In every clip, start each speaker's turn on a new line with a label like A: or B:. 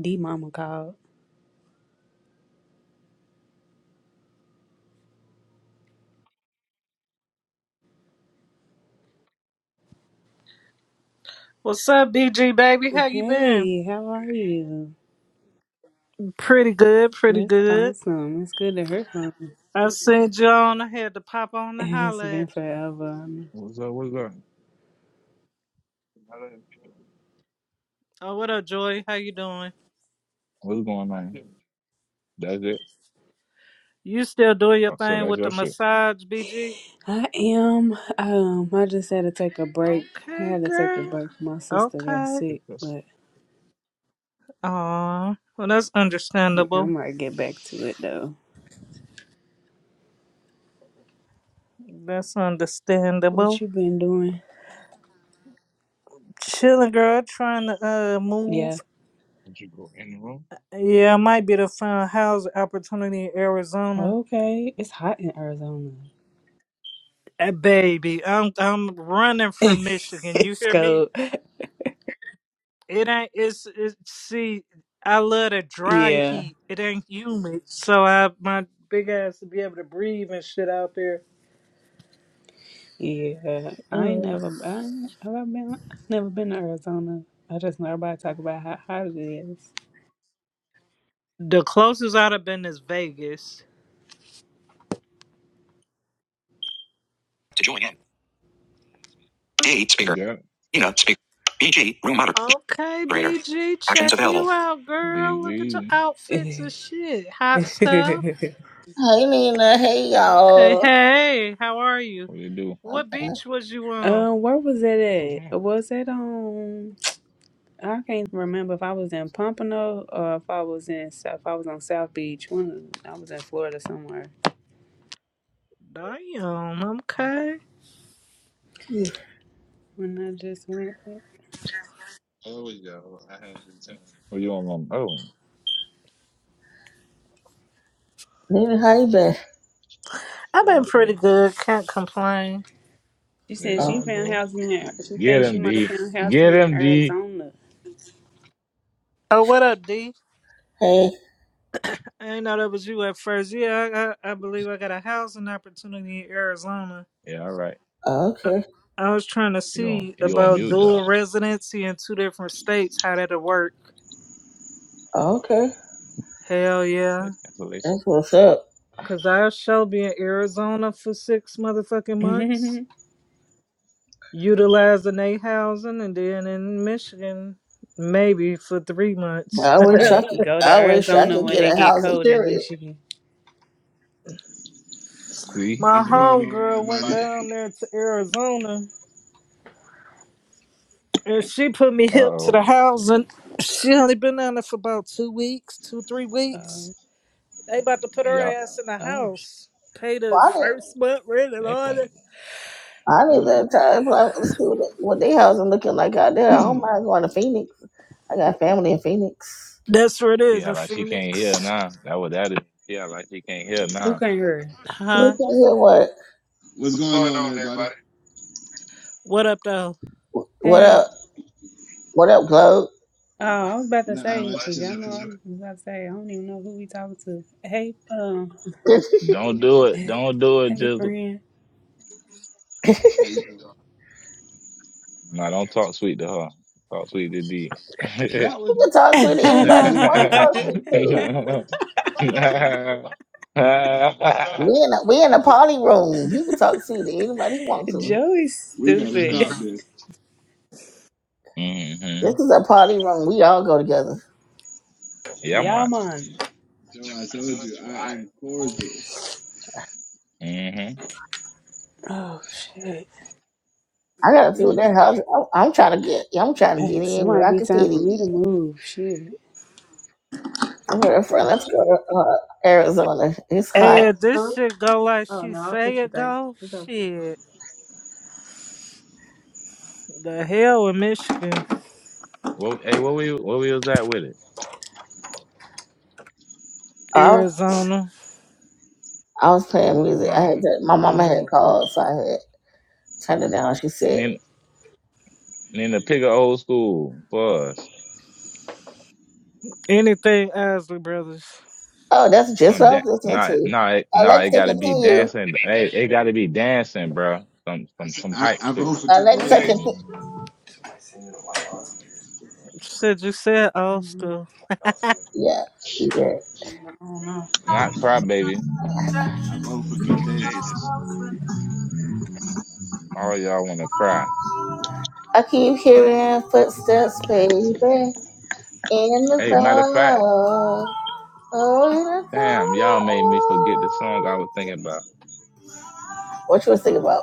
A: D Mama called.
B: What's up, BG baby? How you been?
A: Hey, how are you?
B: Pretty good, pretty
A: That's
B: good.
A: awesome. It's good to hear from you.
B: I sent you on. I had to pop on and
A: It's
B: holler
A: been
B: at you.
A: forever.
C: What's up? What's up?
B: Oh, what up, Joy? How you doing?
C: What's going on? That's it.
B: You still doing your
C: Oh, so
B: thing
C: that's
B: with the
C: your shit.
B: massage, BG?
A: I am. Um, I just had to take a break. I
B: Okay,
A: had to take a
B: girl.
A: break. My sister got
B: Okay.
A: sick,
C: Yes.
A: but
B: Aw. Well, that's
A: I
B: understandable.
A: might get back to it though.
B: That's
A: What
B: understandable.
A: you been doing?
B: Chilling, girl. Trying to uh move.
A: Yeah.
C: Did you go in the room?
B: Yeah, it might be the find housing opportunity in Arizona.
A: Okay. It's hot in Arizona.
B: Hey, baby, I'm I'm running from Michigan. You
A: it's
B: hear
A: cold.
B: me? It ain't it's, it's see. I love the dry
A: Yeah.
B: heat. It ain't humid, so I my big ass to be able to breathe and shit out there.
A: Yeah, I ain't
B: Mm.
A: never, I ain't, have I been, I ain't never been to Arizona. I just know everybody talk about how hot it
B: The closest I'd have been is Vegas.
D: To join in. D
C: You
D: speaker.
C: got it.
D: Nina speaker. BG room
B: Okay,
D: moderator.
B: BG,
D: Actions
B: check
D: available.
B: you out, girl.
C: Indeed, we
B: Look at your
C: easy.
B: outfits
A: is.
B: and shit, hot stuff.
D: Hey Nina. Hey
B: Okay,
D: y'all.
B: hey, how are you?
C: What do you do?
B: What beach was you on?
A: um, where was that
C: What's
A: at?
C: wrong?
A: Was that on? I can't remember if I was in Pompano or if I was in South. I was on South Beach. When I was in Florida somewhere.
B: Damn, okay.
D: Hmm,
A: When I just went, there.
C: Oh, we go. I had the time. Oh, you on one? Oh,
D: Nina, how you been?
B: I've been pretty
C: okay.
B: good. Can't complain.
A: she
C: There
A: said she
D: Oh,
C: y'all
A: found
C: go.
A: housing. In, she
C: Get
A: thinks she
C: him,
A: might have
C: D.
A: found
C: Get
A: housing in
C: him, D.
A: Arizona.
B: Oh, what up, D?
D: hey.
B: I didn't know that was you at first. Yeah, I, I, I believe I got a housing opportunity in Arizona.
C: Yeah, all right.
D: Oh,
B: I,
D: okay.
B: I was trying to
C: You on?
B: see
C: You on
B: about
C: mute,
B: dual
C: dog?
B: residency in two different states, how that'll work.
D: Oh, okay.
B: Hell yeah.
C: Like cancellation.
D: That's what's up.
B: Because I shall be in Arizona for six motherfucking months, utilizing a housing, and then in Michigan, maybe for three months.
D: I wish I
A: right,
D: could.
A: go to
D: I wish I
A: Arizona
D: could
A: when
D: get
A: it
D: a
A: get
D: housing
A: cold in
D: period.
A: Michigan.
C: See?
B: My
E: What's
C: We-
E: going on,
B: homegirl went
E: everybody?
B: down there to Arizona And she put me hip to
C: Uh-oh.
B: the house, and she only been down there for about two weeks, two three
A: Uh,
B: weeks. They about to put
C: Hey,
B: her
C: Y'all
B: ass in the
A: Oh, sh-
B: house, pay
D: Well,
B: the
D: I did.
B: first month rent and all that.
C: echoing.
D: I
E: I
D: did
E: know.
D: that time. But I was see what they, what they housing looking like out there. I don't mind going to Phoenix. I got family in Phoenix.
B: That's what it
C: She
B: is
C: act
B: in
C: like she can't hear
B: Phoenix.
C: now. That what that is. She act like she can't hear
A: who
C: now.
A: can not hear?
D: Okay.
B: Huh?
D: yeah, What?
E: What's going
C: going
E: on,
C: on,
E: everybody?
C: everybody?
B: What up though?
D: What
A: Hey.
D: up? What up, Globe?
A: Oh, I was about to
E: Not
C: Uh,
A: say,
E: much.
A: because
C: much
A: y'all
E: Chilling,
C: chilling,
A: know I
E: chilling.
C: chilling.
A: was about to say, I don't even know who we talking to. Hey, um,
C: Don't do it. Don't do it,
A: hey,
C: Jizzle.
A: friend.
E: How you doing?
C: No, don't talk sweet to her. Talk sweet to D.
E: That
C: mm-hmm.
E: was
D: He can
E: normal.
D: talk sweet to
E: Hold
D: anybody
E: on,
D: he want to talk sweet
E: wait
C: Yeah,
D: to.
E: hold on, wait a minute. What? We
D: We in a, we in a party room. He can talk sweet to anybody he wants to.
A: Joey's
E: gotta
A: stupid.
E: stop this. We gotta stop this.
D: This is a party room. We all go together.
C: i man.
A: Y'all man.
E: Joe, I told you
C: All
E: I
C: right,
E: am cordial.
C: Mm-hmm.
A: Oh, shit.
D: I gotta see what that
E: Everybody
D: house.
C: everybody.
D: I'm, I'm trying to get. I'm trying to get
A: Hex, it
D: in
A: might
D: where I
A: be
D: can
A: time
D: fit
A: for
D: in.
A: me to move. Shit.
D: For real, friend, let's go to uh, Arizona. It's hot.
B: And this
A: Huh?
B: shit go like
A: Oh,
B: she
A: no, I
B: say
A: pushed the
B: it
A: thing.
B: go.
A: It's open.
B: Shit, the hell with Michigan,
C: Well, hey, what we what we was at with it?
D: I was,
B: Arizona,
D: I was playing music. I
C: Nah.
D: had to, my mama had
B: um,
D: called, so I had turned it down. She said,
C: Nin, Nina, pick an old school for us.
B: anything Isley Brothers.
D: "Oh, that's just
C: Some
D: what I
C: da-
D: was listening
C: nah,
D: to."
C: nah, it, nah. It
D: Alexa,
C: gotta be
D: continue.
C: dancing. Hey, it gotta
E: contagious.
C: be dancing, bro. Some,
E: I
C: some,
E: said
C: some
E: I,
C: hype.
E: I vote for
D: Alexa,
A: What?
C: Contagious.
E: contagious.
D: continue.
B: Shit, you said old school.
D: Yeah, yeah.
A: I don't know.
C: Not cry, baby.
E: I vote for
C: Contagious.
E: contagious.
C: All y'all wanna cry.
D: I keep hearing footsteps, baby, in the
C: Hey,
D: dark.
C: matter of fact,
D: Oh, in the
C: damn, y'all made me forget the song I was thinking about.
D: dark. What you was thinking about?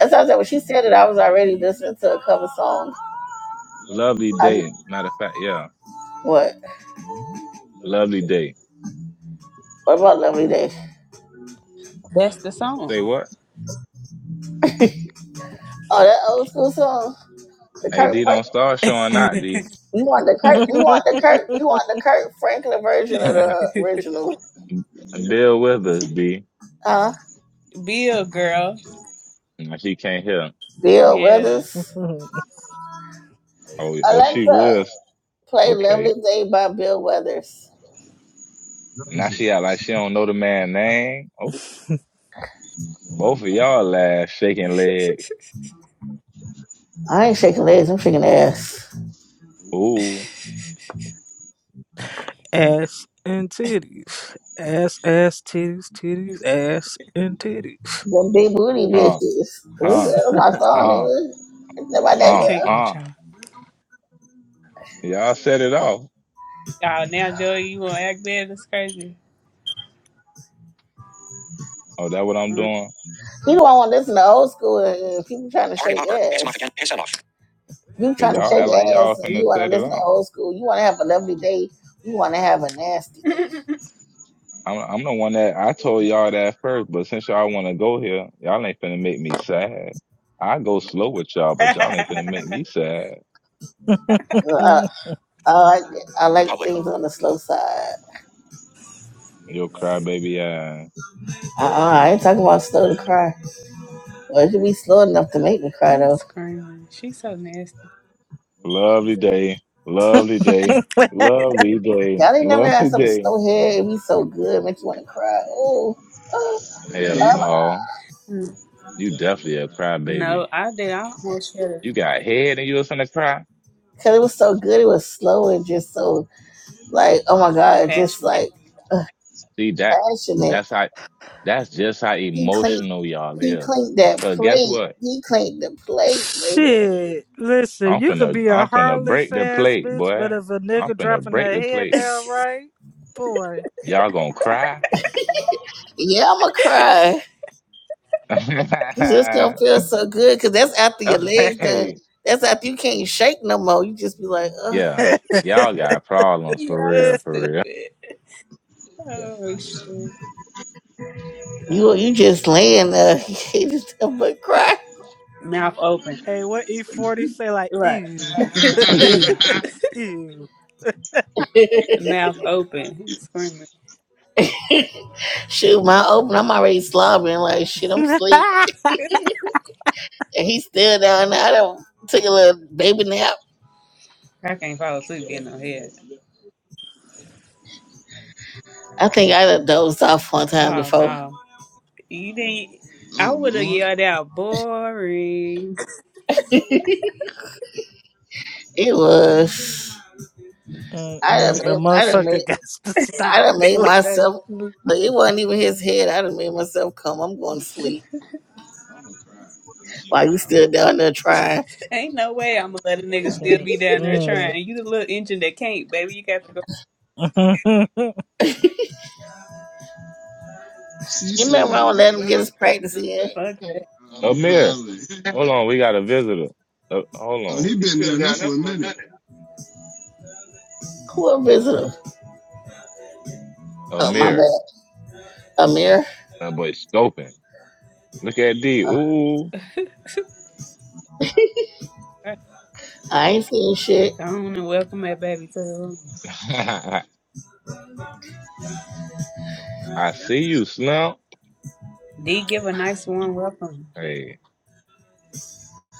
D: As I said, when she said it, I was already listening to a cover song.
C: Lovely
D: I was-
C: day. Matter of fact, yeah,
D: what?
C: lovely day.
D: What about Lovely Day?
A: That's the song.
C: Say what?
D: Oh, that old school song, the
C: Hey,
D: Kirk.
C: D, don't
D: Frank-
C: start showing out, D.
D: You want the Kirk? You want the Kirk? You want the Kirk Franklin version of the original?
E: Bill,
C: Bill Withers, D.
D: Huh?
A: Bill, girl.
C: Nah, She can't hear.
D: Bill
A: Yeah.
D: Withers.
C: Oh, oh,
E: she
C: she
D: Alexa,
E: real.
C: real.
D: play "Lovely
C: Okay.
D: Day" by Bill Withers.
C: Now she act like she don't know the man name. Oh, Both of y'all laugh, shaking legs.
D: I ain't shaking legs, I'm shaking ass.
A: I
C: Ooh,
B: ass and titties. Ass, ass, titties, titties, ass and titties.
D: Them big booty bitches.
C: huh,
D: This is
C: huh,
D: my song,
C: huh,
D: nigga. It's not about that
C: huh,
A: can't
D: girl.
A: with
C: huh.
A: y'all.
C: Y'all set it off.
A: Oh, now Joey, you gonna act bad? That's crazy.
C: Oh, that what I'm
A: Mm.
C: doing?
D: You don't want to listen to old school and people trying to shake ass. off off. You
C: you
D: trying to
C: y'all
D: shake
C: act like
D: ass
C: y'all
D: and you
C: finna
D: want
C: set
D: to
C: it
D: listen to
C: off.
D: old school. You want to have a lovely day. You want to have a nasty day.
C: I'm, I'm the one that I told y'all that first, but since y'all wanna go here, y'all ain't finna make me sad. I go slow with y'all, but y'all ain't finna make me sad.
D: Uh, I like I like things on the slow side.
C: Yo, crybaby ass.
D: Uh-uh, I ain't talking about slow to cry. Well, it should be slow enough to make me cry
A: I'm
D: though.
A: screaming. She's so nasty.
E: so
C: Lovely day, lovely day, lovely day,
D: Y'all ain't never had
C: lovely
D: something
C: day.
D: slow here. It be so good, make you want to cry. Oh, oh, oh
C: Hell
D: my
E: Hey.
D: God.
C: no,
A: Mm.
C: you
E: Definitely a
C: definitely a
E: crowd.
C: crybaby.
A: No, I did. I almost feel
C: You got head and you was finna cry.
D: because it was so good. It was slow and just so like, oh my god, just
A: passionate.
D: like
C: See that?
D: passionate.
C: That's how. That's just how
D: He cleaned,
C: emotional y'all
D: he
C: is.
D: cleaned that
C: So guess
D: plate.
C: what?
D: He cleaned the plate. baby.
B: Shit, listen,
C: I'm
B: you could
C: finna
B: be a
C: I'm finna
B: heartless
C: break the
B: ass
C: plate,
B: bitch, but
C: boy.
B: if a
C: I'm
B: nigga
C: finna
B: dropping
C: break
B: their
C: the
B: head
C: plate.
B: down right, boy.
C: Y'all gonna cry?
D: Yeah, I'ma cry. It's just gonna feel so good because that's after your legs done.
C: hey,
D: That's after you can't shake no more. You just be like, ugh.
C: yeah.
B: hey,
C: Y'all got problems for
A: yeah, I'm
C: real, for real.
A: stupid.
E: Yeah, for
A: Oh shit.
D: You you just laying there. You can't just help but cry.
A: Mouth open.
B: what E40 say like,
A: Right.
B: ew.
A: Ew.
E: real.
B: ew.
A: Mouth open. I'm screaming.
D: Shoot, my open. I'm already slobbering like shit. I'm asleep, and he's still down there. I do took a little baby nap.
A: I can't fall asleep getting no head.
D: I think I done dozed off one time
A: Oh
D: before.
A: no. You didn't I
E: Oh
A: would have
E: Lord,
A: yelled out boring.
D: It was I done
B: Mm-mm, the
D: made I done
B: motherfucker
D: made
B: got to stop.
D: I done made
B: like,
D: myself look it wasn't even his head. I done made myself come. I'm going to sleep while you still down there trying.
A: Ain't no way I'm gonna let a nigga still be down there
B: mm-mm.
A: trying. You the little engine that can't, baby. You got to go
E: she
D: You remember
E: said
D: I would
E: deliver.
D: let him get
C: Little
D: his
C: engine
D: practice in?
C: that-
A: fuck that.
E: I'm Amir.
C: Amir,
E: hollering.
C: hold on, we got a visitor. Uh, hold
E: Oh,
C: on,
E: he been down there for a minute.
D: Who a visitor?
E: Amir,
D: Oh my
C: Amir,
D: bad. Amir.
C: that boy scoping. Look at D.
E: you
C: Ooh.
A: Right.
D: I ain't seen shit.
A: Go on and welcome that baby to the room.
E: I
C: I see
E: see
C: you, Snout.
A: D give a nice warm welcome.
C: Hey,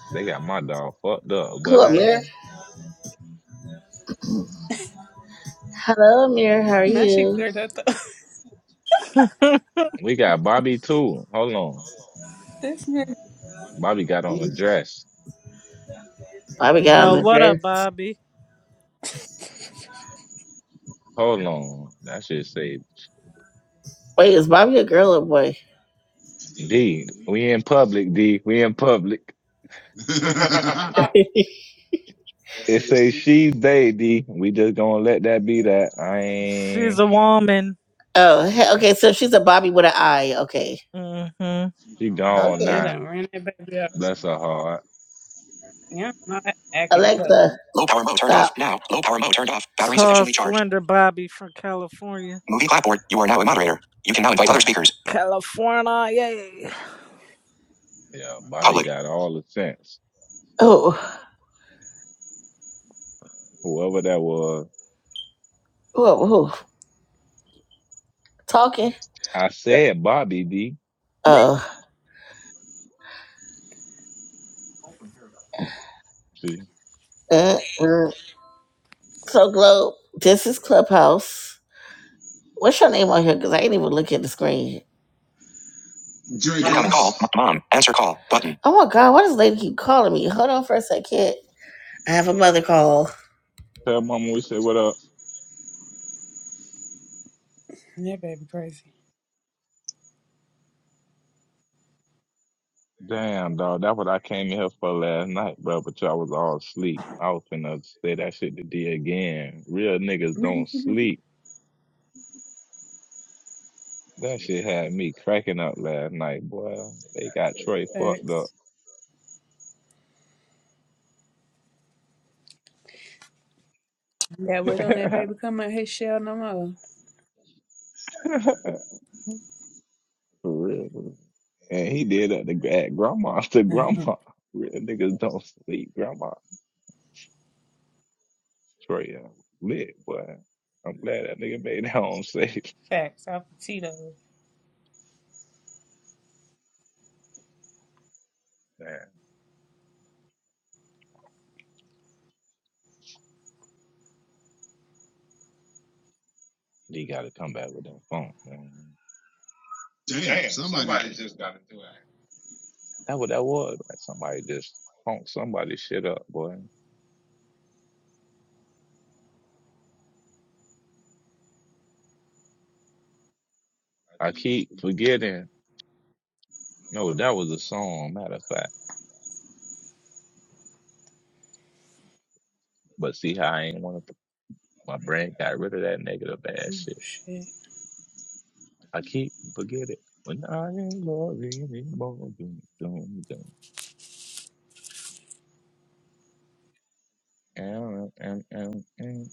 E: They They
C: they
E: got
C: got
E: got
C: my
E: got.
C: dog fucked up,
D: Who
C: boy.
D: Amir?
A: Yeah.
D: Hello Amir, how are
A: Now she
D: you?
A: cleared her throat.
C: We got Bobby too. Hold on.
A: this nigga.
E: my my dog. on
C: Bobby
E: on. my
C: got on a
E: ass.
C: dress.
D: Bobby got on
B: Uh,
D: the
B: what
D: dress.
B: up, Bobby?
C: Hold
E: Hold on.
C: on. That shit say
D: Wait, is Bobby a girl or boy?
E: D.
C: D. We in public, D. We in public.
E: They
C: it
E: say,
C: say
E: she.
C: she they D. We just gonna let that be that. I
B: She's
C: ain't
B: a woman.
D: Oh, he- okay, so she's a Bobby with an eye. Okay.
B: Mm-hmm.
E: She
C: she
E: gone
C: gone
E: now.
D: Okay.
A: Yeah,
C: now.
A: done ran that baby up.
E: That's
C: Bless
E: all.
C: her heart.
A: Yeah, I'm not acting fuck.
D: Alexa, Low power mode turned stop. off. Now, low power mode turned off. Battery
B: Tall,
D: sufficiently charged.
B: slender Bobby from California.
D: Movie clapboard. You are now a moderator. You can now invite other speakers.
B: California, yay.
C: Yeah,
E: Mommy
C: Bobby
D: Public.
E: got
C: got
E: all.
C: all the sense.
D: Oh,
C: Whoever that was.
D: whoa, whoa. Talking.
C: I said Bobby D.
D: Oh, uh,
C: See.
D: uh. uh. so Globe, this is Clubhouse. What's your name on here? Because I ain't even looking at the screen. Incoming
E: Dracos.
D: call.
C: Draco's.
D: Mom. Answer call. Button. Oh my God, why does lady keep calling me? Hold on for a second. I have a mother call.
C: Tell mama we said what up.
A: That baby crazy.
C: Damn, dog. That's what I came in here for last night, bro. But y'all was all asleep. I was finna say that shit to D again. Real niggas don't sleep. That shit had me cracking up last night, boy. They got Troy fucked up.
A: Facts. Yeah, wait on that baby come out his shell no
C: for real. bro. And he did at the at grandma's to
A: more.
C: grandma. Real niggas don't sleep. Grandma Troy uh, lit, boy. I'm glad that nigga made it home safe.
A: Facts. Off the Tito.
C: Man, he gotta come back with that phone, man.
E: Damn,
C: Damn,
E: somebody
C: somebody
E: just
C: just got to do it. That what that was. Like somebody just punked somebody's shit up, boy. I keep forgetting. No, that was a song, matter of fact. But see how I ain't want to. My brain got rid of that negative ass
A: Oh,
C: shit.
A: shit.
C: I keep forgetting. When I ain't loving anymore. Dun, dun, dun. Mm, mm, mm, mm,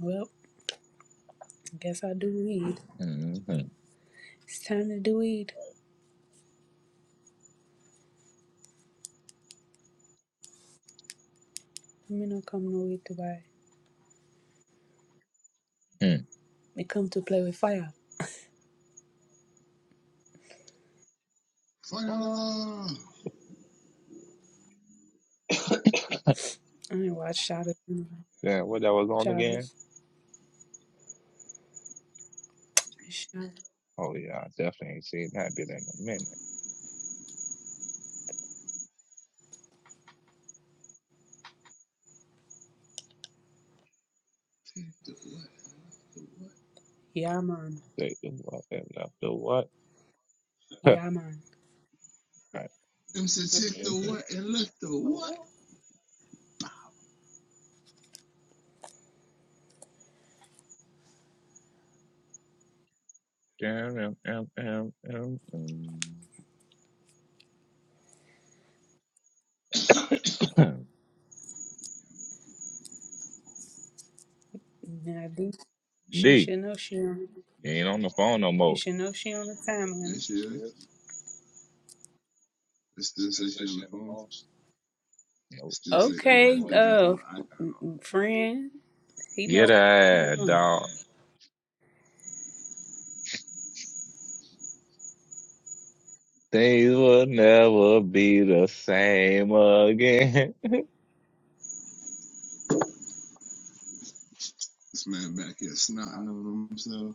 A: Well, guess I do weed.
C: mm, mm, mm,
A: It's time to do weed. Me no come no way to buy. Me come to play with fire.
C: mm.
E: fire.
A: I ain't watch shadows. you know.
C: Yeah, what that was on again?
A: Shadows. Shadows.
C: Oh yeah, I definitely ain't seen that bit in a minute.
E: Take the what? Left the what?
A: Yeah man.
C: Take the what and left the what?
A: Yeah man.
C: All
E: Them said check the what and look the what.
C: right. D.
A: Now this she should know she on
C: He ain't on the phone no
A: she
C: more.
A: should know she on the time
E: There
A: limit.
E: she is. It still says she on the phone. It
C: Nope.
E: still say it well, it
A: Okay,
E: still got the
A: uh
E: little icon on it.
A: friend. He know
C: Get
A: what's
C: out,
E: Get
A: going on.
E: her
C: dog. Things will never be the same again.
E: This man back here snotting on himself.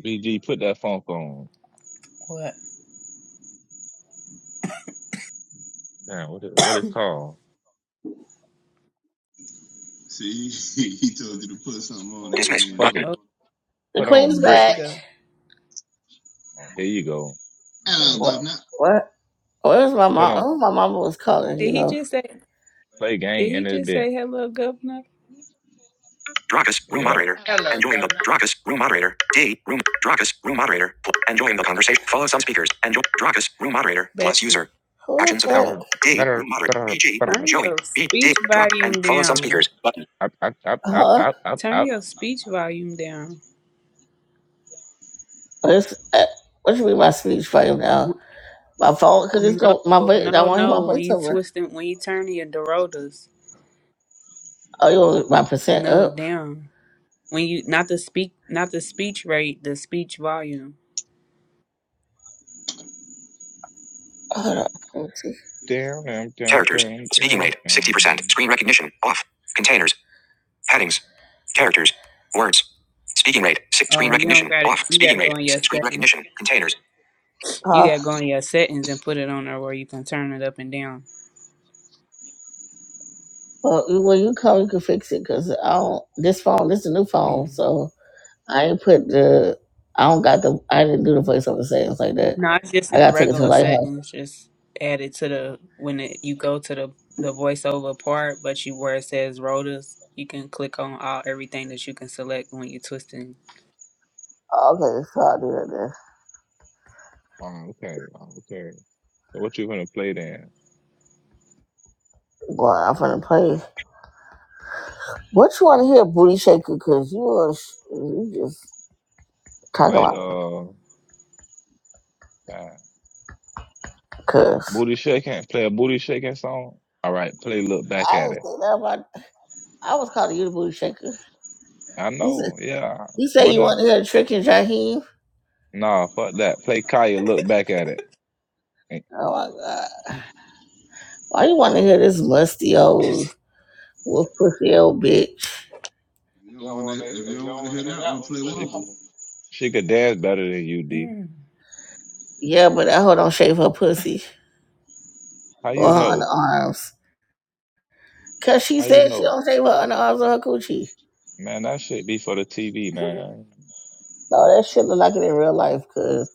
C: BG, put that funk on.
A: What?
C: Damn, what it, what it called?
E: See, he, he told you to put something on him, and he
D: Dismiss.
E: don't know
C: Fuck
D: Button.
E: what
C: it.
A: Oh
E: he want
D: The
C: Put
E: to
D: queen's
C: on
E: break.
A: there she
D: back.
C: bricks.
A: go.
C: Oh,
E: Here
C: here you
E: you go.
C: go.
E: Hello,
D: What?
E: governor.
D: What? Where's my
C: Put
D: mom?
C: on
D: Oh, my mama was calling,
A: Did
D: you
A: he
D: know.
A: just say
C: play
A: did
C: game
A: he
C: in this
A: just
C: bit.
A: say hello governor?
D: Drakus, room
E: Yeah.
C: Yep.
D: moderator.
C: Hello,
D: Enjoying the
C: governor.
D: Drakus, room moderator. D, room, Drakus, room moderator. Pl- Enjoying the conversation. Follow some speakers. Enjoy Drakus, room moderator. Plus
A: Baby,
D: user. Who Actions available.
C: Better,
D: D, room
C: better,
D: moderator.
C: better,
D: BG,
C: better.
A: turn
D: Joey,
A: your
D: B, D,
A: speech
D: Drak, and
A: volume
D: follow some
A: down.
D: speakers. Button.
C: Up, up, up, up,
D: Uh-huh.
C: up, up,
A: Turn
C: up.
A: your speech volume down.
D: This, uh, what should be my speech volume now? My phone, because it's
A: No,
D: going, my voice, I
A: no,
D: want to hear my
A: no. When
D: voice
A: you
D: over.
A: twisting, when you turning your Dorotas,
D: Oh, you want my percent
A: no,
D: up?
A: damn. When you not the speak, not the speech rate, the speech volume.
D: Hold on. Let me see.
C: Down, down, down,
D: Characters.
C: down,
D: Speaking
C: down.
D: rate, 60%.
C: Um,
D: Screen recognition, off. Containers. Headings. Characters. Words. Speaking rate. Six screen
A: Oh, you don't
D: recognition.
A: gotta.
D: Off.
A: You
D: Speaking
A: gotta
D: rate.
A: go in your
D: Screen
A: settings.
D: recognition. Containers.
A: You
D: Uh,
A: gotta go in your settings and put it on there where you can turn it up and down.
D: well, you- when you call, you can fix it because I don't. This phone, this is a new phone,
A: Mm.
D: so I ain't put the. I don't got the. I didn't do the voiceover settings like that.
A: No, it's just
D: I
A: in the
D: gotta take it to the
A: regular
D: lighthouse.
A: settings. Just add it to the when it, you go to the the voiceover part, but you where it says rotas, you can click on all everything that you can select when you're twisting.
D: Oh, okay, so I'll do that then.
C: oh, okay, oh, okay. So what you gonna play then?
D: Boy, I'm finna play. What you want to hear, booty shaker? Cause you are sh- you just talking
C: Play
D: like
C: uh, uh,
D: cuz.
C: booty shaking. Play a booty shaking song. All right, play. Look back
D: I
C: at
D: didn't
C: it.
D: say that about. I was calling you the booty shaker.
C: I
D: You said
C: know. Yeah.
D: you, say you
C: Whatever.
D: want to hear Trick and Jaheim.
C: Nah, fuck that. Play Kaya. Look back at it. Eh,
D: Oh my god! Why you want to hear this musty old wolf pussy old bitch?
E: If you
C: You
E: don't
C: don't
E: want to,
C: want to.
E: if you
C: If you
E: don't want
C: don't
E: to
C: want
E: hear
C: to hear
E: that
C: that
E: one,
C: one,
E: play
C: play She that. one.
E: wobble.
C: she could dance better than you, D.
A: Mm.
D: Yeah, but that hoe don't shave her pussy
C: How you
D: or her
C: know?
D: underarms. Cause she
C: How you
D: said she
C: know?
D: don't shave her underarms or her coochie.
C: Man, that shit be for the TV, man.
D: No, that shit look like it in real life. Cause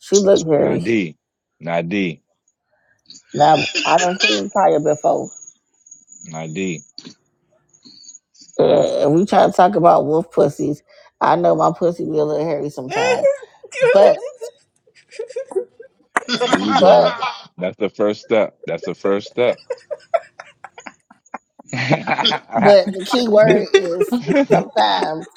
D: she look hairy.
C: Nadi, Nadi,
D: Now I done seen Kaya before.
C: Nadi.
D: Yeah, and we try to talk about wolf pussies. I know my pussy be a little hairy sometimes, but
C: There you
D: but
C: go.
E: I
C: That's the first step. That's the first step.
E: did.
D: but the key word is sometimes.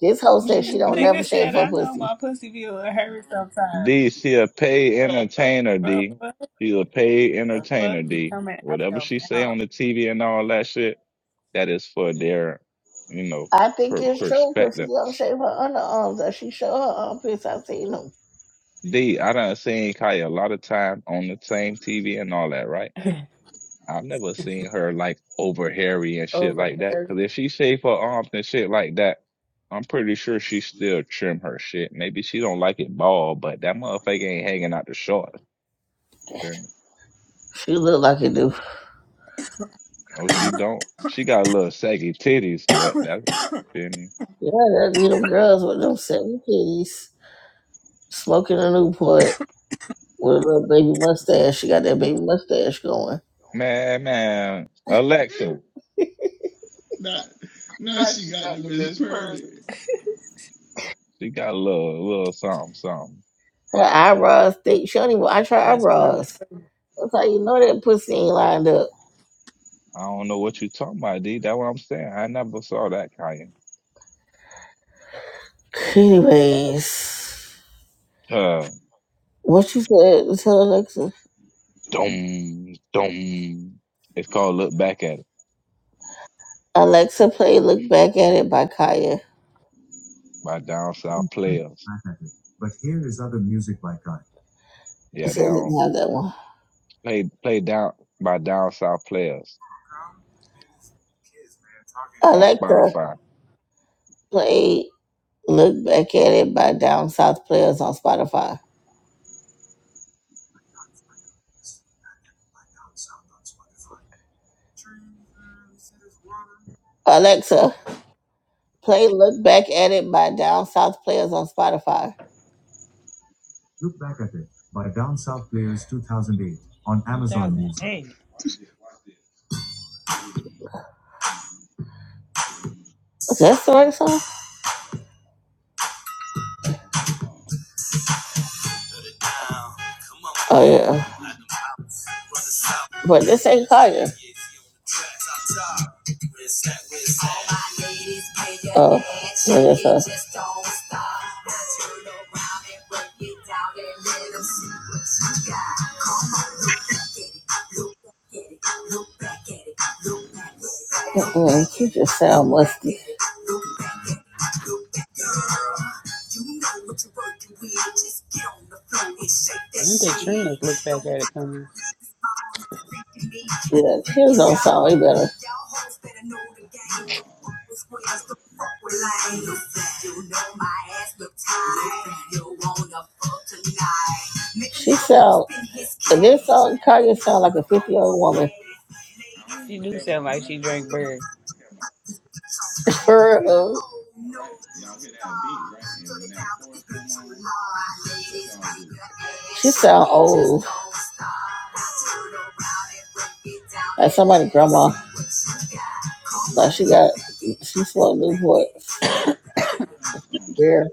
D: This hoe says she don't
A: Nigga
D: never shave
A: said,
D: her
A: I know
D: pussy.
A: my pussy be a little hairy sometimes.
C: D, she a paid entertainer,
A: Bro,
C: D.
A: what
C: She's a paid
A: the fuck
C: entertainer,
A: be
C: D.
A: coming out
C: Whatever
A: your
C: she say
A: mouth
C: on the TV and all that shit, that is for their, you know,
D: I think
C: per-
D: it's true because she
C: perspective.
D: don't shave her underarms. That she show her armpits. I seen them.
C: D, I done seen Kaya a lot of time on the same TV and all that, right? I've never seen her like over hairy and shit
A: over
C: like that.
A: here?
C: Cause if she shave her arms and shit like that, I'm pretty sure she still trim her shit. Maybe she don't like it bald, but that motherfucker ain't hanging out the shorts. feel me?
D: She look like it do.
C: No, she don't. She got a little saggy titties, but that, feel me?
D: Yeah, that be them girls with them seven kitties smoking a Newport with a little baby mustache. She got that baby mustache going.
C: Man, man, Alexa,
E: Not, now
C: Now
E: she
C: she
E: got
C: got
E: them
C: the
E: as
C: Miss
E: pearly.
C: Purdy. she got a little, little something, something.
D: Her eyebrows thick. She don't even. I try
A: Miss Pearl is
D: eyebrows.
A: crazy.
D: So you know that pussy ain't lined up.
C: I don't know what you talking about, D. That's what I'm saying. I never saw that kind.
D: Anyways, what you said Tell Alexa?
C: Dum, dum. It's
E: Oh,
C: called
E: look
C: Look
E: back.
C: Back at It
D: Alexa, play "Look Back at It" by Kaya.
C: by Down South Players.
D: But here is other music by Kaya.
C: Yeah, they
D: So we can
C: on
D: have that one.
C: play play down by Down South Players on
D: Alexa,
C: Spotify.
D: play "Look Back at It" by Down South Players on Spotify. Alexa, play "Look Back at It" by Down South Players on Spotify.
A: 2008.
E: Watch this. Boom.
D: Is this the right song?
E: I'll take off.
D: Oh
E: I
D: yeah,
E: can see you
D: but this ain't Kaya.
E: there. Remember you. See what you got. Yeah.
D: Man, she just sound much
A: When did Trina's look back at it coming?
D: better. She way better.
A: She do sound like she drank beer.
D: Her, uh, she slow to bear.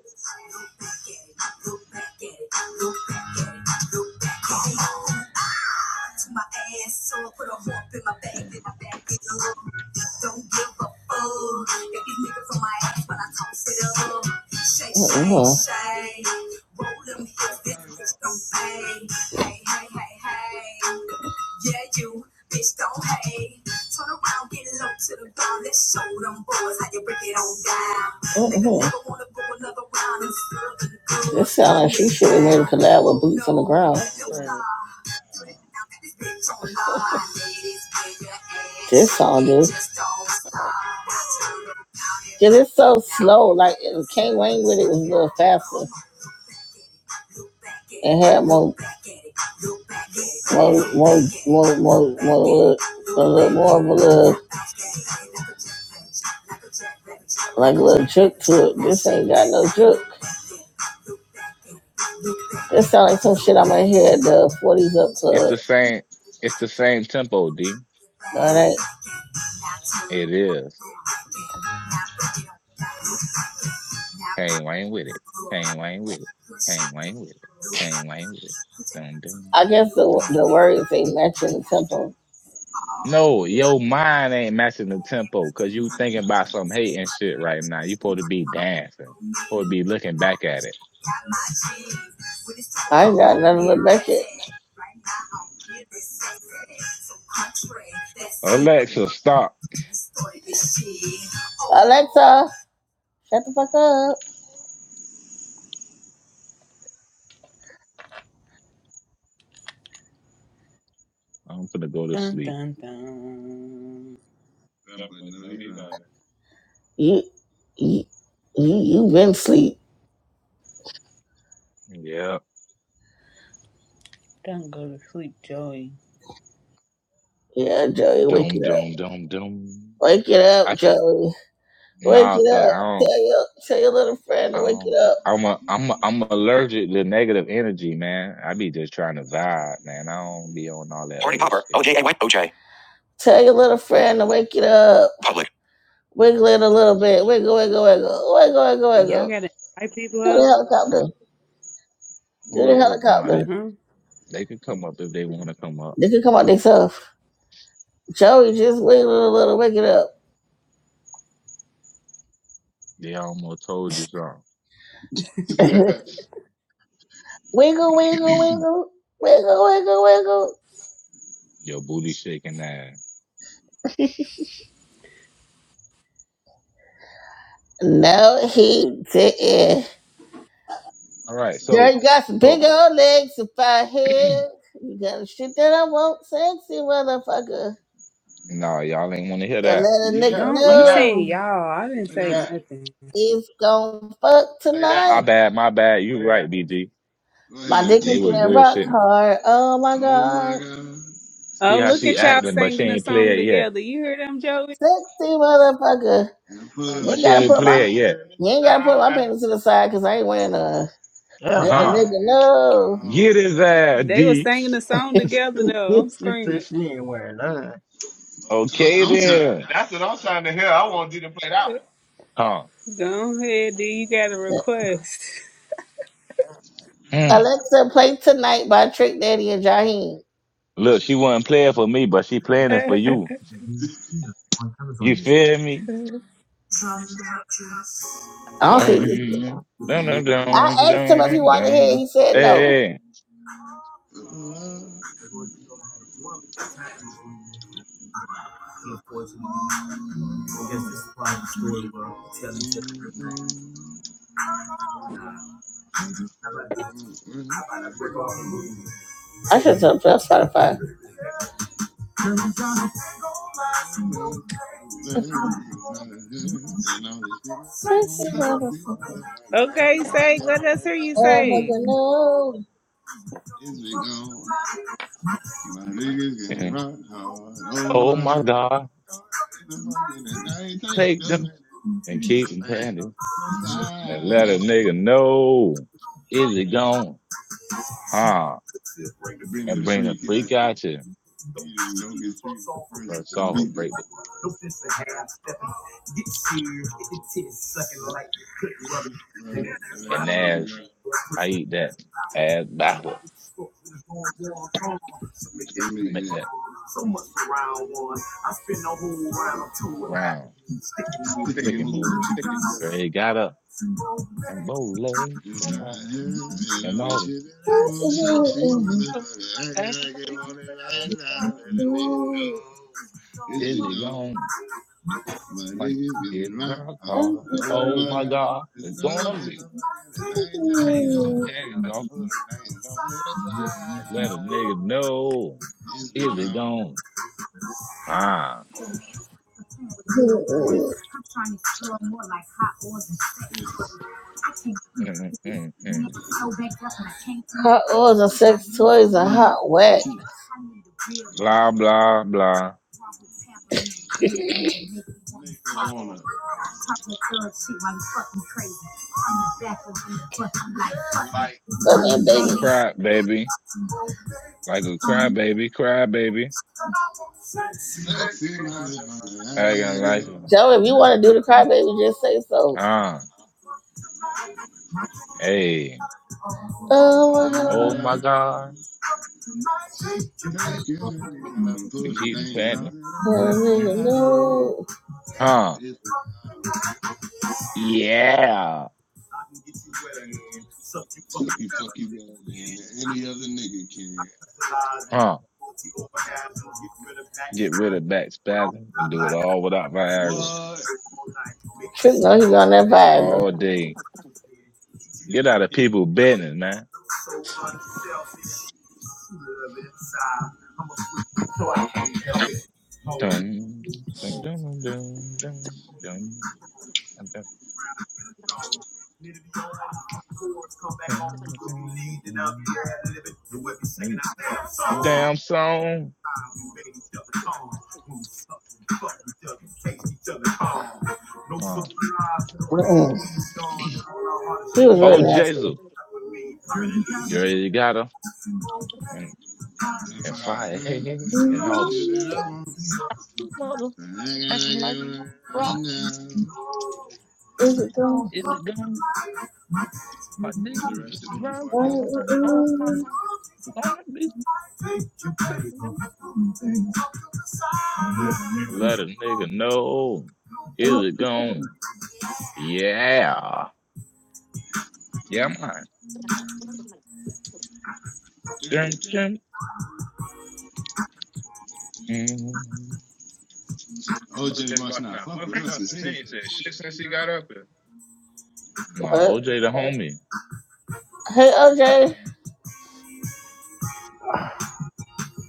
D: Mhm. That with blue brown.
A: I'm screaming.
D: Cause it's so slow. Like it came Wayne with it was a little faster and had more, more, more, more, more a little more of a little, like a little jerk to it. This ain't got no jerk. This sound like some shit I'm gonna hear at the 40s up
C: It's
D: club.
C: the same it's the same tempo, D.
D: And
C: It is. Kane Wayne with it. Kane Wayne with it. Kane Wayne with it. Kane Wayne with it. Dum dum
D: I guess the
C: dum.
D: the words ain't matching the tempo.
C: No, your mind ain't matching the tempo because you thinking about some hate and shit right now. You supposed to be dancing. Supposed to be looking back at it.
E: So,
C: Alexa, stop.
D: Alexa, shut the fuck up.
C: I'm finna go to
A: Dun
C: sleep.
A: dun dun.
E: uh,
C: I'm
E: but
C: like,
E: no,
C: no,
E: he's
C: he not.
E: lying.
D: You, you, you, you been asleep.
C: Yeah.
A: Don't go to sleep, Joey.
D: Yeah, Joey, wake it
C: Doom,
D: up.
C: doom, doom, doom.
D: Wake it up,
C: I can't,
D: Joey. Wake it
C: nah, cause I
D: up.
C: don't,
D: Tell your, tell your little friend to
C: I
D: wake it
C: don't,
D: up.
C: I'm a, I'm a, I'm allergic to negative energy, man. I be just trying to vibe, man. I don't be on all that
D: Party
C: other
D: popper.
C: shit.
D: OJ
C: man.
D: White OJ. Tell your little friend to wake it up. Public. Wiggle it a little bit. Wiggle, wiggle, wiggle. Wiggle, wiggle,
A: Y'all
D: wiggle.
A: gotta invite people
D: Do
A: up,
D: the helicopter. Do
C: Who
D: the
C: is,
E: Come
C: oh, nah, they,
D: helicopter.
A: huh?
C: they could
E: up. Come
C: come
E: up.
C: up if they want to come up.
D: They can come out themselves. Joey, just wiggle it a little. Wake it up.
C: They almost told you something.
D: wiggle, wiggle, wiggle. Wiggle, wiggle,
C: Your booty shaking that.
D: wiggle. No, he didn't.
C: All
E: Right,
C: right.
E: so,
D: Girl,
C: So,
D: you got some big
C: so,
D: old legs, some fat head. You got a shit that I want, sexy motherfucker.
E: no.
C: nah, y'all ain't want to hear
D: And
C: that.
D: let a
E: Yeah,
D: nigga
C: yeah,
A: Don't
C: play
A: you
C: that.
A: saying
D: know
A: y'all? I didn't
E: play
A: say
C: Play
E: that.
C: that.
A: nothing.
D: it's gon' fuck
E: Play
C: Play
E: that
C: that. My
D: tonight.
E: one.
C: bad, my bad. You right, BG.
E: Go
D: My
E: ahead,
D: dick is
E: D,
C: They was
E: play that
D: getting
E: one.
D: rock
C: bullshitting.
D: hard. Oh my
E: Oh my
D: god,
E: God.
C: See
A: Oh,
C: how
A: look
E: It's
C: she
A: at y'all
E: gonna
C: acting, but she
A: singing a
C: ain't play
A: song
C: it
A: together.
C: yet.
A: You hear them, Joey?
D: sexy motherfucker.
E: And put
D: You
E: those
C: But
D: ain't
C: she
D: gotta
C: ain't
D: put
E: things
D: my
E: out
C: play it
E: there.
C: yet.
D: you ain't gotta put my penis to the side because I ain't wearing a.
F: Hell
D: Let a
C: Huh?
F: nah.
D: nigga know.
E: Get
C: Get
E: his
C: his
E: ass.
C: ass,
A: They were
C: D.
A: singing a song together, though. I'm
F: she said
A: screaming.
F: she ain't wearing none.
E: Okay.
C: Okay
E: I'm, I'm trying.
C: then.
E: That's
C: That's
E: what
C: what
E: I'm
C: I'm
E: trying to
C: trying to
E: hear.
C: hear.
E: I
C: I
E: want
C: want you to
E: you
C: play that one.
A: Go ahead, D. You got a request.
C: Huh? Mm.
D: Alexa, play tonight by Trick Daddy and Jaheim.
C: Look, she wasn't playing for me, but she playing it for
A: okay,
C: you. You feel me?
D: I don't think this.
C: Dum, dum, dum, dum,
D: I asked him if he
C: dum,
D: wanted to hear. it.
C: dum.
D: He said no.
C: Hey, hey.
E: to play. Uh, mm, mm. And
D: I should have put Spotify.
E: all the shit that I won't say, see my motherfucker, I can I
A: Sag,
E: get
A: let
E: on
A: us
E: it
A: hear you,
E: right?
D: What that
A: Sag.
D: nigga know?
E: It's we go. My niggas getting
C: Mm.
E: rock hard. Oh
C: oh
E: my
C: my
E: god.
C: God,
E: Oh, It's a fucking and I ain't take
C: take
E: no
C: them
E: minutes
C: and
E: for
C: keep
E: the
C: them
E: things
C: panties
E: off to the
C: and let a nigga
E: side.
C: know. Is it gone? Huh?
E: Bring
C: and
E: the
C: bring the
E: freak out
C: freak
E: the
C: out to
E: you didn't don't get treated the first
C: or
E: I
C: solve a
E: beat the
C: break.
E: click brother and
C: And
E: I ass
C: as
E: girl.
C: I eat that, as backward,
E: Let me make
C: like
E: that.
C: that round,
E: Stick and
C: chicken
E: move,
C: moves.
E: stick and move.
C: Girl, he got up and bow leg
E: You
C: and,
E: know, and
C: and all
E: this shit
C: this.
E: that I want sexy, motherfucker. Acting like it on it right now. Let a nigga know. Yes,
C: Is
E: we
C: he
E: don't.
C: gone?
E: My
C: Like,
E: niggas
C: get
E: in my
C: rock
E: heart.
C: hard.
E: Oh
C: Oh
E: my
C: my
E: god.
C: God,
E: It's
C: it's
E: gonna
C: gonna
E: be so
C: be
E: fucking and I ain't take your
C: things and
E: pain.
C: things
E: I'm
C: off.
E: gonna put them things on to the
C: Let a
E: side.
C: nigga know.
E: Yes, we
C: Is he
E: don't.
C: gone? Ah.
E: It's
C: Mm, mm, mm, mm.
D: It's a
E: me
D: hot whack.
E: to blah
C: Blah,
E: blah.
C: blah, blah.
E: Make her wanna like
C: Like, Cry baby, like a cry baby, cry baby.
E: sexy motherfucker. I
C: I got
E: on
C: like
E: it. on
D: Joe, if you want to do the crybaby, just say so.
C: ah, hey,
D: Oh my
E: Oh
D: god.
C: oh
E: my
C: my
E: God.
C: god,
E: Take your hands off and pull
C: I
E: them
C: keep
E: things off
C: panting,
E: to the
D: no! that nigga
E: side.
C: huh?
E: If it
C: Yeah,
E: sucky fuck you better than any other nigga can.
C: huh? Get rid of back spasm and do it all without Viagra
E: What?
D: Trick know he on that vibe.
C: all day. Get out of people's business, man. Dum, dum, dum, dum, dum, dum, dum, dum, dum. dum, dum. Damn song, huh?
D: Mm-mm. He was
C: Oh,
D: really nasty.
C: Jesus. Girl, you got her. And,
E: And
C: and
E: find
C: fire,
E: her
C: hey, hey,
E: and
C: hey, and
E: all the
C: all
E: shit
C: this.
E: that I want.
C: You mother
E: I gotta
C: acting
E: get
C: like
E: right
C: rock
E: now.
C: in the gun. My
E: Want the
C: nigga
E: rest of
C: is
E: this
C: rock.
E: before I kill it?
C: Oh my God. Don't be singing. Let a nigga know. Is it gone? Yeah. Yeah, man. Dun, dun. Mm.
E: OJ must
C: Everybody's
E: not
C: not
E: fuck with
C: fucking
E: us
C: us.
E: because
C: And
E: he ain't
C: he ain't
E: said
C: said
E: shit
C: shit
E: since
C: since
E: he
C: he
E: got
C: got
E: up.
C: up here. Nah,
D: What?
C: OJ the homie.
D: Hey, OJ.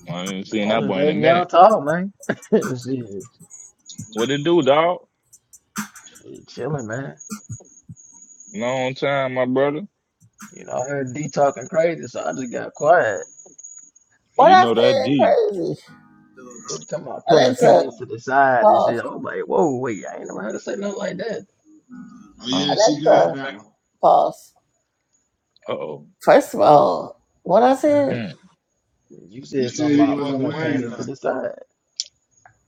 C: I ain't seen
F: I'm
C: that
F: just
C: boy in a
F: letting y'all
C: minute.
F: talk, man. she,
C: What it do, dog?
F: she chilling, man.
C: Long time, my brother.
F: You know, I heard D talking crazy, so I just got quiet.
D: What
C: You
D: I
C: know that
D: said
C: D.
D: crazy.
F: And talking about pulling
D: Alexa,
F: panties to the side and
D: pause.
F: shit. I was like, whoa, wait, I ain't never heard her say nothing like that.
E: Oh yeah,
C: Um,
E: she
C: She
E: good
C: good
E: for
D: Alexa,
C: for
E: that
C: that
E: one.
C: one.
D: pause.
C: uh-oh.
D: First of all, what I
F: hmm
D: said?
C: Mm.
F: You
E: You
F: said
E: said
F: something
E: he
F: about
E: wasn't
F: pulling
E: wearing
C: wearing
F: panties to
E: none.
C: nothing.
F: the side.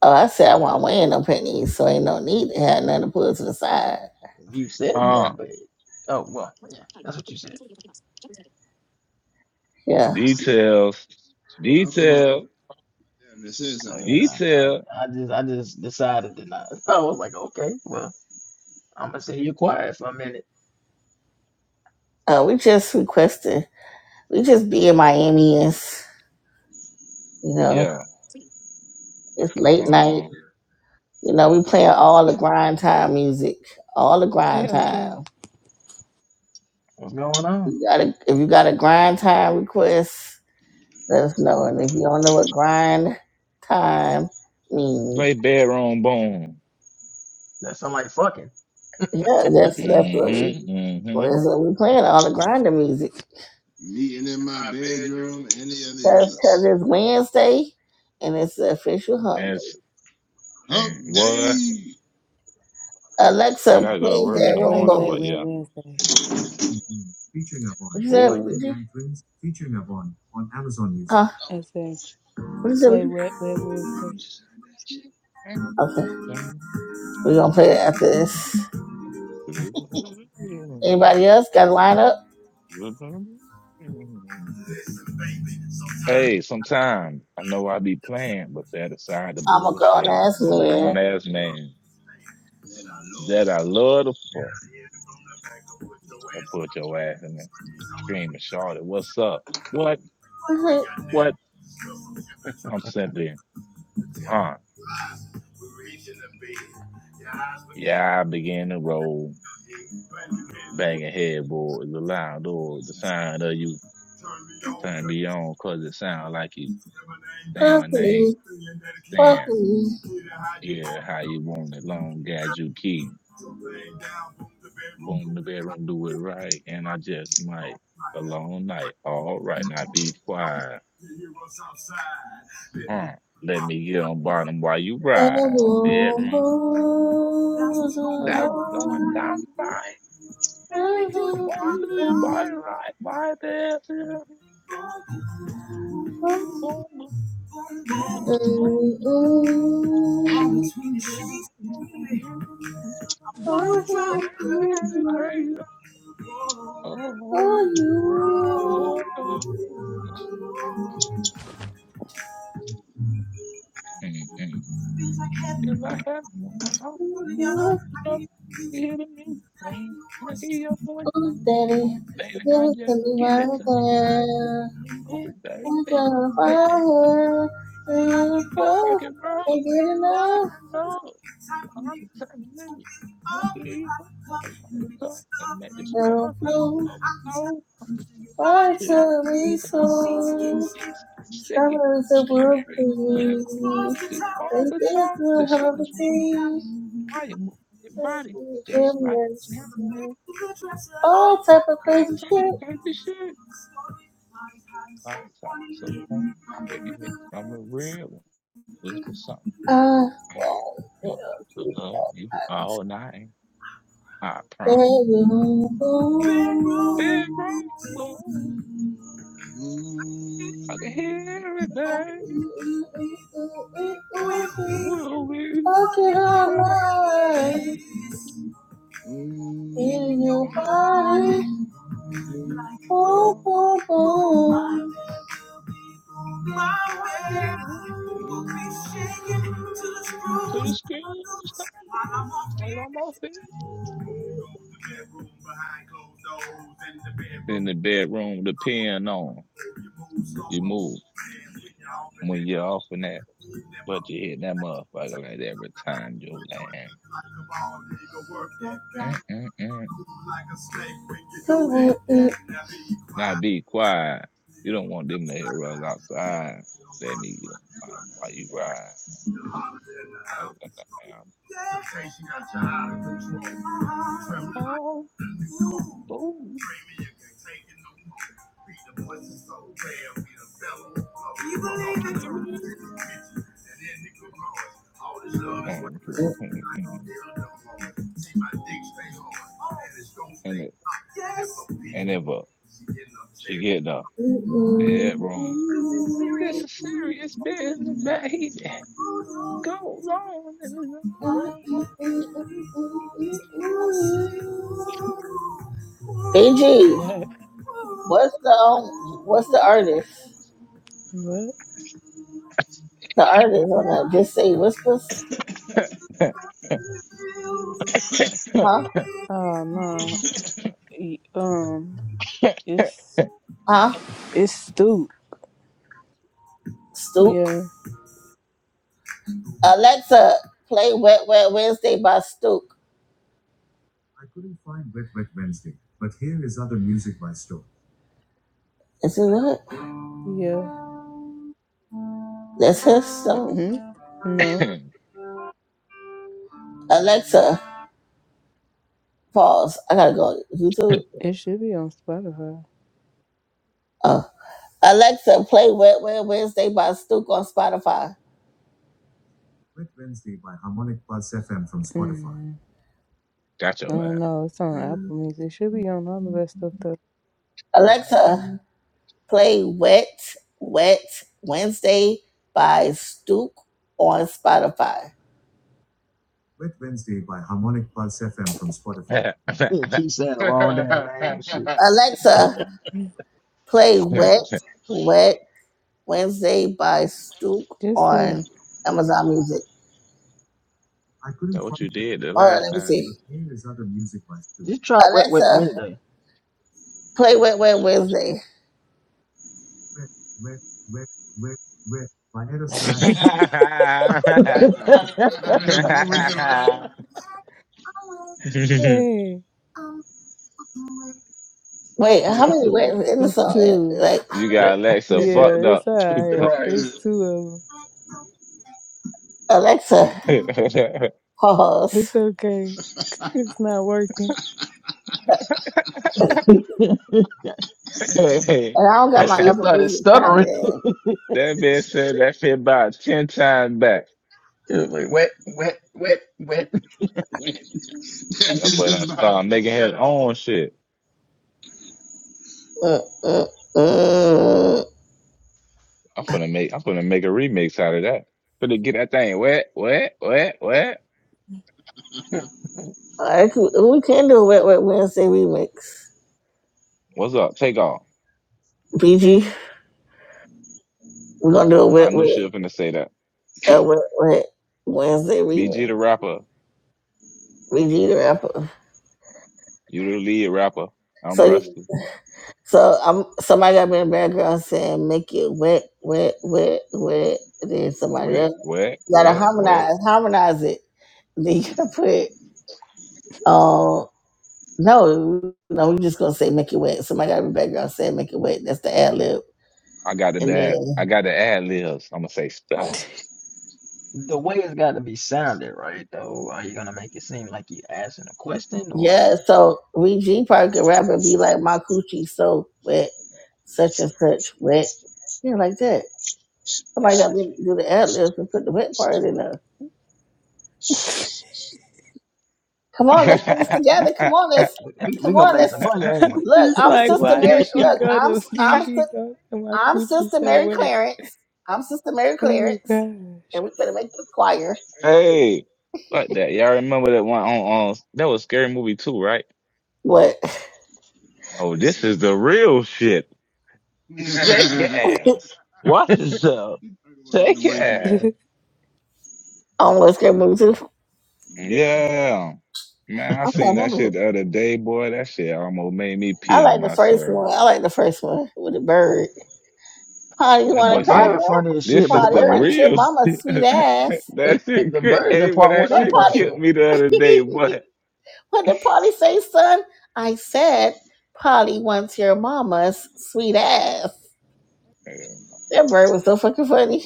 D: Oh, I said I want my in no pennies, so ain't no need to have nothing to put to the side.
F: You said
C: Uh,
F: that, but oh well, yeah, that's what you said.
D: Yeah.
E: See,
C: details,
E: alcohol is
C: detail,
E: a damn that said
F: So you know,
E: something.
C: detail.
F: I, I just I just decided to not. I was like, okay, well, I'm gonna sit here quiet for a minute.
D: Uh, we just requested, we just being Miamians, you know,
C: Yeah.
D: it's late night.
C: Uh,
D: You know, we playing all the grind time music, all the
A: Hey
D: grind
A: OJ,
D: time.
F: What's going on?
D: You gotta, if you got a grind time request, let us know. And if you don't know what grind time means,
C: play bedroom boom.
F: That sound like fucking.
D: yeah, that's,
F: yeah,
D: that's what we,
C: Mm-hmm. Mm-hmm.
D: that's what we playing, all the grinder music.
E: meeting in my bedroom, any of the
D: because
E: others.
D: it's Wednesday and it's the official hump day.
C: That's
E: Hump
C: and what
E: day.
D: Alexa,
C: I
D: play
C: gotta go to work in
D: that
A: and
C: the
D: room
A: play
C: morning,
A: Wet
C: but
A: Wet
C: yeah.
A: Wednesday.
C: Ooh.
D: Huh?
A: I
E: Oh,
A: said
D: What is it?
A: play Wet Wet
E: you
A: Wednesday.
E: just heard that shit?
D: Okay, we're gonna play it after this. Anybody else got a lineup?
C: Hey, sometimes I know I be playing, but that aside the
D: I'm a grown
C: bullshit,
D: ass
C: I'm a
D: man.
C: grown ass man
E: That I
C: that
E: love.
C: I love the fuck that put your ass in there screaming, Charlotte, what's up? What? What? I'm simply, huh? Yeah, I begin to roll, banging headboards, the loud door, the sound of you turn me on 'cause it sound like you saying my
D: Fuck
C: name,
D: me, fuck
C: saying,
D: me,
C: yeah, how you want it, long as you key. boom, the bedroom, do it right, and I just might a long night. All right, now be quiet. Huh. Let me get on bottom while you
D: that
C: ride.
D: room
C: Bedroom.
D: boom.
C: That was going down right. Come on, do your body right, body there. Boom, boom, boom, boom. Crazy. Oh, boy. Mm, mm. If I have no more hope, and you know, you hear me and I hear your voice sing. Oh,
D: Give
C: baby, now
D: it to
C: just
D: me
C: give
D: right
C: it to me right now.
D: there.
C: Oh, baby, take a hand, and rock and roll, and get it love. I'm the type of nigga, won't be around. I'm the type that make this love go so slow to your cheeks and stick it on the strawberry and whip. If they want to talk, the sentence body move your body just like a treadmill. All type of type of shit. Like, so, so um, it, and it, I'm a real one. was for something. Mm. So love you all night. I promise. It's wrong, Lord.
E: Mmm.
C: I can hear it, baby. Will be forever.
E: Mmm. Mmm.
C: Well, yeah. To the screen, stop. I'm almost there. In the bedroom, the pen on. You move. when you're off in that, but you hit that motherfucker like every time you land. Mm-mm-mm. Now be quiet. You don't want them to hear us outside. Let me get 'em while you ride. I was like, "Damn." Oh, oh, Jimmy. And so, mm, mm. And it- and if uh, she get the head wrong, this is serious business. But he go on, go
D: BG,
A: What?
D: what's the um, what's the artist?
A: What?
D: The artist on that? Just say whispers, huh?
A: Oh no. E- Um,
C: on.
A: it's
D: Huh?
A: it's Stoop.
D: Stook.
A: Yeah,
D: Alexa, play Wet Wet Wednesday by Stook. Is it what?
A: yeah.
D: That's his song.
A: hmm No,
D: Alexa, pause. I gotta go on YouTube.
A: it should be on Spotify.
D: Oh. Alexa, play Wet Wet Wednesday by Stook on Spotify.
C: Got
A: I don't
C: your
A: know. It's on Apple Music. It should be on all of that stuff though.
D: Alexa, play Wet Wet Wednesday by Stook on Spotify.
C: ass.
F: keep saying the wrong damn name and shit.
D: Alexa, play Wet Wet Wednesday by Stook
A: Just say,
D: on Amazon Music.
C: That what you did the
D: Hold on,
C: last
D: let me
C: time,
D: see.
C: D.
F: Just try Wet Wet
D: Alexa,
F: Wednesday.
D: Play Wet Wet Wednesday.
E: that boy with the line.
A: hey,
D: Wait, how
F: That's
D: many
F: a bit
D: wet in the
A: it's
D: song?
A: two.
D: Like
C: you got
F: wet.
C: Alexa fucked
A: Yeah, it's
C: up.
A: alright.
F: right.
A: It's two of them.
D: Alexa,
C: that
D: pause.
A: It's okay. It's not working.
D: And I don't got
F: That
D: my
F: shit
D: Apple
F: started
D: Music tied
F: stuttering.
D: in.
C: bitch said that shit about ten times back.
F: It was like wet, wet, wet, wet.
E: Wait, that bitch
C: That boy gonna
E: is my.
C: start making his own shit.
D: Mm, mm, mm.
C: I'm finna make I'm finna make a remix out of that. Finna get that thing wet, wet, wet, wet.
F: the
D: I could, we can do a Wet Wet Wednesday remix.
C: What's up? Take off.
A: Hmm?
D: BG, we're gonna do a
C: I
D: Wet
C: knew
D: Wet,
C: she was finna say that.
D: a Wet Wet Wednesday remix.
C: BG the rapper.
D: BG the rapper.
C: You the lead rapper. I'm
D: So
C: Rusty.
D: So um, somebody got me in the background saying make it wet, wet, wet, wet. Then somebody
C: Wet,
D: else
C: wet,
D: you gotta
C: wet, wet.
D: harmonize, harmonize it. Then you gotta put um no, no, we just gonna say make it wet. Somebody got me in the background saying make it wet. That's the ad lib.
C: I got the
D: And
C: bad. I
D: then
C: got the ad libs. I'm gonna say spells.
F: way it's got to be sounded right, though. Are you gonna make it seem like you're asking a question, or
D: yeah, so we G probably could rap and be like my coochie so wet, such and such wet. Yeah, like that. Somebody got me
F: gosh,
D: to do the ad libs and put the wet part in there. Come on, let's
C: hey,
D: put this together. Come on, let's
F: we we, we
D: come
F: gonna
D: on,
F: make
D: let's
F: some money
A: I'm
F: anyway?
D: look.
A: just
D: I'm
A: like,
D: Sister
A: why
D: Mary.
A: did she
D: Look,
A: go
D: I'm
A: to
D: I'm
A: Fiji?
D: Sis-
A: Go and my
D: I'm
A: coochie
D: Sister
A: so
D: Mary
A: wet.
D: Clarence. I'm Sister Mary
A: Oh
D: Clarence,
A: gosh.
D: and we're gonna make the choir.
C: fuck that. Y'all remember that one on, on, that was scary movie too, right?
D: What?
C: Oh,
E: This
C: this
E: is
C: is the real shit. Shake your
E: the.
C: ass. Watch yourself.
E: You Talking about with the
C: Shake your
E: white people.
C: ass.
D: on Let's Get Moved to.
C: Yeah. Man, I
D: I
C: seen
D: can't
C: that
D: remember.
C: shit the other day, boy. That shit almost made me
D: I
C: pee on
D: like the first
C: myself.
D: one. I like the first one with the bird. Party
C: That
D: want
C: boy
D: a
F: That
D: cracker?
F: bird
C: said,
F: funny as shit,
C: "This
F: but the
C: is
D: Party
C: the
D: want
F: bird,
D: your
C: real."
D: mama
C: shit."
D: sweet ass?
C: that shit,
F: the
C: cra-
F: bird's in
C: hey, well,
F: part
C: that
F: one
D: What
F: and
C: shit
D: party?
F: part two.
C: killed me the other day, boy.
D: what did Polly say, son? I said Polly wants your mama's sweet ass.
C: people
D: That bird was so fucking funny.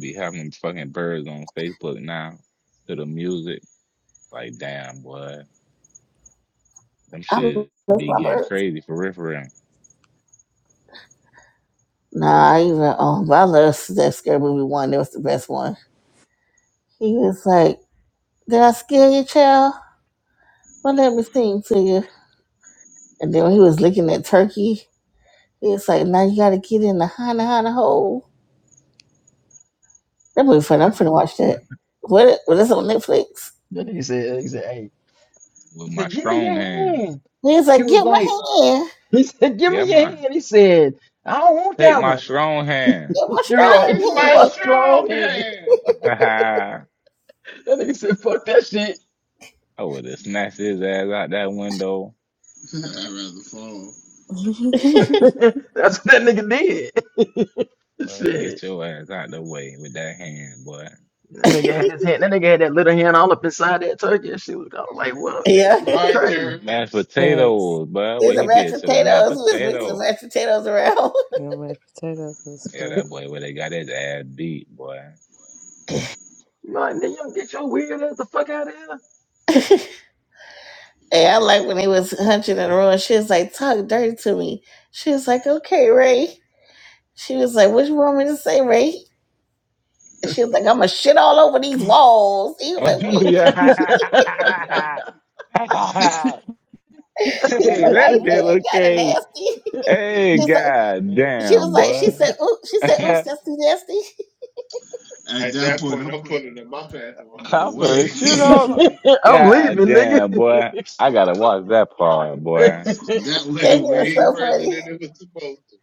C: be having fucking birds on Facebook now to the music. Like, damn, boy, them
D: I
C: shit
D: miss
C: be
D: my
C: getting
D: birds.
C: crazy for real, for real.
D: Nah, I even um, I love that scary movie one. That was the best one. He was like, "Did I scare you, child? Well, let me sing to you." And then when he was licking that turkey, he was like, "Now you got to get in the hana hana hole." That movie fun. I'm finna watch that. What? What is on Netflix?
F: That nigga said, he said, hey, he
C: With my
F: said, give me
C: strong
F: your
C: hand,
F: hand.
D: He was
F: He
D: like,
F: was
D: "Get my
F: like,
D: hand,
F: he said, give
C: yeah,
F: me your
C: man,
F: hand. He said, I don't want
C: take
F: that
E: This
C: my
E: is
F: one.
C: strong hand.
D: get my
F: You're
C: This
F: right.
C: is
F: This
E: my
F: is
C: my
F: my
D: strong hand."
F: strong
C: strong
F: hand.
C: hand.
F: That nigga said, fuck that shit.
C: I would have snatched his ass out that window.
E: strong I'd rather fall.
F: That's what that nigga did.
C: Boy, get
F: shit.
C: your ass out the way with that hand, boy.
F: That nigga had his hand. That nigga had that little hand all up inside that turkey. That shit was kind of like, what? that
D: yeah,
E: My
F: shit
C: Mind your
F: crazy.
E: turn.
C: Mashed
A: Facts.
C: potatoes, boy.
D: it's
C: What
D: a
C: he
D: mashed
C: did to the mashed
D: potatoes. He was mixing the
C: potato.
D: mashed potatoes around.
A: No mashed potatoes was
C: Yeah,
A: fuck.
C: that boy where they got his ass beat, boy.
F: Like, nigga, you don't get your weird ass the fuck out of here.
D: Hey, I like when he was hunching and rolling. She was like, talk dirty to me. She was like, okay, Ray. She was like, what you want me to say, Ray? And she was like, I'm going to shit all over these walls. He was like, wait.
E: Oh, yeah.
C: yeah. hey,
D: He was like, I
C: that
D: ain't
C: bit
D: saying
C: look
D: that kind of
C: crazy.
D: nasty.
C: Hey,
D: She's like,
C: god
D: she was
C: damn,
D: like, she
C: boy.
D: said, oop, she said, oops,
C: I'm
D: that's too nasty.
E: At
C: At
E: that
C: that
E: point,
C: point,
E: I'm
C: I'm
E: pulling up
C: putting in
E: my
C: my
E: pants
C: pants
E: and
C: and watching
E: walking
C: the putting
E: away.
C: race. shit on. him. Like
F: I'm
C: God
F: leaving,
C: damn, boy.
F: nigga.
C: I gotta watch that part, boy.
E: that went
D: That shit was
C: way
E: away
D: so
C: further
E: further
C: than
E: than
D: funny.
E: it
C: it was
E: was.
C: supposed to.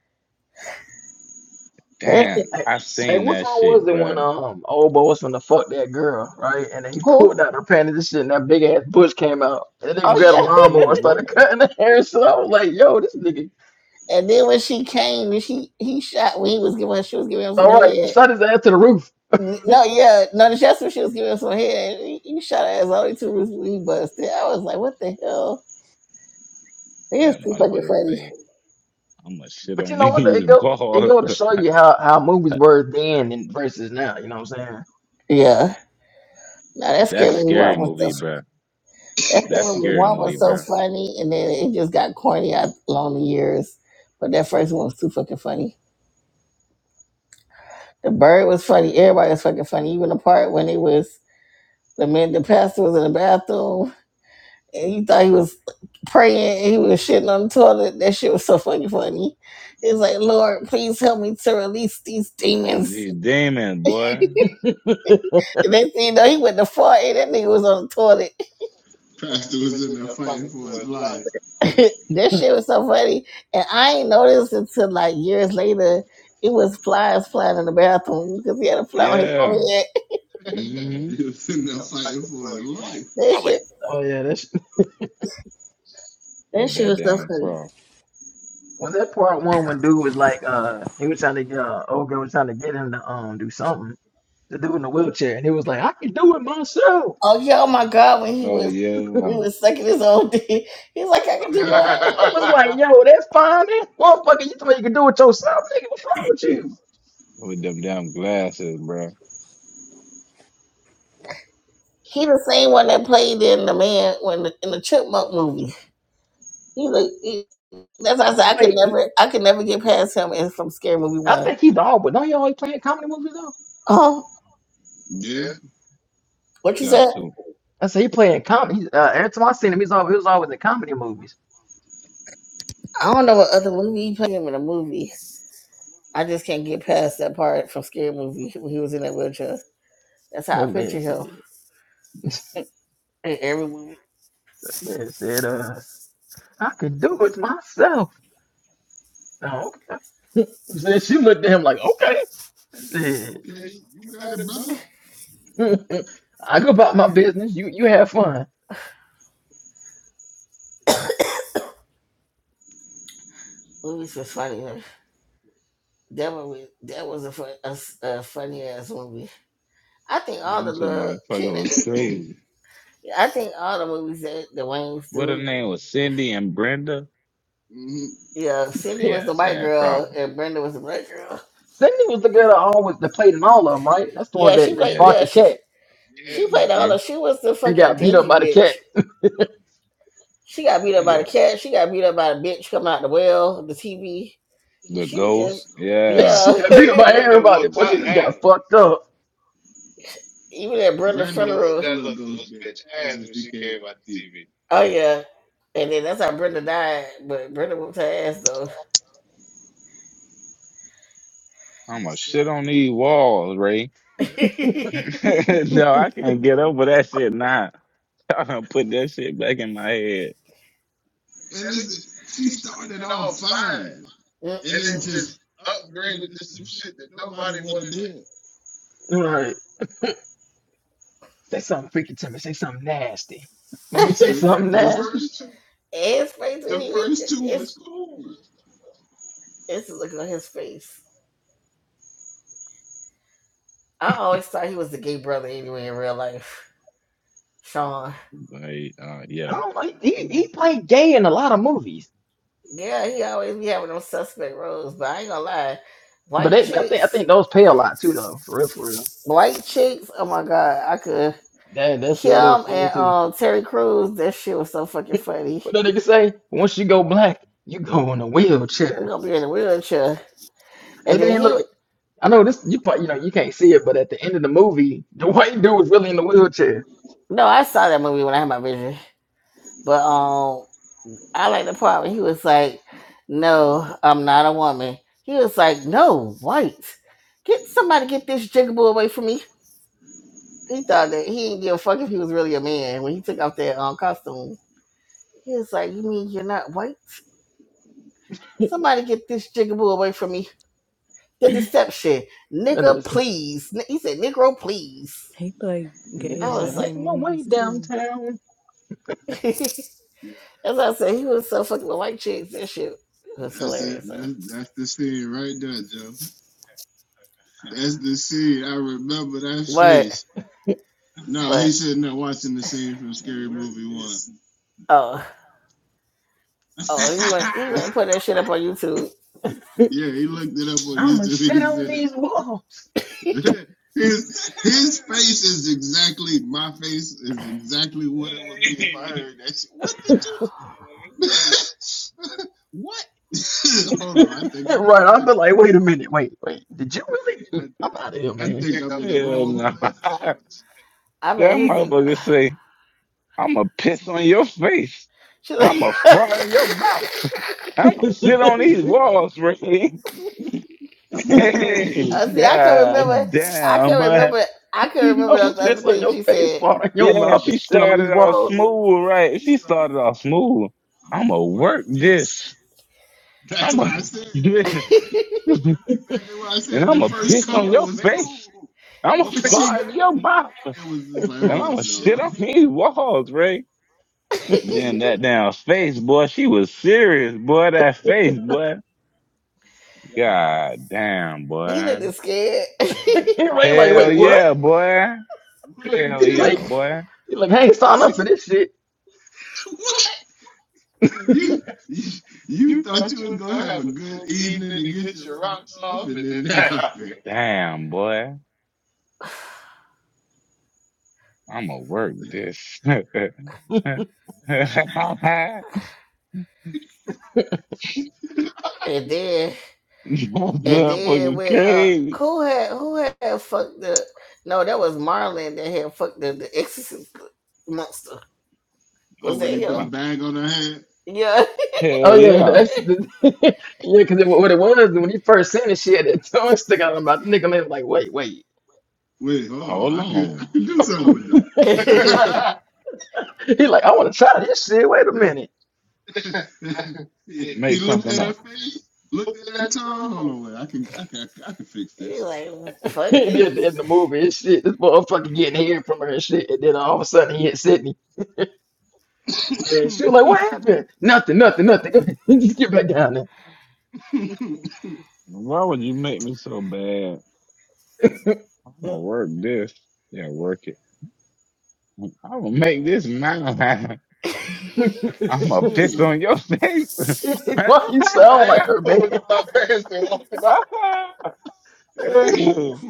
D: That
C: Damn,
D: shit-
E: Damn,
F: Hey,
C: I
E: I see.
F: hey,
C: seen
F: which
C: that
F: one was
C: shit,
F: the
C: bro.
F: one um old boy was from the fuck that girl, right? And then he
D: Who?
F: pulled out her panties and shit, and that big ass bush came out. And then
C: Like
D: Oh
F: grabbed a
D: yeah.
C: shit on
F: lawnmower
C: these
F: and started
C: walls.
F: cutting the hair. So I was like, yo, this nigga,
D: And then when she came and she he shot when he was giving her- she was giving him some
F: all right,
D: head.
F: shot his ass to the roof.
D: No, yeah, no, that's when she was giving us some head. and You you shot her ass only two roots we busted. I was like, what the hell? They is
C: That
D: too fucking
C: motherfucker
D: funny.
C: say, I'ma shit
F: but you
C: on
F: know what? It
C: these
F: go it
C: walls.
F: go to show you how how movies were then and versus now. You know what I'm
D: Yeah. No, that scared
C: That's
D: me one
C: scary
D: was
C: movie,
D: so
C: bruh.
D: that scared
C: That's
D: me
C: scary
D: one
C: movie,
D: was so
C: bruh.
D: funny and then it just got corny out along the years. But that first one was too fucking funny. The bird was funny, everybody was fucking funny. Even the part when it was the man the pastor was in the bathroom And he thought he was praying and he was shitting on the toilet. That shit was so fucking funny. He was like, Lord, please help me to release these demons.
C: These demons, boy.
F: saying?
D: And next thing you know, he went to fart and that nigga was on the toilet.
E: Pastor was in there
C: That
E: fighting
C: fucking
E: for
C: for
E: his
C: his
E: life.
C: life.
D: that shit was so funny. And I ain't noticed until like years later, it was flies flying in the bathroom because he had a fly on his
C: Yeah.
D: forehead.
C: hmm
E: He was in there fighting for
C: for
E: his
C: his life.
D: That
E: life.
D: Oh shit,
F: oh yeah, that's
D: that
C: With
D: shit
C: that
D: was so
C: damn
D: funny.
C: fro.
F: was that part one when dude was like uh he was trying to get uh, old girl was trying to get him to um do something. The dude in the wheelchair, and he was like, "I can do it myself."
D: Oh yeah, oh my God, when he
C: Oh
D: was he
C: yeah.
D: was sucking his own dick. He's like, I can do all.
F: I was like,
C: yeah.
F: yo, that's fine. That motherfucker, you thought you could do it yourself, nigga. What's wrong with you?
C: With them damn glasses, bruh.
D: He the same one that played in the man when the, in the Chipmunk movie. He like he, that's why I
F: He
D: said I could
F: played. He,
D: never I could never get past him in from Scary Movie
F: I
D: One.
F: think he's all, but don't he always playing comedy movies though?
D: Oh,
E: yeah.
C: Hey,
D: what you
C: Got
D: said?
C: to.
F: I said he playing comedy. He, uh, every time I seen him, he's always he was always in comedy movies.
D: I don't know what other movie he played him in a movie. I just can't get past that part from Scary Movie when he was in that wheelchair. That's how I
F: That
D: picture
F: man said,
D: him
F: that
D: in every movie.
F: man said, uh, I could do it myself. Oh, okay. Then she looked at him like, okay, shit.
E: Okay.
C: Hey, you
E: You got
C: got
E: it,
C: it, bro.
E: brother.
F: I go about my business. You you have fun.
D: Movies was funny. man. That movie, that was a, fun, a, s- a funny ass movie. I think all the
C: Them two
D: little
C: motherfuckers
D: Keenan.
C: was crazy.
D: I think all the movies that the Wayne's
C: What her
D: do
C: name was Cindy and Brenda?
E: hmm
D: Yeah, Cindy was the
C: Yes, I
D: white
C: had
D: girl
C: problems.
D: and Brenda was the black girl.
F: Cindy was the girl that always that played in all of them, right? That's the one
D: Yeah, she
F: that, that
D: played.
C: Yeah, they,
F: fought
D: Yeah,
F: the
D: she
F: cat.
C: Yeah.
D: she played
C: hmm
D: all of.
E: Yeah.
D: She was the
F: and
D: fucking
F: got beat up
D: dinky
F: by the cat.
D: bitch. She got beat up by the
C: yeah.
D: cat. She got beat up by the bitch coming out the well, the TV.
C: The
D: She
E: Ghost.
D: just
C: ghost,
E: Yeah.
C: yeah.
D: yeah.
F: she got
E: Hey,
F: beat up
C: Hey,
F: by
E: Brenda
C: Brenda
E: whooped
F: everybody.
C: whooped her
F: Boy,
E: her-
F: she just
C: ass.
F: got fucked up.
D: Even at Brenda's
E: Brenda
C: Brenda
E: whooped
C: whooped
D: funeral.
E: that
C: that little
E: little ghost bitch
C: bitch
E: ass
C: ass
E: when
C: when
E: she
C: she
E: came
C: came
E: on
C: out
E: TV.
C: the TV.
D: Oh yeah, and then that's how Brenda died. But Brenda whooped her ass though.
C: I'm going to shit on these walls, Ray. no, I can't get over that shit now. I done put that shit back in my head.
E: And
C: And it
E: this, she started
C: did
E: off
C: all
E: fine,
C: fine.
E: and
C: And
E: then
C: then
E: just
C: just
E: upgraded
C: upgraded
E: to
C: to
E: some
C: some
E: shit
C: shit
E: that
C: that
E: nobody
C: nobody
E: would have
C: wanted
E: did.
F: Right. Say something freaky to me. Say something nasty. When
D: Mm.
F: me
C: to
F: say
C: do.
E: The
C: Right.
F: something
C: The
E: the
F: nasty,
E: first
C: first two,
D: his face when
E: the
C: the
D: he was
C: first
E: first two
D: it's
E: was
C: two
E: cool.
D: it's looking on his face. I always thought he was the gay brother anyway in real life. Sean.
C: Like, uh,
F: I
C: yeah,
F: don't like. He he
C: no.
F: played gay in a lot of movies,
D: Yeah, he always be having them suspect roles, but I ain't gonna lie.
F: but
D: White
F: they, I think I
D: chicks,
F: think those pay a lot too, though. For real, for real.
D: white chicks. Oh my god, I could
F: That that sure that was
D: him
F: funny
D: and
F: too.
D: um Terry Crews. That shit was so fucking funny.
F: What that nigga say, once you go black, you go in a
D: He
F: wheelchair.
D: gonna be in a wheelchair, and
F: And
D: then
F: then
D: he.
F: look, I know this. You probably you know you can't see it, but at the end of the movie, the white dude was really in the wheelchair.
D: No, I saw that movie when I had my vision, but um, I like the part when he was like, "No, I'm not a woman." He was like, "No, white. Get somebody get this jigaboo away from me." He thought that he didn't give a fuck if he was really a man when he took off that um costume. He was like, You mean you're not white? Somebody get this jigaboo away from me. The deception.
F: That
D: Nigga,
F: nigga
D: please. N- He said, Negro, please.
A: he played
F: The
D: I
A: gay
F: Nigga
A: in
D: was
F: said,
A: all the
D: like,
F: making my way
A: movies too.
F: downtown.
E: Yeah,
D: As I said, he was so fucking with white chicks. That shit was
E: that's it. That's
D: hilarious. huh?
E: it. That's that's the scene right there, Joe. That's the scene. I remember that
D: What?
E: face. No,
D: What?
E: he sitting there watching the scene from Scary Movie One.
D: Oh. Oh, he went, he went and put that shit up on YouTube.
E: yeah, he looked it up on
F: I'ma
E: YouTube and
F: shit
E: he
F: on
E: said that
F: these walls.
E: his his face is exactly my face is exactly what it would be if I heard that shit. What did
F: right,
E: you What hold on, I think I came
F: I'll
E: to
F: be
E: the
F: like, wait a minute, wait, wait. Did you really?
E: wrong
F: I'm out of here,
E: I, I
F: man.
E: think I'm in the
C: Hell
E: wrong
C: no.
E: place.
D: I bet
C: That
D: his dick
C: motherfucker say, I'ma piss on your face.
D: she like
C: I'ma fart in your mouth. I'ma sit on these walls, Ray. Hey,
D: uh, see I can remember
C: God
D: I
C: damn,
D: can
C: but
D: remember I can remember
F: I'ma
D: the
C: yeah,
D: other
F: piss on
D: thing
F: your
D: she
F: face,
D: said.
F: fart in your mouth,
C: she
F: and shit on these
C: started off
F: walls.
C: smooth, right? She started off smooth.
E: I'm
C: I'ma
E: a word.
C: work this.
E: That's
C: I'ma
E: what I said.
C: and
E: That's exactly what I said. The
C: I'ma
E: first
C: piss on
E: couple
C: your
E: was
C: face.
E: cool.
C: I'ma
E: When she
C: fart in
E: got
C: your mouth.
E: it, it was just like,
C: And
E: hold up,
C: I'ma shit
E: no.
C: on these walls, right? Then that damn face, boy. She was serious, boy. That face, boy.
E: Yeah.
C: God damn,
D: He
C: boy.
D: looked scared.
F: Ray like,
C: Hell Look,
F: wait, what?
C: yeah, boy. Look Hell
E: Wouldn't
C: at
F: He
C: yeah, you.
E: you?
F: like,
C: boy.
F: he like, hey, sign up for this shit.
E: What?
C: What? You
E: You you, you thought
C: thought
E: you
C: you
E: was
C: was
E: gonna
C: gonna
E: have a
C: have a
E: good
C: good
E: evening
C: evening
E: and
C: and
E: get your
C: get your
E: rocks
C: rocks
E: off,
C: off,
E: and
C: and
E: then
C: then
E: that
C: that
E: happened.
C: happened. Damn, boy. I'ma work this. That
D: and then
E: Yeah.
D: and then
C: motherfucking
D: when uh
C: crazy.
D: who had who had fucked the no, that was Marlon that had fucked the, the exorcist monster.
E: Oh,
D: Was
E: when
D: that
E: he put a
D: him?
C: Hell
E: bag on her head.
D: Yeah.
F: Oh yeah,
C: yeah.
F: that's the, yeah, because what it was when he first seen it, she had that tongue stick out of her mouth. The nigga man was like, wait, wait.
E: Wait, hold on.
C: Hold
E: I could
C: on.
E: I could do something with
C: Oh. Make
E: that.
F: He like, I want to try this shit. Wait a minute.
E: he,
C: Did you
E: he looked
C: something
E: at her
C: up.
E: face, looked at that tongue. Hold on, wait. I can I can I can fix
D: He's
E: this.
D: like, fuck
F: And then in
D: this.
F: the movie, and shit, this motherfucker getting hair from her and shit. And then all of a sudden he hit Sydney. And she was like, what happened? Nothing, nothing, nothing. Just get back down
C: Why would you make me so bad? I'm gonna work this. Yeah, work it. I'm gonna make this mine.
F: there.
C: I'm gonna
E: cool.
C: piss on your face.
F: Why you sound like
C: Yeah,
F: her, man?
C: pulling up my pants and walking out. God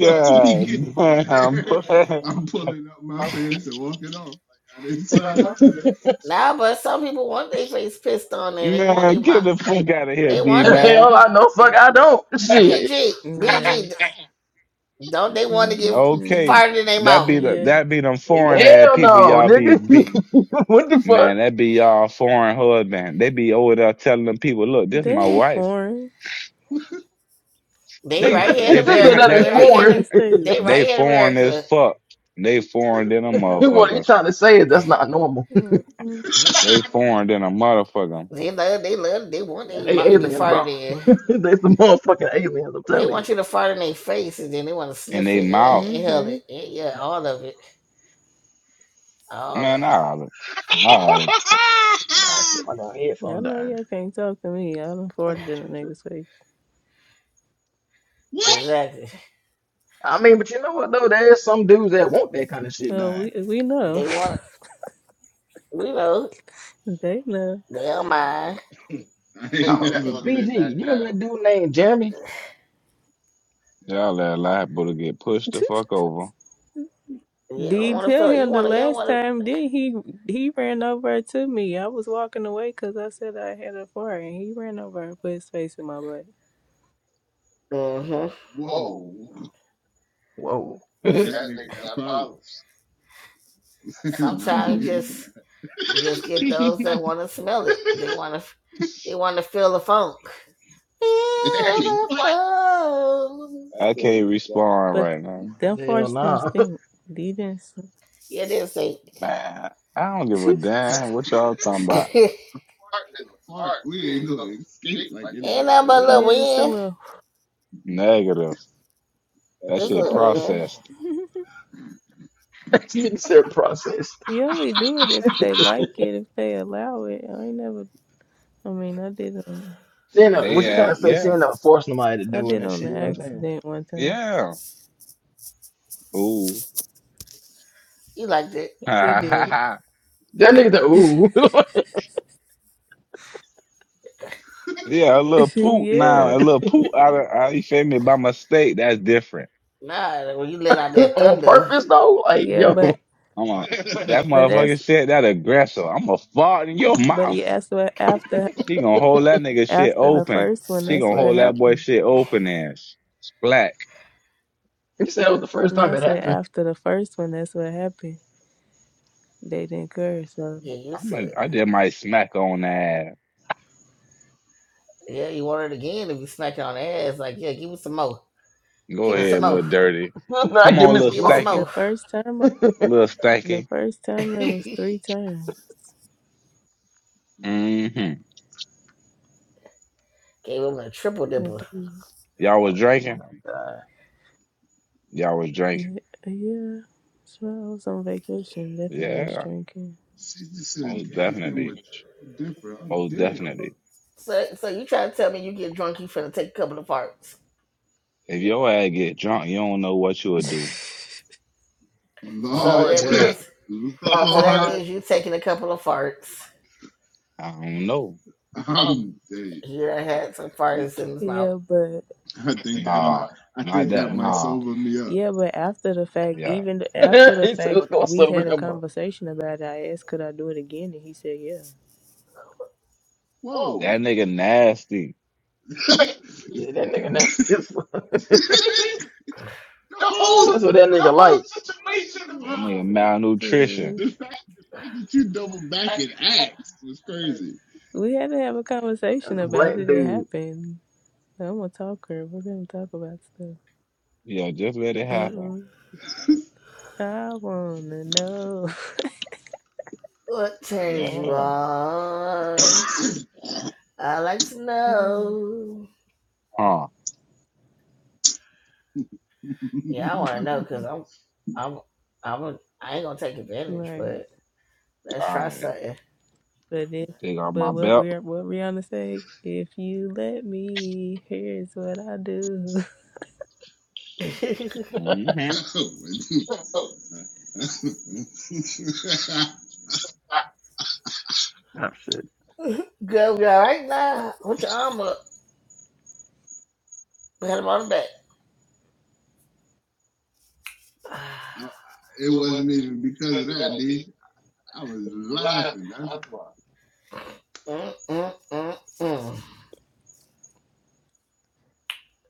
E: Once we get there,
C: boy. I'm
E: I'm pulling up my pants and walking off. Like I didn't
C: like,
E: sign up
C: no.
E: for this.
D: Nah, but some people want their face pissed on and they want their
C: Man, get
D: mouth.
C: the fuck out of here,
D: They
C: D
D: want to be
F: hell,
C: man.
F: I know. Fuck, I don't. Shit.
D: BG,
A: Yes.
D: BG. Don't they want to get
A: hmm
C: Okay,
D: farther than their
C: that
D: mouth?
C: be the
A: Yeah.
C: that be them foreign ass
F: Hell
C: people
F: no,
C: y'all be be.
F: nigga. what the
C: Man,
F: fuck?
C: that be y'all foreign husband. They be over there telling them people, look, this
A: They
C: my
A: ain't
C: wife.
A: foreign.
D: They
C: They
D: right here in
C: if
F: this
C: they
F: is
D: America.
C: like
A: They
F: another
C: that
D: They
A: right
D: right
C: shit,
A: here
D: here.
A: in
D: In,
A: the
F: foreign.
D: they
C: they
A: States.
D: right here in
C: foreign as
D: America.
C: fuck. They foreign than a
F: what you
C: motherfucker.
F: trying to say? is That's not normal.
A: Mm-hmm.
C: They foreign than a motherfucker.
D: They love. They love. They want their
F: they
D: mouth to be
F: aliens,
D: farted
F: bro.
D: in.
F: they some motherfucking aliens. I'm
D: They
F: telling you.
D: want you to fart in their face, and then they want to
C: And
D: sniff
C: they
D: it and
C: mouth.
D: inhale
A: hmm
D: it. And yeah, all of it. All
C: Man,
D: of
C: I holler. I holler.
F: Nah, shit, my damn
A: Y'all
F: headphone
A: know
F: dying.
A: y'all can't talk to me. I done
F: And my
A: farted in the
F: charger.
A: nigga's face.
D: it.
E: What?
D: Exactly.
F: I mean, but you know what though? There's some dudes that want that kind of shit
A: No,
F: dying.
A: we we know.
D: They want. We know.
A: they know.
D: They don't mind.
E: I
F: I
E: ain't
F: don't know.
D: They,
E: never
C: i
E: been
C: been
F: BG, you
E: that
C: that
F: remember
E: down.
C: down.
F: that dude named Jeremy?
C: Y'all that liable to get pushed the fuck over.
D: you
A: Did
D: don't want to
A: tell
D: feel. it. You
A: him the
D: want to. You don't
A: last
D: want
A: time? Then he he ran over to me. I was walking away cause I said I had a fart, and he ran over and put his face in my butt.
D: to. Mm-hmm.
C: Whoa,
E: Whoa.
F: Whoa. Hell
E: That
C: that
E: nigga
C: nigga
E: got
C: got
E: problems.
C: problems.
E: Not the
D: Sometimes you
E: good kind.
D: just you just get those that
C: hey,
D: want to smell it. They want to. They want to feel the funk. Feel
E: Hey,
D: the
E: what?
C: what?
D: funk.
E: I
C: I
E: can't
C: can't
E: respond.
C: respond
A: But
C: right now.
A: them farts didn't
F: nah.
A: stink. They didn't. Stink.
D: Yeah, that's it.
C: Man, I don't give a damn what
E: Part
C: y'all talking about. Art
E: is
C: is
E: a part.
C: art.
E: We ain't gonna escape like it
C: It
D: Ain't
E: ain't
C: ain't
E: what
D: nothing
C: what
E: it
D: but a
C: it
E: is.
D: little
C: is.
A: yeah, it's a
D: wind.
A: little.
E: Nigga,
C: Negative.
E: That
C: That
D: It's a
E: shit
C: shit
D: little
E: process.
D: wind.
C: processed.
F: this nigga said processed.
A: You only do it if
F: she
A: they like it, if they allow it. I ain't never. I mean, I did on.
F: ain't no, what
C: They
F: she trying to
C: act,
F: say? She
C: yeah,
F: ain't no forcing nobody to
A: I
F: do it
A: did
F: and
A: on
F: shit. You
A: the
F: know what I'm saying?
A: accident one time.
C: yeah. Ooh.
D: You like that.
A: He did.
C: yeah,
F: That nigga the ooh
E: Yeah, I
C: a
E: know.
C: little poop
A: yeah,
C: now, a little poop out of, out, you feel me, by mistake. That's different.
D: Nah, when you let out that
F: on
D: thunder,
F: purpose though. Like
A: yeah, but
F: yo,
C: I'm a, that
A: but
C: motherfucker
A: that's
C: said that aggressive. I'm going to fart in your
A: but
C: mouth.
A: he asked what after
C: She gonna hold that nigga shit
A: after the
C: open.
A: first one.
C: She
A: That's
C: gonna
A: what
C: hold that boy
A: happened.
C: shit open ass. Splack.
F: he said it was the first
A: No,
F: time
A: I
F: it
A: said
F: happened.
A: after the first one. That's what happened. They didn't curse. So
D: yeah, you used
C: I'm
D: to
C: a,
D: it.
C: I just might smack on that.
D: Yeah, you want it again if you smack it on the ass. Like, yeah, give me some more.
C: Go
D: Give me some
C: ahead,
F: Uh-uh.
C: little
D: more.
C: dirty.
F: now
C: Come
F: give
C: on,
F: me
C: little
F: some
D: Give me some
F: more.
A: the
C: stanky.
D: more.
A: first time,
C: Little
A: the
C: stanky.
A: first time it was
D: Gave
A: three times.
C: Mm-hmm.
D: him a triple
A: The
D: dipper.
A: dude-
C: Y'all was
F: Oh my
C: drinking?
F: God.
C: Y'all was drinking.
A: Yeah, yeah. So I was on vacation. Definitely was
C: Yeah.
A: drinking.
E: she just said
C: Most
E: gave him a
C: definitely.
E: triple dipper. I'm
C: Most
E: dead.
C: definitely.
D: So, so you trying to tell me you get drunk, you finna take a couple of farts.
E: If
C: If
E: your
C: your
E: ass
C: ass get drunk, you don't know what you would do.
D: So
C: Oh,
F: Different.
E: Lord,
D: that
F: Well.
D: means, so
C: oh,
D: that
E: Lord,
C: I
D: means you taking a couple of farts.
C: don't know. um,
E: I'm dead.
D: You done had some farts in his
A: Yeah,
D: mouth.
A: but
E: I think that might,
C: Nah. not.
E: I think that
C: that. Nah.
E: might sober me up.
A: yeah, but after the fact,
C: Yeah.
A: even after the
F: he said,
A: fact,
F: "Let's
A: we
F: go, up,
A: had a
F: grandma?"
A: conversation about it. I asked, could I do it again? And he said, yeah.
C: Whoa.
E: Whoa.
C: That nigga nasty. the
E: the
F: Yeah, that nigga nasty. as fuck.
E: whole the
C: whole,
F: That's what that
C: the
F: nigga
E: whole
C: whole
F: like.
E: situation
C: situation
E: is
C: is That wrong. nigga
E: wild.
C: malnutrition.
A: Mm,
E: The fact the fact that you double back and axe was crazy.
A: We had to have a
F: That's
A: conversation
F: a
A: about
F: black
A: it. It
F: dude.
A: happened. I'm a talker. We're gonna talk about stuff.
C: Yeah, just let it happen.
A: Mm-mm.
E: oh,
A: I wanna know.
D: What turns
C: Yeah.
D: you
C: Huh.
D: on? I like to know.
C: All
D: Yeah, I want to know because I'm, I'm, I'm, a, I ain't gonna take advantage,
A: right,
D: but let's try
C: right.
D: something.
A: but if
C: Take off my
A: but what we
C: belt.
A: what Rihanna say? If you let me, here's what I do.
C: Mm-hmm.
E: my I-
F: Oh shit.
D: Go, go right now. Put your arm up. Pat him on the back.
E: I- it
C: it
E: wasn't
C: wasn't
E: even because of
C: because of
E: that,
C: that. Did
E: D. I was
C: you
E: laughing. That's
C: That's
E: why.
C: why.
D: Mm, mm, mm, mm.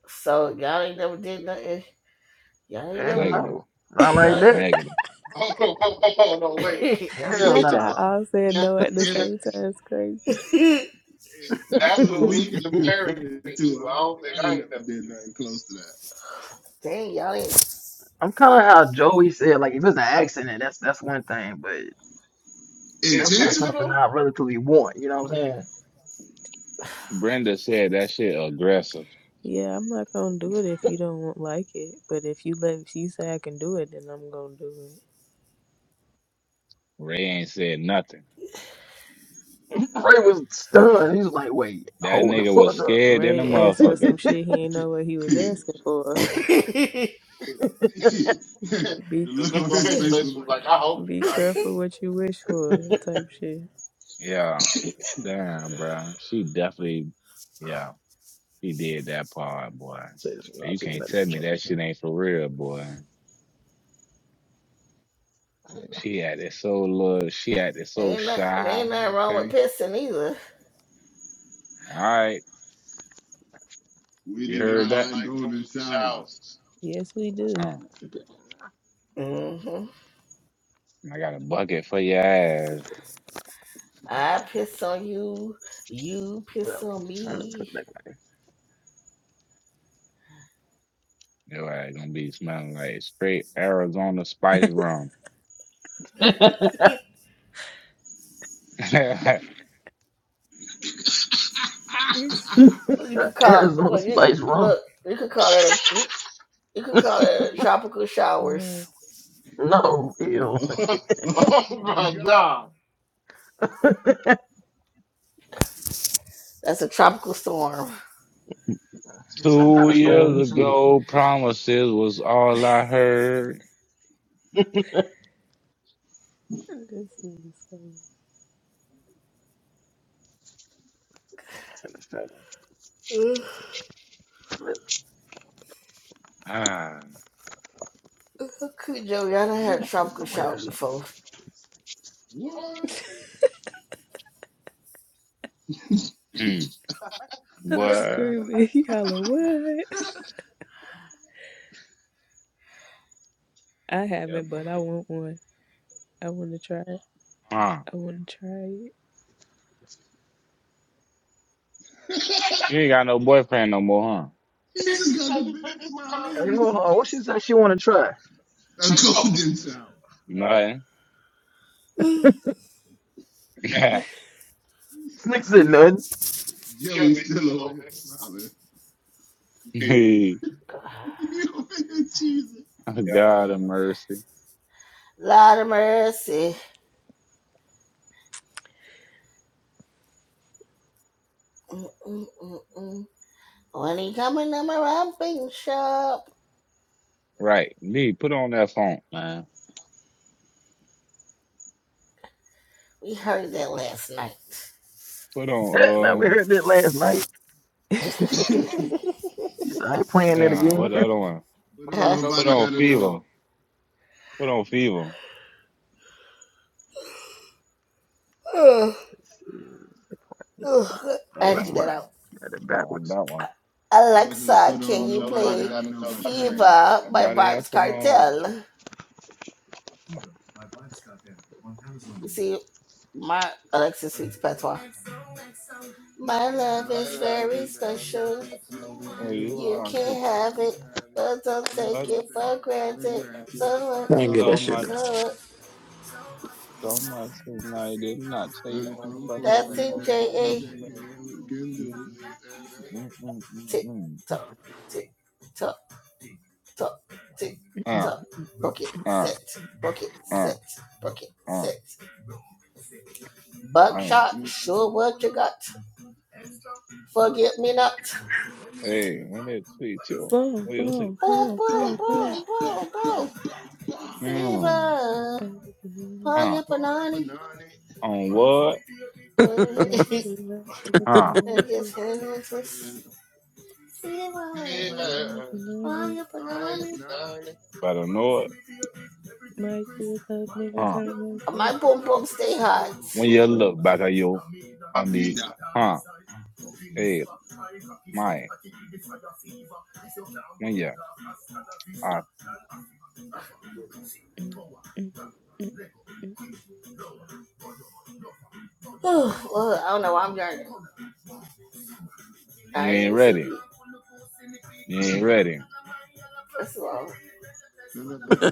D: So y'all ain't never did nothing. Y'all ain't never.
F: Hell
C: Negative.
F: no. Not like
D: Y'all
F: that.
C: Negative. Hold on, hold on, hold on, wait.
E: if,
F: Hell
A: Not
C: If,
A: y'all
F: no.
A: all said
E: if
C: if,
A: no at the
E: if
C: if
A: same time. It's crazy.
D: ain't-
E: if that's
C: that's
E: what
C: what
E: we
C: we
E: comparing
C: comparing
F: Shit.
E: it
C: it
E: to, I
C: to, I
E: don't
C: don't
E: think I
C: think I
E: ain't
C: ain't
E: never
C: never
E: did nothing close to that.
D: Dang, y'all ain't.
F: I'm kind of how Joey said. Like, if it's an accident, that's that's one thing, but that's not
E: Intentional?
F: something
C: intentional.
F: I relatively want. You know what I'm saying?
C: Brenda said that shit aggressive.
A: Yeah, I'm not gonna do it if you don't like it. But if you let if you say I can do it, then I'm gonna do it.
C: Ray ain't said nothing.
F: Ray was stunned. He was like, "Wait,
C: That
F: hold the
C: nigga was
F: fuck up."
C: scared in a
A: Ray asked for some
C: motherfucker.
A: shit he ain't know what he was asking for.
E: the
C: the
A: be
E: look
C: look
E: on
C: on
E: his
C: his
E: face
C: face
E: was
C: was
E: like,
C: like,
E: I
C: I
E: hope
C: hope
E: he's
C: he's
A: be
E: not
C: not
E: serious.
C: serious.
A: careful what you wish for, type shit.
C: Yeah. Damn, bro. She definitely, yeah, he did that part, boy.
F: Say this from not
C: You
F: taking
C: can't tell
F: medicine
C: me that
F: charge too.
C: shit ain't for real, boy.
F: There you go.
C: She acted so little. She acted so
D: ain't, not,
C: shy.
D: ain't nothing wrong with
C: Okay.
D: pissing either.
C: All right.
E: We
C: You
E: do
C: heard
E: not
C: that?
E: like golden showers.
C: Showers.
A: Yes, we do.
C: Uh,
F: Okay.
D: Mm-hmm.
C: I got a bucket for your ass.
D: I piss on you, you piss
F: Well,
D: on
F: I'm gonna put
D: me.
F: it back in
C: Your ass gonna be smelling like straight Arizona spice rum.
F: my ear.
A: He's
D: you could call
F: Arizona
D: well you
F: Spice Rum.
D: look, you could call that a you, you could call it a tropical showers.
A: right.
F: No,
C: Nope.
F: ew.
E: oh
C: Oh
E: my
C: my
E: God.
C: god!
D: That's a tropical storm.
F: Some kind
C: Two
F: of
C: years
F: storm. Shit.
C: ago, promises was all I heard.
A: This nigga's crazy.
C: Ah.
D: Okay, Joe, y'all done
F: This
D: had a
F: must be
D: tropical
F: nowhere
D: shower
F: or something.
D: before.
E: What?
C: Mm.
A: I'm
C: Boy,
A: screaming. He holler, what? I
C: yeah,
A: haven't, but
C: boy.
A: I want one. I want to try it.
C: Huh?
A: I want to try
E: he
C: You ain't got no boyfriend no more, huh?
E: just got the biggest smile on
F: Hey,
E: his
F: hold on. What she
E: face.
F: said she want to try?
E: A golden shower. All
C: Nothing.
D: Mm.
E: Right.
F: Slick said nothing.
E: Joey's still over here smiling. hey,
C: Me.
E: He over here cheesing.
C: Oh, God
E: God,
C: of
E: man.
C: mercy.
D: Lot of mercy. Mm, mm, mm, mm. When he coming to my romping shop.
C: Right. Me, put on that funk, man.
D: We heard that last night.
C: Put
F: now we
C: on, uh,
F: heard that last night.
A: it.
F: She said I ain't playing that
C: yeah, what
F: again.
C: the other one?
E: put on
C: Put
E: Nobody
C: on
E: Gotta Know.
C: Fever. Put on Fever. Oh,
D: Ugh, ugh, I
F: oh,
D: had to
F: that's
D: get
C: that,
D: that
F: why.
C: yeah.
D: out.
F: Got it
C: That one,
F: backwards.
C: that one.
E: I was gonna
D: Alexa,
E: put on
D: can you
E: Nobody
C: Nobody
D: play
E: Gotta Know by Cranium.
D: Fever by
C: else
D: Vibes
C: to know.
D: Cartel? See my Alexis Sweet's patois. My love
E: My
D: is
E: love
D: very
E: is very
D: special.
E: special. If
C: Oh, you
E: you
D: You
E: want
C: want
E: it,
C: to
D: can
E: you
D: have
E: can
D: it,
E: have it.
D: but don't
E: But
D: take
C: touch
E: don't
D: it
E: take
D: for
E: it for
D: granted.
E: granted.
D: So what?
F: I
E: So
F: didn't get
C: so
F: that
E: much
F: shit.
C: much.
D: So what?
C: Don't lie to me. I did not say
E: life
C: I'm from
D: That's
C: or
E: unfolding.
D: in
C: or
D: J
C: that
E: Let's
C: one.
D: A.
E: take it. We can
C: Mm,
E: do this. And, uh,
C: mm, mm, mm,
D: Tick
C: mm.
D: tock, tick tock, tock, tick
C: Ah,
D: tock. Broke it,
C: ah,
D: set, broke it,
C: ah,
D: set, broke it,
C: ah.
D: set.
C: Hey,
D: Buckshot,
E: you know,
D: sure what you got. Forget me not.
C: hey, when they tweet you,
A: Boom,
C: what do you say?
A: boom,
D: Boom,
A: boom,
D: boom,
A: boom,
E: bah, bah,
A: boom.
D: boom,
E: bah,
D: boom, boom.
E: bah, bah, bah.
C: Hmm.
D: Fever.
A: Baby,
D: Panya
C: Ah,
E: For you for
D: Panani.
E: naughty.
C: on what?
A: my good love make a
C: Ah.
A: turn
D: I
A: like
D: guess
A: this.
D: handles first.
C: Hey,
E: Fever.
D: Fever.
A: Baby,
C: Better
A: money,
D: Panya
E: All
C: uh, I
E: you for
D: Panani.
C: don't
E: naughty.
C: know Better know it.
A: my good love make a
E: Oh,
C: Ah,
A: turn like
D: My
A: this.
D: boom, boom, stay hot.
C: When
E: you
C: you
E: love
C: look back at you, I
E: me.
C: mean,
E: That.
C: ah, Hey, my, when you, ah,
A: Mm, mm, mm.
D: Oh, well, I don't know why I'm yawning.
C: you
D: I ain't
C: ain't
D: even
C: ready.
D: sleepy.
C: You ain't ready.
D: First of all,
E: Deliverance.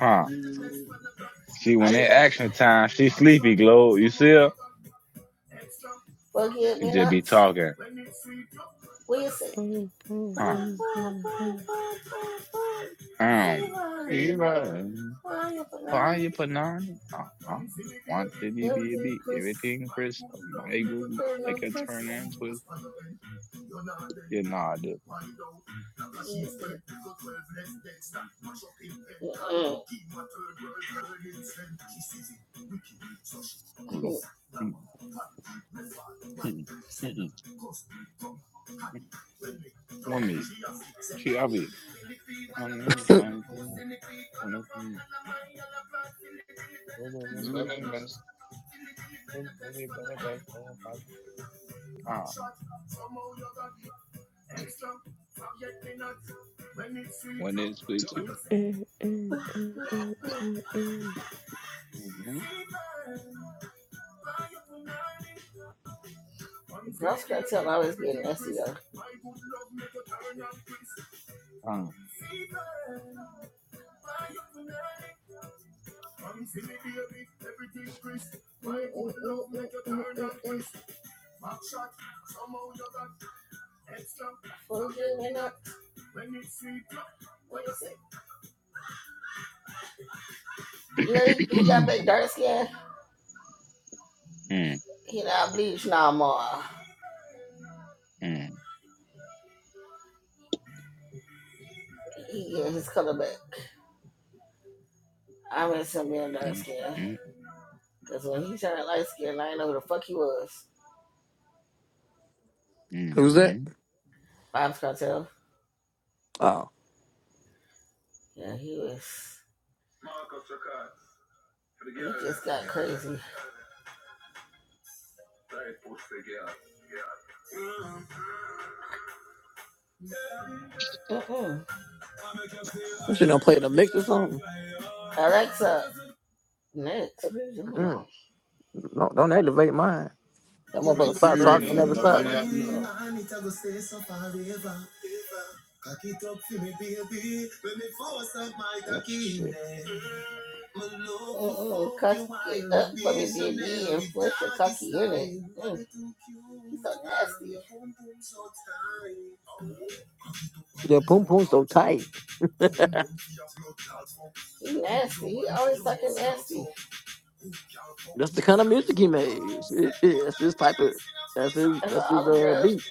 C: ah.
E: Deliverance.
C: See, when
D: I
C: it action time, she sleepy, Glow. You see her?
D: forget. at
C: She
D: me
C: just be
D: not.
C: talking.
D: What do you say?
A: Boom, boom,
D: Boom,
C: Huh?
A: boom,
D: boom,
A: boom,
D: boom,
A: boom.
D: boom, boom, boom.
C: Um. She
D: Fever.
C: run.
D: Panya
C: Find
D: Panani.
C: your panani. Uh huh. One city, be a
D: Everything,
C: beat.
D: Chris.
C: Everything, Chris. My good. Like
D: Everything,
C: a
D: Chris.
C: turn and twist. Yeah, nah, this.
D: Yes, Mm-mm.
C: Hold on. Mm, mm, mm, mm. mm. One me. She, I be. Um, um, um, um, um, um, um, um, um, um,
E: Deliverance.
C: um, um, um, um, When it's with
E: So,
C: you.
A: Mm, mm, mm,
E: bah,
A: mm,
E: bah.
A: mm, mm.
D: I was,
C: Mm-hmm.
D: you know, he, he got
C: Uh.
D: back dark skin.
C: Mm,
D: He not bleach no more.
C: mm,
D: He get his color back. I miss him being dark
C: mm,
D: skin.
C: mm,
D: Because when he turned light skin, I didn't know who the fuck he was.
F: Who's that?
C: mm,
D: Bob's Cartel.
F: Oh,
D: Yeah, he was got crazy. Mm-mm.
F: that shit don't play in the mix or something.
D: Next, what are you doing?
F: Mm. Don't, don't activate mine. That
E: Play
F: motherfucker start talking and
E: cranium.
C: Cranium,
F: never
E: Nobody
C: nobody
F: stop.
E: has
C: has
E: to
C: to
E: know.
C: know.
F: Mm, Shit. Their Poom Poom so tight.
D: You
F: That's the kind of music he made. Shit, yeah, That's his type of. That's his. That's his
D: know,
F: uh,
D: girls,
F: beat.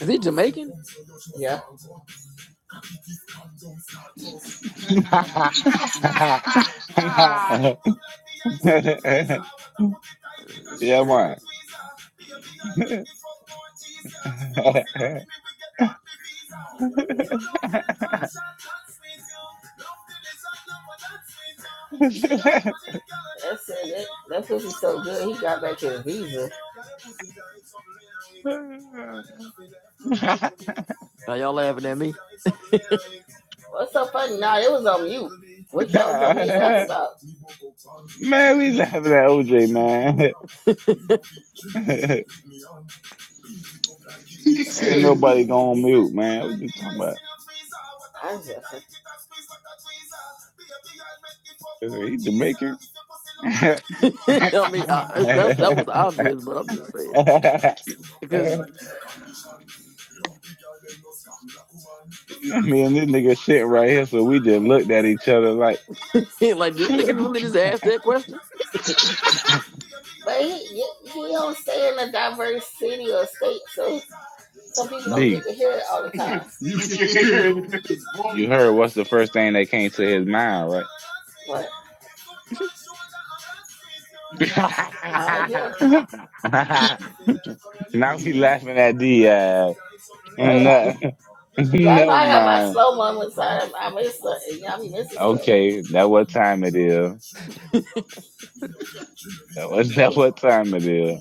F: Is he Jamaican?
C: mm. yeah, man.
F: Shit.
D: we-
F: Now y'all laughing at me.
D: what's-
C: man, we laughing at OJ, man.
F: I
C: Ain't
E: He said,
C: nobody going on mute, man. What you talking about? He Jamaican?
F: mean, I, that's that was obvious, but I'm just saying because
C: Me and this nigga sit right here, so we just looked at each other like,
F: like this nigga
C: D,
F: really just asked that question.
D: don't stay in a diverse city or state, so people don't.
E: "You
C: you can
E: can
C: hear
E: hear it."
C: it in his voice. you heard what's the first thing that came to his mind, right? now we laughing at D. Uh,
D: get
C: and,
D: out.
C: uh, never
D: I got my
C: mind.
D: slogan. I miss something. Y'all,
C: Okay, that what time it is. That was that what time it is.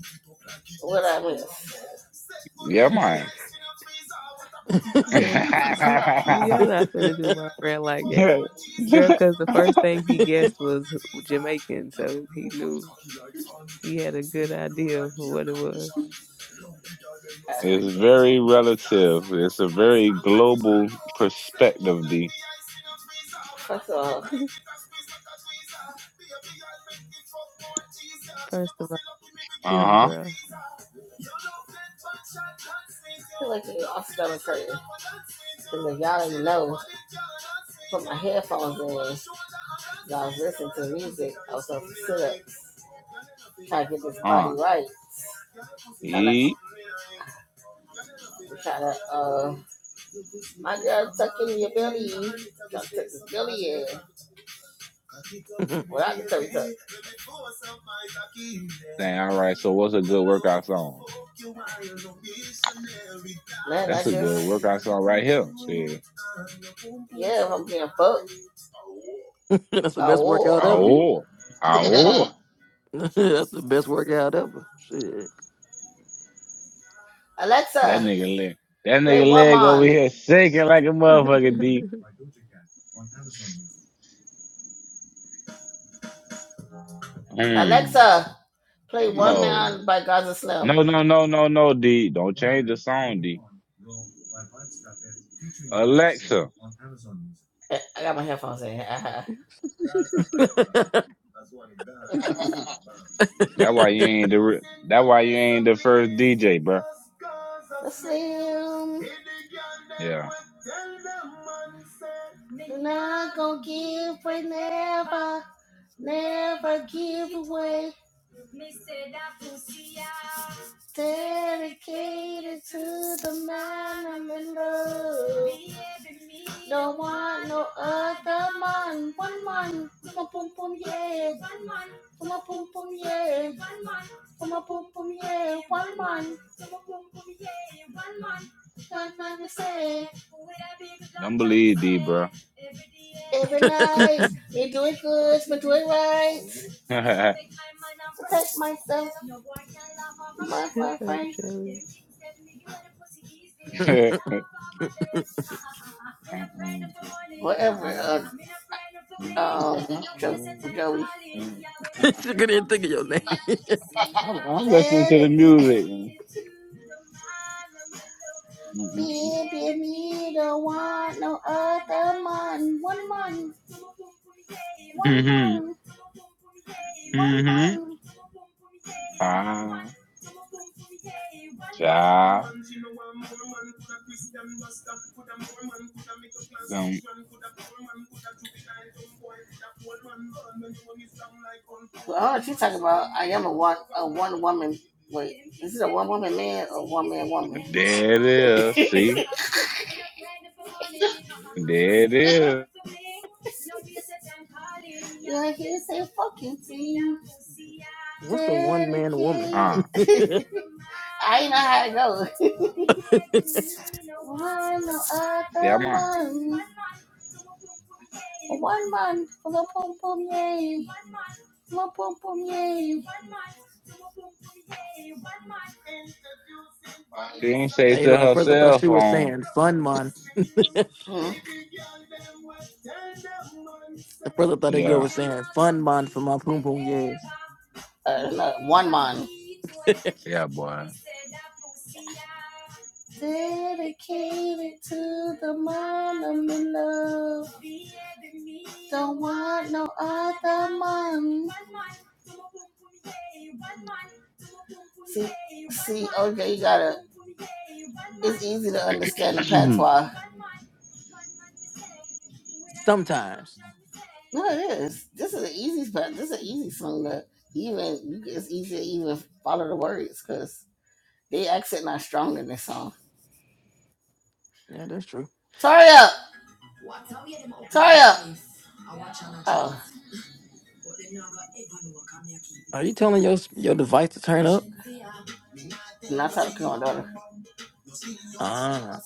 C: Yeah, man.
A: That's, y'all not finna do my friend like that. Girl, because the first thing he guessed was Jamaican, so he knew he had a good idea of what it was.
C: It's very relative. It's a very global perspective, D.
D: so, I
A: First of all, get him,
C: Uh-huh.
A: girl.
D: feel like you all stomach hurting. Because y'all didn't know, my headphones was
C: Uh.
D: right.
C: Yeet. Dang, all right. So what's a good workout song?
D: Man,
C: That's a good workout song right here. Shit.
D: being fucked.
F: that's the
D: Oh,
F: best workout
D: war.
F: ever.
C: Oh. Oh.
F: that's the best workout ever. Shit.
C: That
D: Alexa,
C: nigga leg. That
D: play
C: nigga
D: One
C: leg over
D: Man.
C: here shaking like a motherfucker, D. Mm.
D: Alexa, play One
E: hey.
C: Oh.
D: Man by Gaza
E: No,
D: Slim.
C: No,
E: no,
C: no,
E: no,
C: no,
E: no.
C: no, no, D. Don't change the song, D. Alexa.
D: Eh, I got my headphones in.
E: Alexa.
C: That why you ain't the re- that why you ain't the first DJ, bruh.
D: Slim,
C: Yeah.
D: not gonna give away, never, never give away. Dedicated to the man I'm in love. want no other man. One man, boom, boom, boom, yeah. Puma pum pum yeah, pum pum yeah, five five say
C: Don't believe D, bruh.
F: she
D: nice. We do it good, we do it right.
C: I'm,
A: Shut up, Joey.
C: I'm
F: couldn't even think of your name.
C: listening to
D: And
C: the music. Mm-hmm.
D: if don't want no other money.
C: Mm-hmm. Ah, child. Um,
D: about I am a one.
C: there it is. See? There it is.
D: I can say fucking to you.
F: What's a one man woman?
C: Huh.
D: Dedicated.
C: Yeah,
D: One
C: mine.
D: month, one month. Puma pum pum yeah, pum pum pum yeah.
C: She ain't
F: Uh,
C: say
F: You
C: to
F: know, at
C: her
F: first I thought
C: cell
F: she was
C: phone.
F: saying fun mon. At first I thought that girl
C: Yeah.
F: was saying fun mon for my poom poom years.
D: Uh,
C: Yeah, boy.
D: Dedicated to the mom I'm in love. Don't want no other mom.
F: Sometimes.
D: No, it is. This is an easy spot. This is an easy song that even you can- it's easy to even follow the words because they accent not strong in this song.
F: Yeah, that's true.
D: Sorry up.
F: Are you telling your your device to turn up?
D: My daughter.
F: Ah,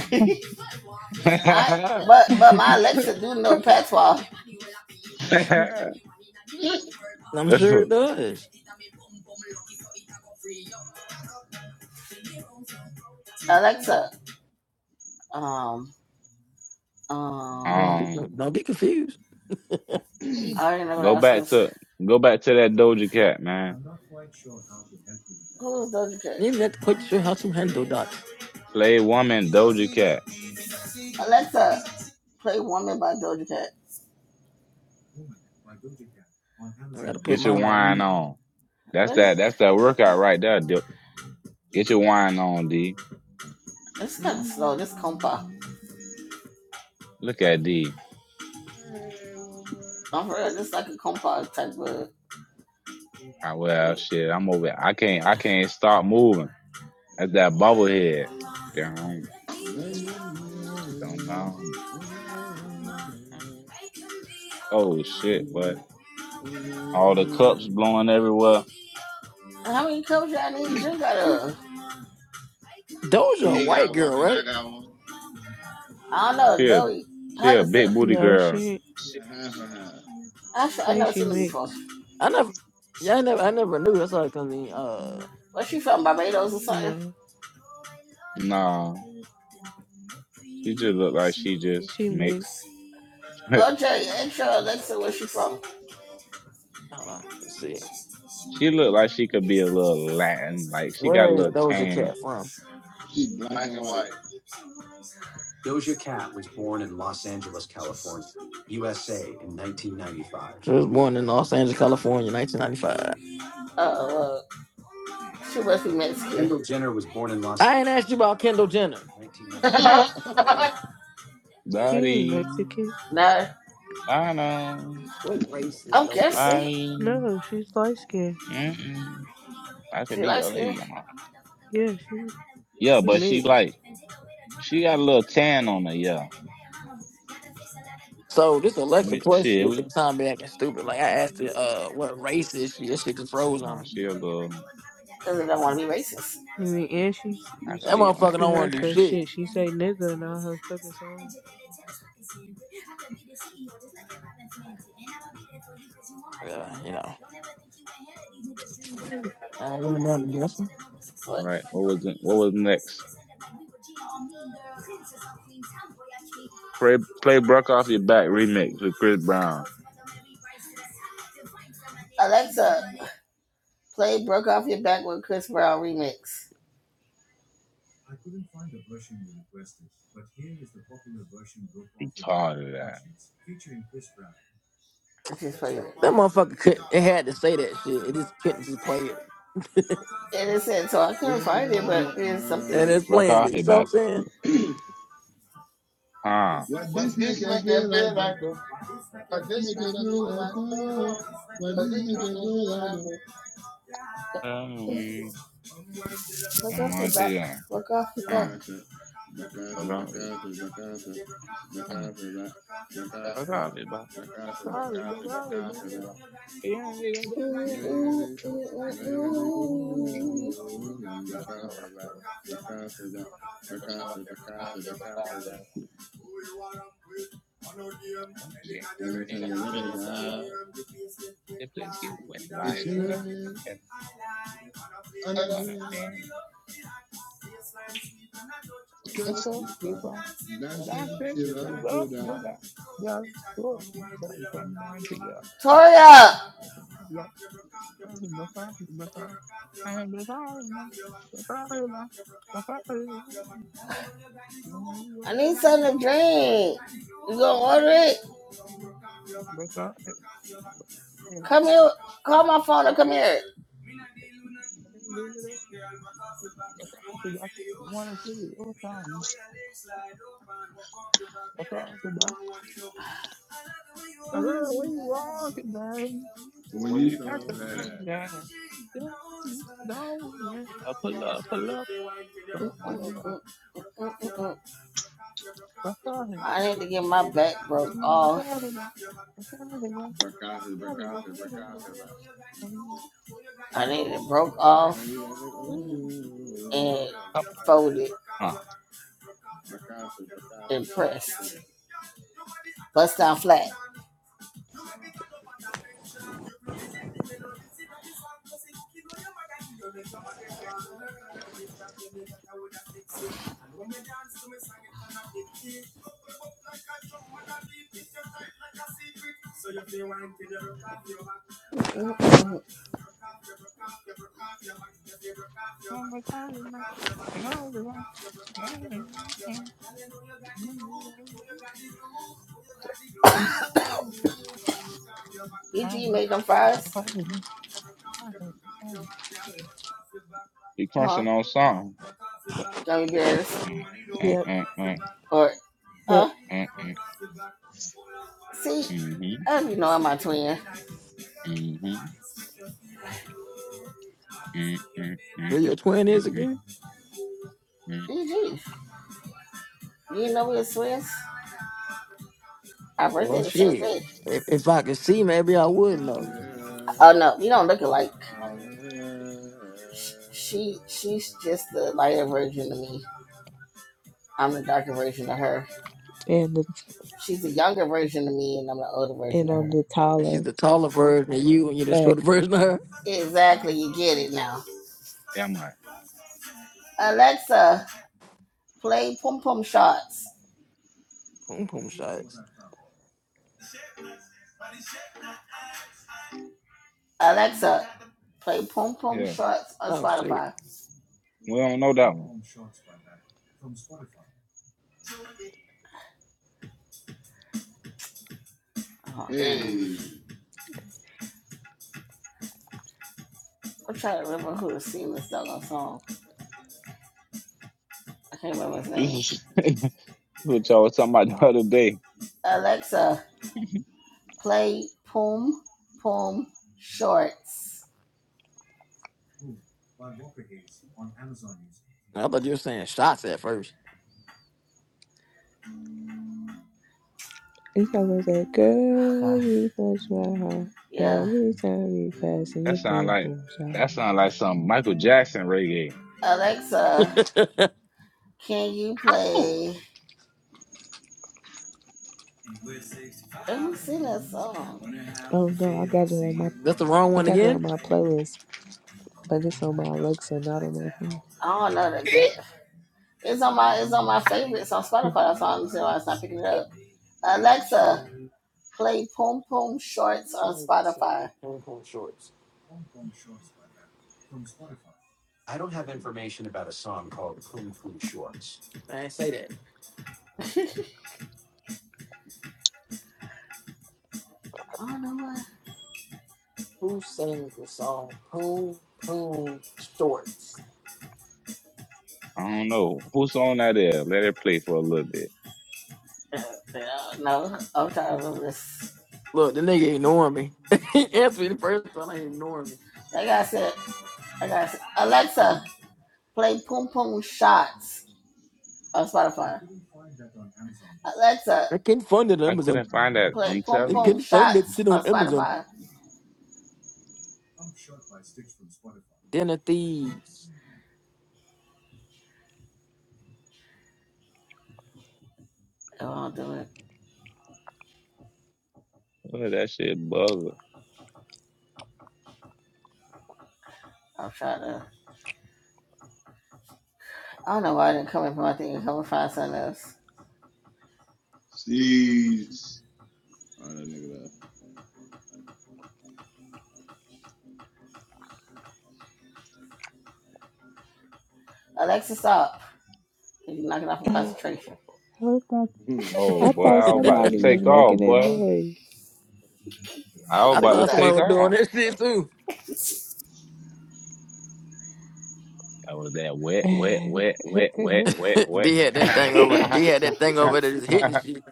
D: I, but but my Alexa
F: I'm sure it does.
D: up. Um um
F: Don't be,
C: um,
F: don't be confused.
D: I already know what I
C: Go
D: was gonna
C: back
D: say.
C: to go back to that Doja Cat, man.
D: Who's Doja Cat?
F: You're not quite sure how to handle that.
C: Play woman Doja Cat.
D: Alexa, play Woman by Doja Cat.
F: I gotta put
C: Get your
F: mine on
C: wine
F: mute.
C: on. That's
D: What is,
C: that. That's that workout right there. Dil- Get your wine on, D.
D: this kinda slow, this compa.
C: Look at D.
E: Hey, woman.
D: I'm for real, this like a compa type of
C: Ah, well, shit. I'm over. I can't. I can't stop moving. That's that bubble head. Down, down, down. Oh shit! But all the cups blowing everywhere.
D: how many cups y'all need to drink out of?
F: Doja, a
E: He
C: He
E: got
F: white
C: got
E: one.
C: one
F: girl,
C: and I
F: right?
C: got one.
D: I don't know,
C: She a
D: Joey.
C: she
D: How
C: a
D: does the
C: big booty
A: no, she
C: girl.
A: ain't.
E: She
C: Shit.
E: half and half.
D: I, I
A: Think
D: know what
A: she
D: you're looking
A: mixed?
F: I never, yeah, I never, I never knew. That's all. Cause I mean, uh,
A: No,
C: Nah, she just look like she just
A: she mixed.
C: mixed.
F: hold on, let's see.
C: She looked like she could be a little Latin, like she got a
F: Where is
C: little
F: Doja
C: tan.
F: Cat from?
E: She's black
C: Black
E: and
C: and
E: white.
F: Doja Cat was born in Los Angeles, California, USA in 1995. She was born in Los Angeles, California, 1995.
D: Uh, yeah.
F: Kendall Jenner was born in Los I ain't asked you about Kendall Jenner. 1995.
C: white.
A: She ain't
C: Daddy,
A: Mexican.
D: uh,
C: I know,
F: What race is
D: I'm
F: Doja
D: just
F: Cat?
C: body,
A: No, she's light skinned.
C: mm-mm. I could be your lady, your mama.
A: Yeah, she
C: Yeah,
A: she
C: but she like
A: mixed.
C: she got a little tan on her. Yeah,
F: So this Alexa
C: we,
F: Plus
C: shit,
F: shit
C: we
F: sometimes be acting stupid. Like I asked her, uh, what race is she? That shit just froze on
C: nah,
F: me.
C: she a little.
A: I mean, and she
C: I could
F: That
A: she,
C: be on
A: you
F: motherfucker
A: can
F: don't
A: hear her
F: want to do
C: everything.
A: cause
F: shit.
A: shit. She say nigga in all her fucking songs.
F: Uh, you know. I don't really know the
C: All right, what was it, what was next? Play play Brock off your back remix with Chris Brown.
D: play Broke Off Your Back with Chris Brown remix.
C: He called it that.
D: I just played it.
F: That motherfucker couldn't. It had to say that shit. It just couldn't just play it.
D: And it said, so I couldn't find
E: Yeah,
D: it, but it's something.
F: And
E: Uh,
F: it's
C: Brock
F: playing
C: off
F: it. You
C: your
F: know what
C: back.
F: I'm saying?
C: Uh,
E: what
C: But
E: this make
C: this
E: I
C: make I
E: feel
C: feel
E: like though?
C: like the, but
E: This
C: this
E: make
C: make
E: I
C: I
E: feel
C: feel
E: like
C: like
E: though?
C: oh,
E: What this make I feel
C: feel
E: like
C: like the.
E: though?
D: Broke
C: sorry. I'm
D: Off Your
C: going to
D: Back.
C: you.
D: Broke Off Your Back.
C: Uh,
E: Back off it, back off it,
C: about
E: back
C: it.
E: off it, back off it, back
C: Uh,
E: off it, back, back off it,
C: about it, about
E: back, back off it, back
C: Sorry,
E: off it,
C: about
E: back
C: it, but
E: off
C: about
E: it, back.
C: it. Yeah, yeah, yeah.
E: No, you
D: Ooh,
E: gotta,
D: ooh,
E: no, you gotta
D: ooh, ooh.
E: go. Um, Back off it, back, back off it, back, back off it, back off it, back off it, back. Anytime you're ready,
C: Yeah.
E: girl.
C: The place get wet
E: It's
C: live.
E: in the ring, on the ring.
C: Understand?
E: Catch
C: It's all
E: this
C: good.
E: spot.
C: That's
E: Dancing, she
C: it.
E: love
C: Love,
E: do that.
C: love. Just put me someone together.
D: Toya,
C: فاهمة فاهمة فاهمة فاهمة فاهمة فاهمة
D: I need something to drink. You gonna order it? Come here. Call my phone or come here.
C: فاهمة Hello, where you walking, man?
E: When
C: Well,
E: you
C: you got
E: throw that ass,
C: No, yeah. I pull up, pull up. Don't mind
D: Mm,
C: it, man.
D: mm, mm, mm.
C: What's on
D: I need to get my back broke off.
E: break off it, break off it, break off it, like.
C: Come
D: I need it broke
E: Now
D: off
E: you got it,
C: on.
E: ooh,
D: and
E: break off
D: folded
E: it, break off it, break off it,
D: and
E: break off
D: pressed.
E: it. like,
D: Bust down flat. Mm-mm. BG made them fries,
C: He crushing
D: huh?
C: on something.
D: Gummy bears,
C: Mm, mm,
A: Yep,
C: mm,
D: or
A: yep.
D: uh,
C: mm,
D: see,
C: mm,
D: I you know I'm my twin.
C: mm, mhm, mhm, mm, mm,
F: Who your twin is
C: mm,
F: again?
C: mm, mm,
D: BG, you didn't know we were twins. Our birthday
F: Well,
D: the same
F: shit.
D: day.
F: If, if I could see, maybe I would
E: I'm
F: know.
C: mm.
D: Oh
E: here,
D: no, you don't look alike.
E: I'm here.
D: She she's just the lighter version of me. I'm the darker version of her.
A: And the
D: She's the younger version of me, and I'm the older
A: and
D: version of
A: on
D: her.
A: the
F: She's
A: taller
F: the taller version of you, and you're the shorter
A: facts.
F: version of her.
D: Exactly, you get it now.
C: Damn right.
D: Alexa, play Pum Pum Shots.
F: Boom, boom shots.
D: Alexa, play Pum Pum
C: Yeah.
D: Shots on
F: Oh shit!
D: Spotify.
C: We don't know that one.
D: Oh god.
E: Hey,
C: Hey.
D: I'm trying to remember who the singer this a song. I can't remember his
C: This
D: name.
C: is what y'all was talking about the other day.
D: Alexa, play Poom Poom Shorts.
F: I thought you were saying shots at first.
A: You talking about that
D: Oh
A: girl?
D: gosh.
A: You touch my heart
D: Yeah.
A: every time you pass in
C: That
A: your
C: sound
A: boom
C: like
A: boom
C: that
A: shot.
C: sound like some Michael Jackson reggae.
D: Alexa, can you
C: Oh.
D: play sing that song?
A: Oh no, I got it on my
F: That's the wrong
A: I
F: one
A: got it on
F: again.
A: my playlist, but it's on my Alexa, not on my phone.
D: I don't know the game. It's on my it's on my favorites on Spotify. That's why I'm saying why it's not picking it up. Alexa, play Poom Poom Shorts on Spotify. I
F: I don't have information about a song called Poon Poon Shorts. I ain't say that.
D: don't know what.
C: I don't know. Whose song that is? Let it play for a little bit.
D: no, I'm trying to remember this.
F: Look, the nigga ignoring me. he answered me the first time. I ignoring me.
D: Like I said, like I said, Alexa, Play Pum Pum Shots on Spotify. Alexa,
F: I can't find it on
C: I
F: Amazon.
C: couldn't find that.
D: play
C: I'm
D: Pum
F: I
C: telling you.
D: Pum
F: can't find that
D: Shots
F: shit on
D: on
F: Amazon.
D: Spotify.
F: Dinner thieves.
D: It won't do it.
C: Look at that shit buzzer.
D: i will try to. I don't know why I didn't come in from my thing and come and find something else.
E: see,
C: Peace.
E: oh that nigga left.
D: Alexa, stop. You're knocking off from concentration.
A: I thought
C: Oh,
A: I
C: boy.
A: thought
C: I was about to
A: somebody
E: she
A: was
C: take
A: making
C: off,
A: that
C: boy.
A: noise.
C: I was
F: I
D: What
C: about
D: you
C: to
F: thought
D: got?
F: somebody
C: take
F: was doing
C: off.
F: that shit too.
C: That was that wet, wet, wet, wet, wet, wet, wet.
F: D had
D: I
F: that thing over. D had that thing over there just hitting shit.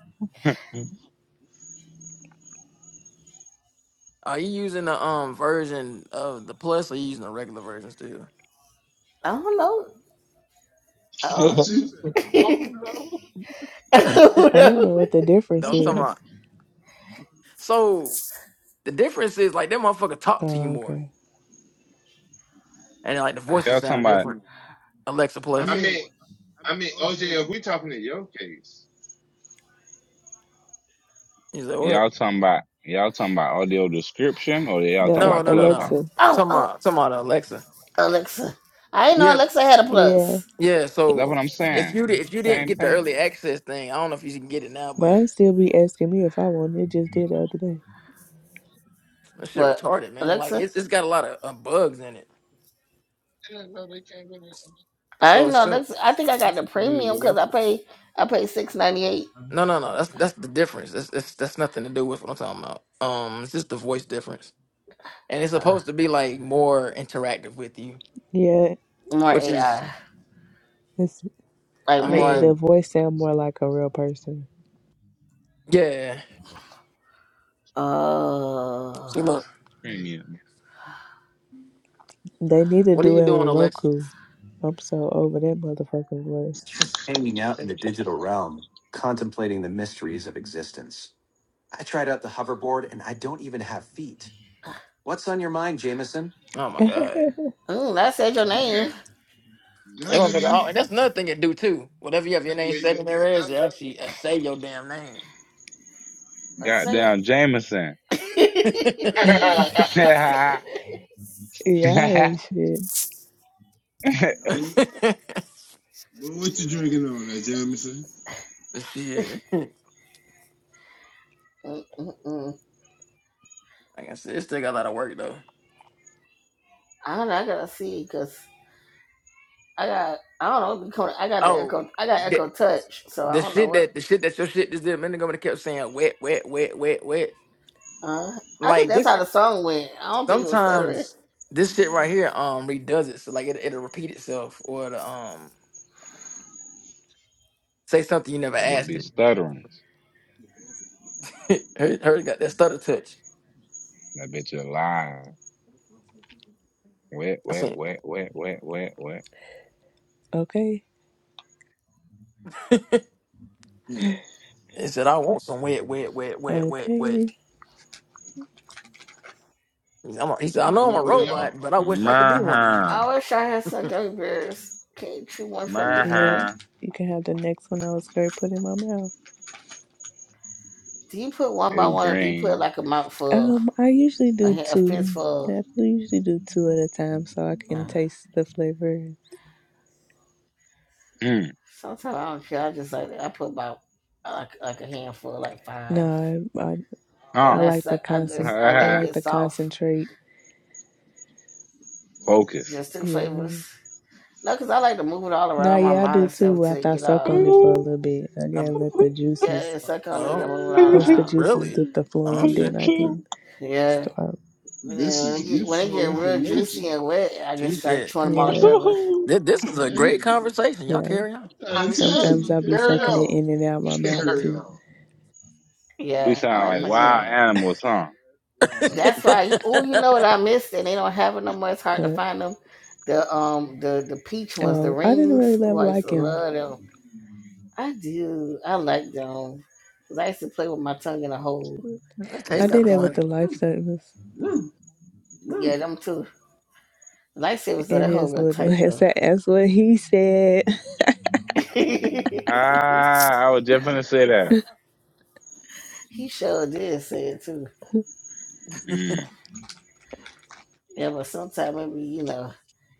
F: Are you using the um version of the plus, or you using the regular version still?
D: don't know. I don't know.
C: oh,
E: said, I don't know.
C: no.
D: I don't
A: I
F: Don't
A: don't
D: know.
A: know what the difference
F: talk
A: is.
F: about. So the difference is like that motherfucker talk to you
A: Oh,
F: more,
A: okay.
F: and like the voices
C: Y'all talking
F: sound
C: about,
F: different. Alexa
E: I
C: I
F: plus.
E: mean,
C: mean,
E: I
C: I
E: mean,
C: mean,
E: OJ, if
C: OJ, if
E: we
C: we talking in your case,
F: You said what?
C: y'all talking about, y'all talking about audio description or y'all
A: The
C: talking
A: uh,
F: No,
C: about
F: no, no,
C: clubhouse?
F: no.
A: Alexa.
F: I'm
D: Oh,
F: talking
D: oh,
F: about I'm talking about the Alexa.
D: Alexa. I didn't know
F: Yeah,
D: Alexa had a
A: Yeah.
D: plus.
F: yeah.
C: That's
F: So
C: what I'm
F: if
C: saying.
F: you di- if you didn't
C: Same
F: get the
C: thing.
F: early access thing, I don't know if you can get it now, but
A: Mine still be asking me if I want it. It Just did the other day.
F: that shit
D: But
F: retarded, man. Like
D: Alexa,
F: it's it's got a lot of uh, bugs in it.
C: Yeah, no, they can't win it.
D: I
F: So
D: didn't
F: it's
D: know
F: soon.
D: that's. I think I got the
C: Use the
D: premium because I
C: Alexa
D: pay. I pay six ninety eight.
F: No, no, no. That's that's the difference. That's that's that's nothing to do with what I'm talking about. Um, it's just the voice difference, and it's
D: Uh,
F: supposed to be like more interactive with you,
A: Yeah,
D: more
F: which is,
D: AI,
A: it's
D: like
F: I
A: the,
D: more.
A: the
F: mean,
A: voice sound more like a real person.
F: yeah.
D: Uh,
F: See, look,
C: premium.
A: They need to
F: what are
A: do
F: you
A: it with
F: doing, Alexa?
A: Roku. I'm so over that motherfucking voice.
F: Just hanging out in the digital realm, contemplating the mysteries of existence. I tried out the hoverboard and I don't even have feet. What's on your mind, Jameson? Oh my god.
D: mm, I said your
E: talking,
D: name.
C: That
E: talk,
F: That
C: does
F: motherfucker-
C: it.
F: oh,
E: Gubby,
F: and that's another thing it do too. Whatever you have your
E: that
C: That
F: name
C: way
E: boy,
F: saved
C: is
F: in
C: the
F: there is, it
C: dozen.
F: actually uh, say your damn name.
D: Let's say
C: Goddamn Jameson.
D: it.
C: that
A: yeah, I
C: bitch
A: ain't shit.
E: What, what you drinking on there, Jamison?
F: Shit.
D: Mm, mm, mm.
F: Like I said, it still got a lot of work though.
D: I don't know. I gotta see because I got. I don't know. what I got the
F: Oh,
D: echo. I got
F: the,
D: echo touch, so I
F: the
D: don't know
F: shit
D: what.
F: that the shit that your shit just did a minute ago when it kept saying wet, wet, wet, wet, wet.
D: Uh, I think
F: Like
D: that's
F: this,
D: how the song went. I don't think it was stuttering.
F: sometimes this shit right here um redoes it, so like it it'll repeat itself or it'll, um say something you never asked
C: be
F: it.
C: stuttering.
F: her, her got that stutter touch.
C: That bitch alive. Wet,
F: I
C: wet,
F: said,
C: wet, wet, wet, wet, wet.
A: Okay,
E: Hmm.
F: he said I want some wet, wet, wet, wet, wet, wet.
A: okay.
F: He said, I'm a, he said I know I'm a
E: Don't we
C: We
E: all?
C: all?
F: robot, but I wish I could be one of you.
C: Murder.
D: I wish I had some gummy bears. Can you chew one for me, friend?
A: Yep,
C: Murder
A: you can have the next one I was going to put in my mouth.
D: Do you put one by
C: is
D: one, or do you put
C: green.
D: like a mouthful,
A: Um, I usually
D: a,
A: do
D: ha- a
A: two.
D: fistful?
A: I usually do two at a time so I can
D: Nah.
A: taste the flavor.
C: Mm.
D: Sometimes I don't care. I just like I put about like like a handful, like five,
A: No, I I, I
D: and
C: Huh.
D: I
A: like to
D: I
A: concent
D: just I
A: I
D: let it
A: like
D: get
A: to
D: soft,
A: concentrate.
C: Focus.
D: just two
A: Yeah.
D: flavors. No, cause I like to move it all
A: No,
D: around my
A: yeah, I
D: mind
A: do
D: and stuff
A: too
D: till it
A: after I
D: get
A: suck
D: all
A: on it for a little bit. I gotta
F: Um,
A: let the
D: yeah,
A: juices
D: It's suck on it and
F: oh,
D: move it all
C: You
A: once the
D: around.
A: juices
F: really?
A: get the
F: Oh
A: flowing, then
F: shit.
A: I can
D: Yeah.
A: start.
D: And then
E: This
D: when
E: is
D: it get when it
E: useful
D: get
C: so
D: real juicy
E: information.
D: and wet, I
F: She
D: just start
F: said uh,
D: chewing them all
A: Yeah,
D: together.
C: right.
F: "Th- this is a great
E: Hey,
F: conversation. Y'all
A: yeah.
F: carry
E: I'm
F: on.
E: trying
C: I'm
E: to tell
C: telling
A: Sometimes
C: you,
E: you.
A: I'll be
C: there
E: Carry
C: you
A: sucking it
E: on.
A: in and out my mouth
E: Carry
A: too.
E: on.
C: We
D: Yeah, I
C: sound
D: like
C: like
E: Yes,
D: playing with them.
C: wild
E: sir.
C: animals, huh?
E: Lord.
D: That's why you oh you know
F: that
D: what I missed and they don't have it no more. It's hard to find them. The um the the peach ones, the
A: Oh, I didn't really
D: rings. Oh,
A: love
D: I used
A: like
D: to
A: him.
D: love them. I do. I like them. Cause I used to play with my tongue in a hole and
A: I
F: tastes kind
A: did
D: suck
F: of
A: it
D: on
A: with
D: it.
F: funny.
A: the life sentence.
D: Yeah, them too. Lifesavers though,
A: It
D: that hole
A: is
D: real
A: little.
D: tight
A: That's,
D: though.
A: that's what he said.
C: Ah, I was
D: he
C: just gonna say that.
D: sure did say it too.
C: Mm.
D: Yeah, but sometimes maybe you know,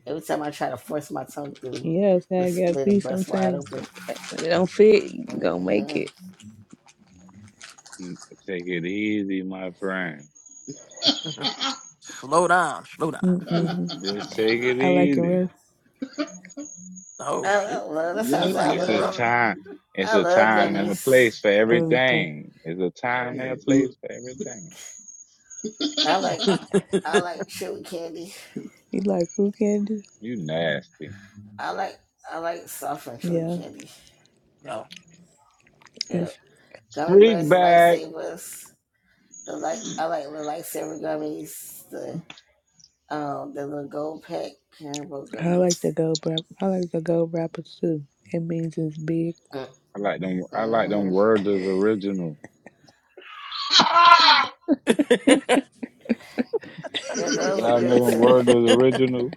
D: every time I try to force my tongue through,
A: Yes,
D: it
A: I gotta
D: split
A: be
D: and bust wide
A: sometimes.
D: open.
A: When it don't fit, you don't make
D: hmm
A: it.
C: Take it easy, my friend.
F: slow down, slow down.
A: Mm-mm.
C: Just take it
A: I like it
C: easy.
A: rough.
D: I,
F: Oh
D: I
F: shit.
D: love that's how I
F: She
E: yes,
D: say I
F: like
C: It's
F: it
D: love.
C: a
F: rough.
E: Lord.
C: time. It's
D: I
C: a
D: love
C: time and a
D: gummies.
C: place for
A: Oh, okay.
C: everything. It's a time and a place
E: hey.
C: for everything.
D: I like I like chewy candy.
A: You like who candy?
C: You nasty
D: I like I like soft and chewy
A: Yeah,
D: candy.
F: No.
D: Yeah.
A: it's.
D: Gummy
C: freak
D: bears are
C: bag.
D: lightsabers. The light I like the lightsaber gummies. The um the little gold pack rainbow
A: I like
D: gummies.
A: the gold rap. I like the gold rappers too. It means it's big
C: I like them. I like them
D: Mm-hmm.
C: Worders original.
D: Yeah, those are
C: Y'all
D: good
C: know them
D: too.
C: Worders original.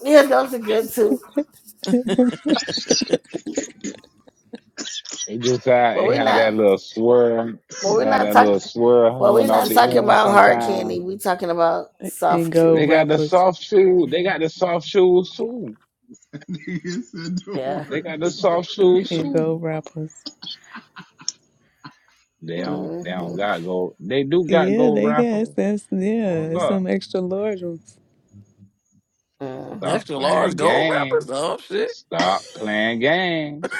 D: Yeah, those are good too.
C: It just how
D: But
C: it
D: we're
C: had
D: not.
C: that little swirl,
D: But we're
C: had
D: not
C: that little
D: talking.
C: swirl
D: Well, we're
C: hanging off
D: not
C: the
D: talking
C: end
D: about hard candy.
C: sometimes.
D: We're talking about
A: and
D: soft,
E: They
D: chewy
C: They
A: gold
E: got
C: got
E: the
C: the
D: candy.
A: rappers
E: song,
C: soft
E: the
C: shoe. They got the
E: song
C: soft shoes too.
E: Nigga said the
D: Yeah.
C: They
E: word.
C: got the soft shoes
A: and
E: depression.
A: gold
C: too.
A: rappers.
C: They don't. They don't
D: Mm-hmm.
C: got gold. They do got
A: Yeah,
C: gold
A: they
C: rapper.
A: got that's yeah.
C: Hold
A: It's some
C: up.
A: extra large ones.
C: Stop
D: Mm-hmm.
F: Extra
C: playing
F: large gold
C: games.
F: wrappers? Oh shit.
C: Stop playing games.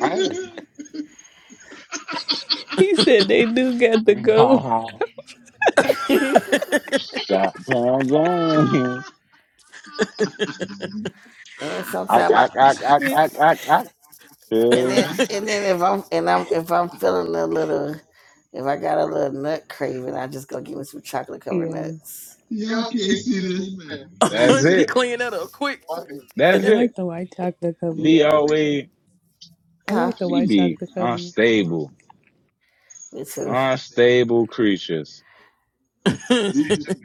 C: I
A: He said they do got the gold
C: Stop playing games.
D: and
C: I,
D: sometimes I
C: I, I, I,
A: shit.
C: I, I, I.
D: and then and then if I'm and I'm if I'm feeling a little if I got a little nut craving, I just go give me some chocolate covered
A: Yeah,
D: nuts.
E: Y'all can't see this man
C: That's
E: face.
F: she
C: it.
F: cleaned that up quick.
C: That's
A: I like
C: it.
A: the white chocolate cover.
C: D always
A: I
D: Huh?
A: like the
C: she
A: white
C: be
A: chocolate cover.
C: unstable,
D: Me too.
C: unstable creatures.
E: Did
F: hey,
E: see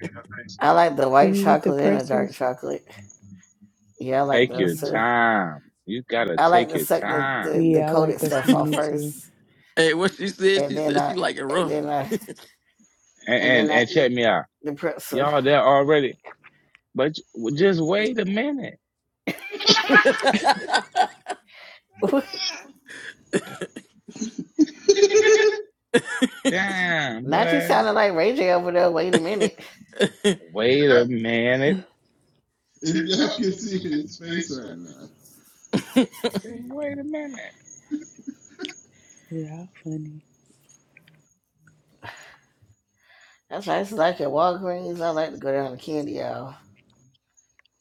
D: I like the
A: Do
D: white
A: you eat the
D: chocolate and the dark
A: pretzels?
D: chocolate. Yeah, I like
C: Take your
D: those
A: Yeah,
D: too.
C: time. You gotta
D: I like
C: take
D: to
C: your
D: suck the,
C: time.
D: the, the
A: yeah, I like
D: coated
A: this.
D: stuff off
A: Me too.
D: first
F: what she said,
D: and
F: she
D: then
F: said she
D: I
F: like it
D: and
F: rough.
D: then I
C: And
D: and
C: and,
D: then I
C: and
D: eat
C: check me out,
D: the pretzel.
C: y'all there already. But j- just wait a minute.
E: that?
C: Damn,
D: Not you
C: boy.
D: sounding like Ray J over there, wait a minute.
C: Wait a minute.
E: If y'all can see his face
C: Just
E: right now.
C: wait a minute.
A: Yeah, funny.
D: That's I used to like at Walgreens. I like to go down the candy aisle.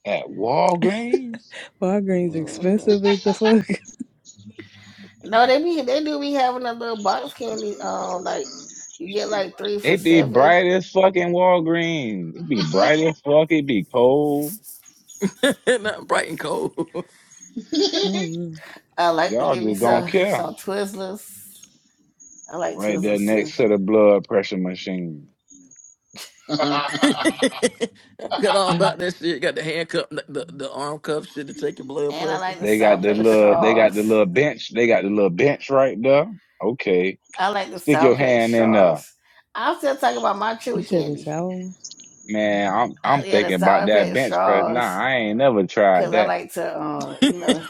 C: At Walgreens.
A: Walgreens
D: hmm
A: expensive as the fuck.
D: No, they be they do be having a little box candy. Um, like you get like three for
C: It be
D: seven.
C: bright as fucking Walgreens. It be bright as fuck. It be cold.
F: Not bright and cold.
A: I don't
D: I like to
C: Y'all
D: give me
C: just don't
D: some
C: care.
D: some Twizzlers. I like
C: Right there
D: Twizzlers too,
C: next to the blood pressure machine.
E: I
F: I forgot all
A: know.
F: about that shit. Got the handcuff, the, the, the arm cuff shit to take your blood
D: and I
F: pressure.
D: like the
C: They got
D: Sour
C: the
D: Patch
C: little they got
D: straws.
C: the little bench. They got the little bench right there. Okay.
D: I like the
C: Stick
D: Sour
C: your
D: Patch
C: hand in there.
D: straws. I'm still talking about my
A: You
D: chewy
A: said the
D: candy.
A: sour ones,
C: Man, I'm
D: Uh,
C: I'm
D: yeah, the
C: thinking about
D: Sour
C: that
D: Patch
C: bench press. Nah,
D: straws,
C: I ain't never tried
D: cause I
C: that.
D: like to, uh, you know,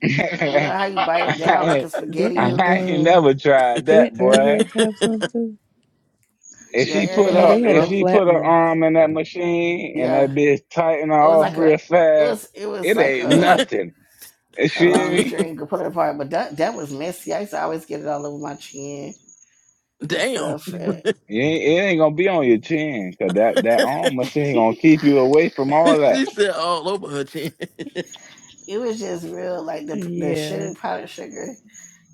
D: you know how you
C: I
D: bite it down like a
C: ain't,
D: spaghetti
A: Didn't
D: noodle.
C: I ain't
A: um
C: never tried
A: didn't
C: that, boy.
A: Airheads have some too?
C: If
D: Yeah,
C: she put
A: No,
D: Airhead
C: her
D: had
A: they
D: the
A: had
C: if
A: the
D: rope.
C: she
A: flat
C: put her
A: ones.
C: arm in that machine and
D: Yeah.
C: that bitch tighten her
D: It was
C: off
D: like a it
C: real fast,
D: was it was
C: it
D: like
C: ain't
D: a
C: nothing. You
D: a
C: hear
D: long
C: me?
D: string. You could pull it apart, but that that was messy. I used to always get it all over my chin and
F: Damn.
D: stuff.
A: Mhm.
D: It,
C: It ain't, it ain't gonna be on your chin, cause that that arm machine gonna keep you away from all that.
F: she said all over her chin.
D: it was just real like the the
A: Yeah,
D: sugar powdered sugar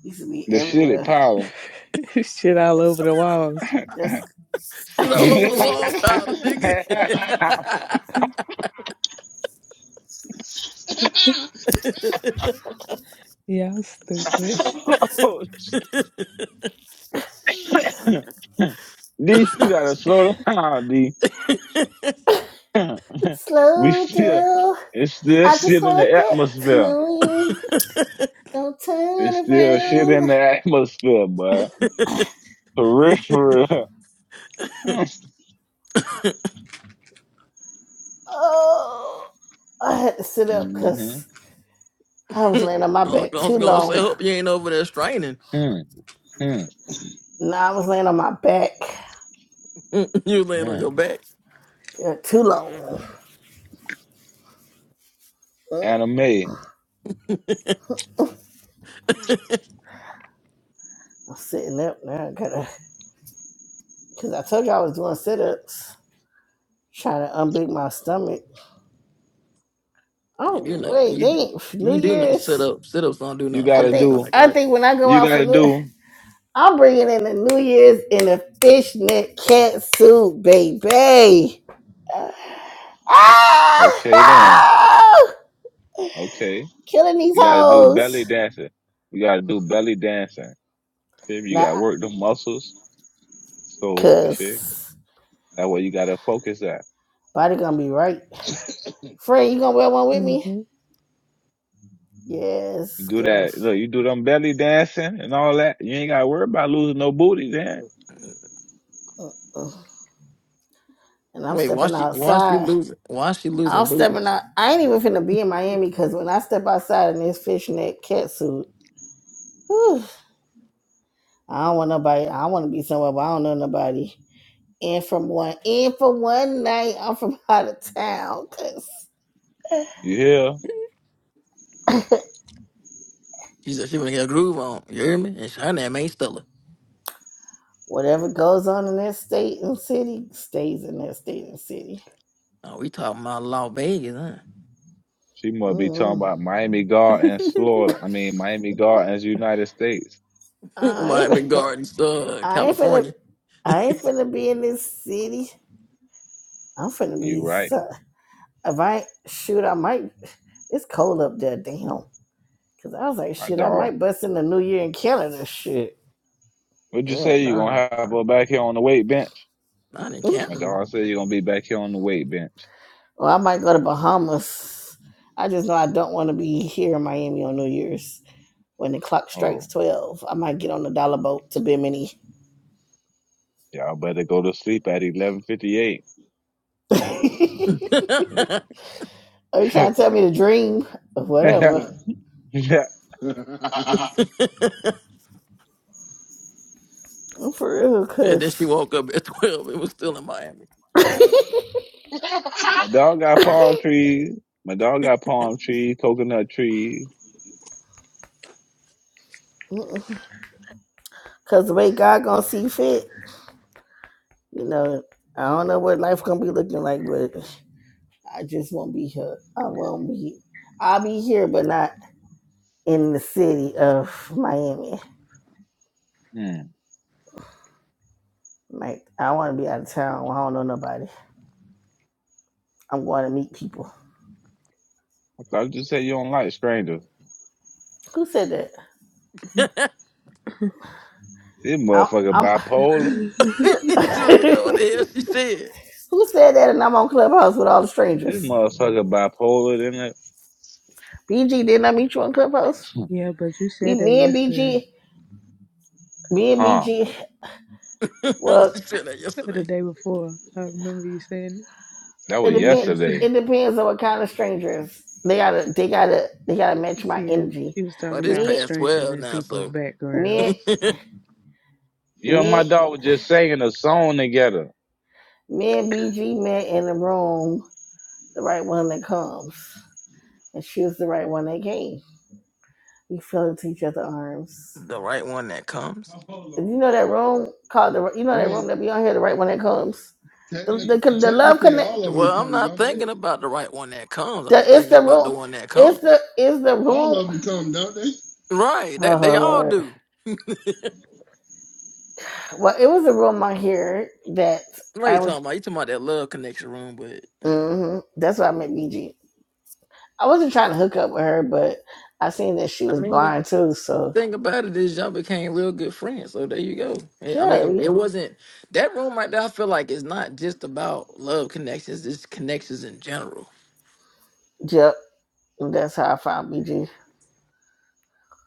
D: used to be
C: The shit it
D: everywhere.
C: power.
A: shit all over the walls.
D: Just
F: Shit all over the wall powder, nigga.
A: Yeah, I was stupid.
C: D, you gotta slow down, D. we
D: slow
C: still,
D: down.
C: it's still
D: I just
C: shit in the
D: want to get to
C: atmosphere.
D: know you. Don't
C: It's
D: turn
C: still shit in
D: around.
C: the atmosphere, but for real, for real.
D: Oh, I had to sit up
C: mm-hmm.
D: because I was laying on my back
F: I was
D: too
F: gonna say,
D: long.
F: hope you ain't over there straining.
C: Hmm, hmm,
D: No, I was laying on my back
F: you laying on
C: hmm.
F: your back.
D: uh, too long.
C: Anime,
D: I'm sitting up now. I gotta, cause I told you I was doing sit ups, trying to unbig my stomach.
F: You
D: Oh
F: do know
D: wait, they
F: you
D: ain't New
F: you do know sit
D: Year's.
F: up sit ups don't do
C: you
F: nothing
D: I
F: for
C: gotta
F: your
D: think
C: do,
F: stomach,
D: I
F: right?
D: think when I go
C: you
D: out for
C: gotta
D: New,
C: do.
D: I'm bringing in the New Year's in a fishnet catsuit, baby.
C: Okay then,
D: Ah!
C: okay.
D: Killing these
C: You gotta do belly
D: hoes.
C: dancing. You gotta do belly dancing. Feel You gotta
D: Nah,
C: work the muscles. So you feel
D: cause
C: that way. You gotta focus that.
D: body gonna be right. Friend, you gonna wear one with me?
A: hmm
C: You
D: Yes,
C: do
D: girl.
C: that. Look, you do them belly dancing and all that. You ain't gotta worry about losing no booty then.
D: Uh-uh. and I'm
F: Wait, why
D: stepping
F: she why she
D: outside.
F: losing why she
D: I'm
F: losing booty?
D: stepping out. I ain't even finna be in Miami because when I step outside in this fishnet catsuit, whew, I don't want nobody. I want to be somewhere, but I don't know nobody. And from one, and for one night, I'm from out of town
C: You hear?
D: because
F: She said she wanna get a groove on. You hear me? And her name ain't Stella.
D: whatever goes on in that state and city stays in that state and city.
F: Oh, we talking about Las Vegas,
C: She must be talking
D: mm
C: about Miami Gardens, Florida. I mean, Miami Gardens, United States.
F: huh?
D: I
F: Miami
D: ain't,
F: Gardens, uh,
D: I ain't finna,
F: California.
D: I ain't finna be in this city. I'm finna
C: You
D: be.
C: right,
D: so. If I shoot, I might. It's cold up there, damn. Cause I was like,
C: my
D: shit, I
C: dog.
D: might bust in the New Year in Canada, shit.
C: What'd you
F: Hell
C: say? You
F: no,
C: gonna have her back here on the weight bench?
F: not in
D: Mm.
C: My
F: Canada.
C: dog said you gonna be back here on the weight bench.
D: Or I might go to Bahamas. I just know I don't want to be here in Miami on New Year's when the clock strikes
C: Oh,
D: twelve. I might get on the dollar boat to Bimini.
C: y'all better go to sleep at eleven fifty eight.
D: Are
F: and
D: you trying to tell me to dream or whatever?
C: My
D: I'm For real,
F: then she
D: because
F: woke up at twelve. It was still in Miami.
C: dog got palm trees. My dog got palm trees, coconut trees.
D: Cause the way God gonna see fit, you know, I don't know what life gonna be looking like, but. I just won't be here. I won't be. I'll be here, but not in the city of Miami.
C: Hmm.
D: Like I want to be out of town. I don't know nobody. I'm going to meet people.
C: I thought you said you don't like strangers.
D: Who said that?
F: she
C: This
D: I'm.
C: motherfucker
D: I'm
C: bipolar.
D: who, who
F: don't even know what the hell she said.
D: said that? And I'm on Clubhouse with all the
C: This
D: strangers.
C: motherfucker bipolar than it.
D: BG, didn't I meet you on Clubhouse?
A: yeah, but you
D: We,
A: said that
D: me and
A: yesterday
D: BG, me and
C: Huh?
D: BG.
F: I
D: Well,
F: said that
A: or the
F: yesterday.
A: day before. I remember you saying
C: That
D: it
A: it,
C: was
A: it was
D: depends.
A: yesterday.
C: yesterday.
D: It depends on what kind of strangers. They gotta. They gotta. They gotta match my
A: See, yeah,
D: energy.
A: she was
F: Well,
A: talking
F: it's
A: about
D: Me.
F: past
A: strangers
F: twelve
A: and
F: now,
A: people's
F: so
A: background.
D: Me.
F: the
C: You and my
D: Me.
C: dog was just singing a song together.
D: Me and BG met in the room, the right one that comes. And she was the right one that came. We fell into each other's arms.
F: right one that comes.
D: And you know that room called the you know that room
E: mean,
D: that be on here, the right one that comes. The
E: technically,
D: the, con- the love
E: technically,
D: connect
E: all of them
F: Well, I'm
E: come,
F: not
E: don't they?
F: thinking about the right one that comes. I'm
D: the
F: just
D: it's
F: thinking
D: the
F: about the
D: room
F: one that
D: it's the
F: comes.
D: it's the
E: All
D: room
E: of them come, don't they?
F: Right? That they
D: Oh
F: all
D: Lord.
F: do.
D: Well it was a room on here that
F: What are you
D: I was
F: talking about? You talking about that love connection room? But yeah.
D: hmm that's why I met BG. I wasn't trying to hook up with her, but I seen that she
F: I
D: was
F: mean,
D: blind too,
F: the
D: so
F: thing about it is y'all became real good friends. So there you go. Eh, I
D: yeah,
F: mean,
D: we
F: it wasn't that room right there. I feel like it's not just about love connections. It's connections in general.
D: Yep. That's how I found BG.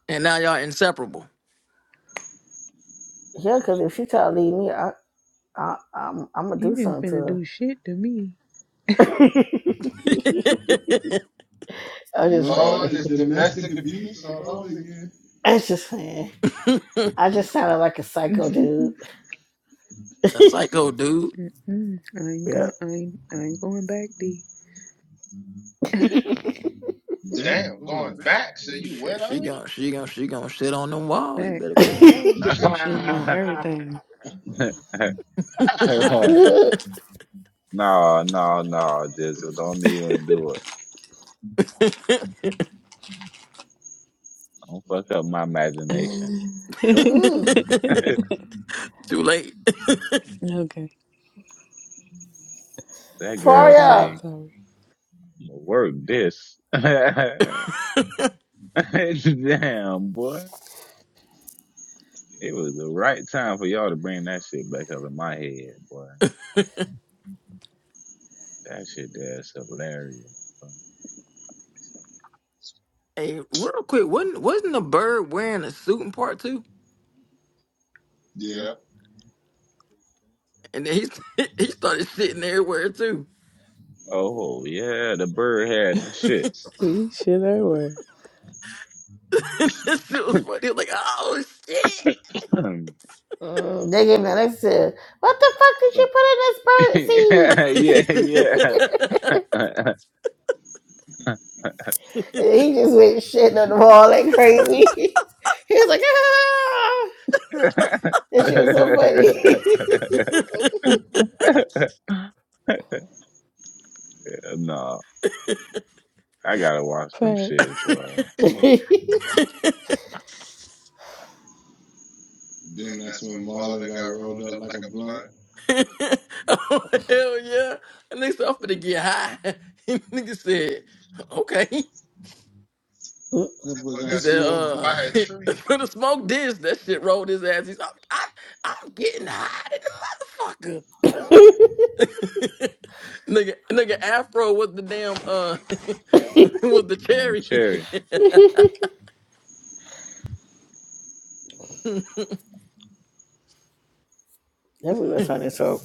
F: And now y'all inseparable.
D: Yeah, because if she try to leave me, I, I, I'm, I'm gonna do
A: You ain't
D: something to
A: finna
D: her.
A: do shit to me.
D: I'm just
C: Oh,
E: Lord,
D: playing.
C: and
E: it's
C: it's
E: domestic
C: domestic
E: abuse
C: abuse
E: all
C: all
E: over
C: over again.
E: again.
D: I'm just playing. I just sounded like a psycho dude.
A: Mm-mm.
F: A psycho dude.
A: I ain't
D: Yeah.
A: going. I ain't. I ain't going back. D
E: Damn,
C: Damn,
E: going
C: going
E: back
C: back.
E: to
C: So you
E: you.
F: She
C: wet
F: she
C: already?
F: gon' she gon' she gon' shit on them walls. You
A: back.
F: better quit playing.
A: I'm shitting on everything.
E: What? Oh,
C: no, no,
E: no.
C: no, just don't even do it. Don't fuck up my imagination.
D: Mm-mm.
C: that
F: Too late.
A: okay.
C: girl
D: Far
A: Okay. I'm
D: up.
C: say,
A: sorry.
C: work this. Damn, boy. It was the right time for y'all to bring that shit back up in my head, boy. That shit there is hilarious. Boy.
F: Hey, real quick, wasn't wasn't the bird wearing a suit in part two?
E: yeah.
C: Yeah.
F: And then he he started shitting everywhere too.
C: Oh yeah, the bird had the shits.
A: See, shit everywhere.
F: this shit was funny. He was like, oh
C: So-
D: Mm, they gave me an said, What the fuck did you put in this bird seed?
C: yeah,
F: shit.
C: yeah, yeah.
D: And he just went shitting on the wall like crazy. he was like, ah! That shit was so funny.
C: No, I gotta watch them shits,
A: Facts.
C: boy. I
E: Then
C: think
E: that's
C: that's
E: when
C: when
E: Marlon
C: Ballin
E: got
C: got
E: rolled
C: rolled
E: up
C: up
E: like
C: like
E: a
C: a
E: blunt.
C: blunt.
F: oh hell yeah. And nigga said, I'm finna get high. nigga said, okay.
E: That boy
C: boy
E: got
F: He
C: got
F: said,
E: smoked
C: smoked
E: by.
F: uh,
C: by a tree.
F: could have smoked this. That shit rolled his ass. He said, I'm, I'm, I'm getting high than the motherfucker. nigga, nigga, Afro was the damn, uh, was the
C: And
F: cherry.
C: Cherry,
D: Everywhere sounded so.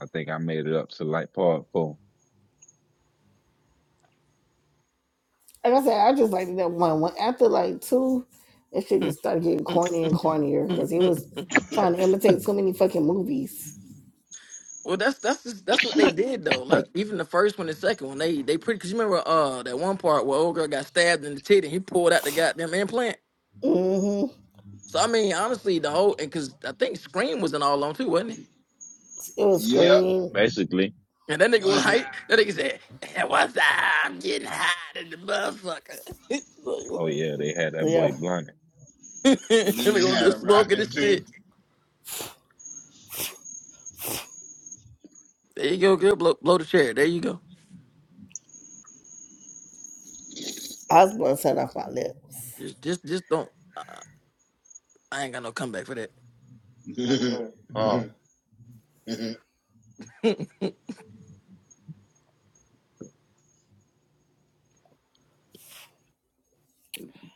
C: I think I made it up to like part four.
D: Like I said, I just liked that one. When, after like two, that shit just started getting corny and cornier because he was trying to imitate too many fucking movies.
F: well, that's, that's, just, that's what they did though. Like, even the first one and second one, they, they pretty, cause you remember, uh, that one part where old girl got stabbed in the titty and he pulled out the goddamn implant.
D: hmm
F: So, I mean, honestly, the whole, and cause I think Scream was in all of them too, wasn't it?
D: It was
E: Yep.
C: Yep.
D: Scream.
C: Basically,
F: And that nigga was
E: Was that?
F: hype. That nigga said, "And "What's up? I'm getting hot in the motherfucker." like
C: oh
F: what?
C: yeah, they had that
D: Yeah,
C: boy blinded.
E: Then they
F: nigga
C: They
F: was
E: had
C: had
E: a
C: a
F: just
E: rap
F: smoking
C: rapping
F: this
C: too.
F: shit. There you go, girl. Blow, blow the chair. There you go.
D: I was blood set off my lips.
F: Just, just, just don't. I ain't got no comeback for that.
E: into.
C: Oh.
E: it.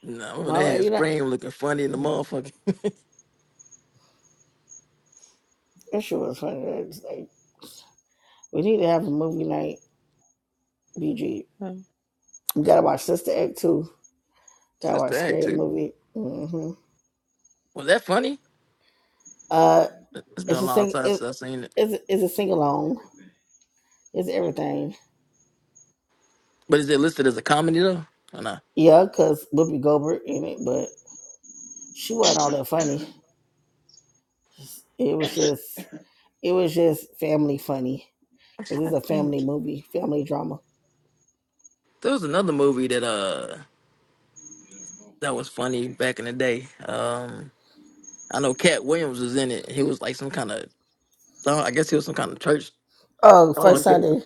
F: No, remember
D: My
F: they
D: way,
F: had
D: you know,
F: Scream looking funny in the motherfucker.
D: that shit was funny. It was like, we need to have a movie night, BG.
A: Um,
D: We gotta watch Sister Act too. Gotta watch
F: Sister Act
D: Scary
F: too.
D: Movie. hmm
F: Was that funny?
D: Uh,
F: It's been
D: it's
F: a
D: a
F: long
D: sing.
F: time
D: It,
F: since I've seen it.
D: it's it's a sing along. It's everything.
F: But is it listed as a comedy though? Or not?
D: Yeah, cause Whoopi Goldberg in it, but she wasn't all that funny. It was just it was just family funny
F: I'm
D: because it's
F: trying to
D: a family
F: think.
D: movie, family drama.
F: There was another movie that uh that was funny back in the day. Um. I know Cat Williams was in it. He was like some kind of, I guess he was some kind of church.
D: Oh,
F: Oh,
D: first
F: okay.
D: Sunday,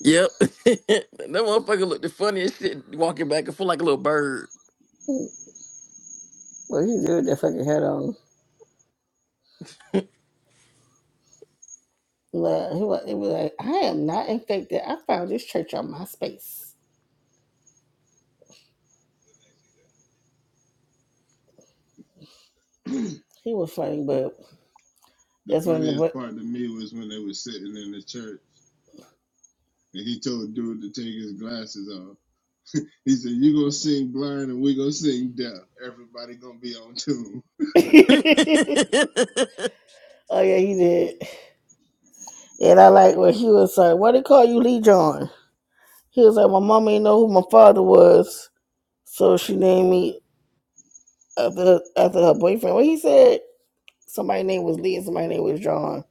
F: Yep. that motherfucker looked the funniest shit walking back and forth like a little bird.
D: well he did with that fucking head on. Well, he was, he was like, I am not infected. I found this church on my space.
E: the
D: He was funny, but that's when the
E: funniest
D: but.
E: part to me was when they were sitting in the church and he told dude to take his glasses off. He said, "You gonna sing blind and we gonna sing deaf. Everybody gonna be on tune."
F: Hell
D: oh yeah, he did. And I like when he was like, Why they call you Lee John? He was like, My mom ain't know who my father was, so she named me after after her boyfriend. Well, he said somebody name was Lee and somebody name was John.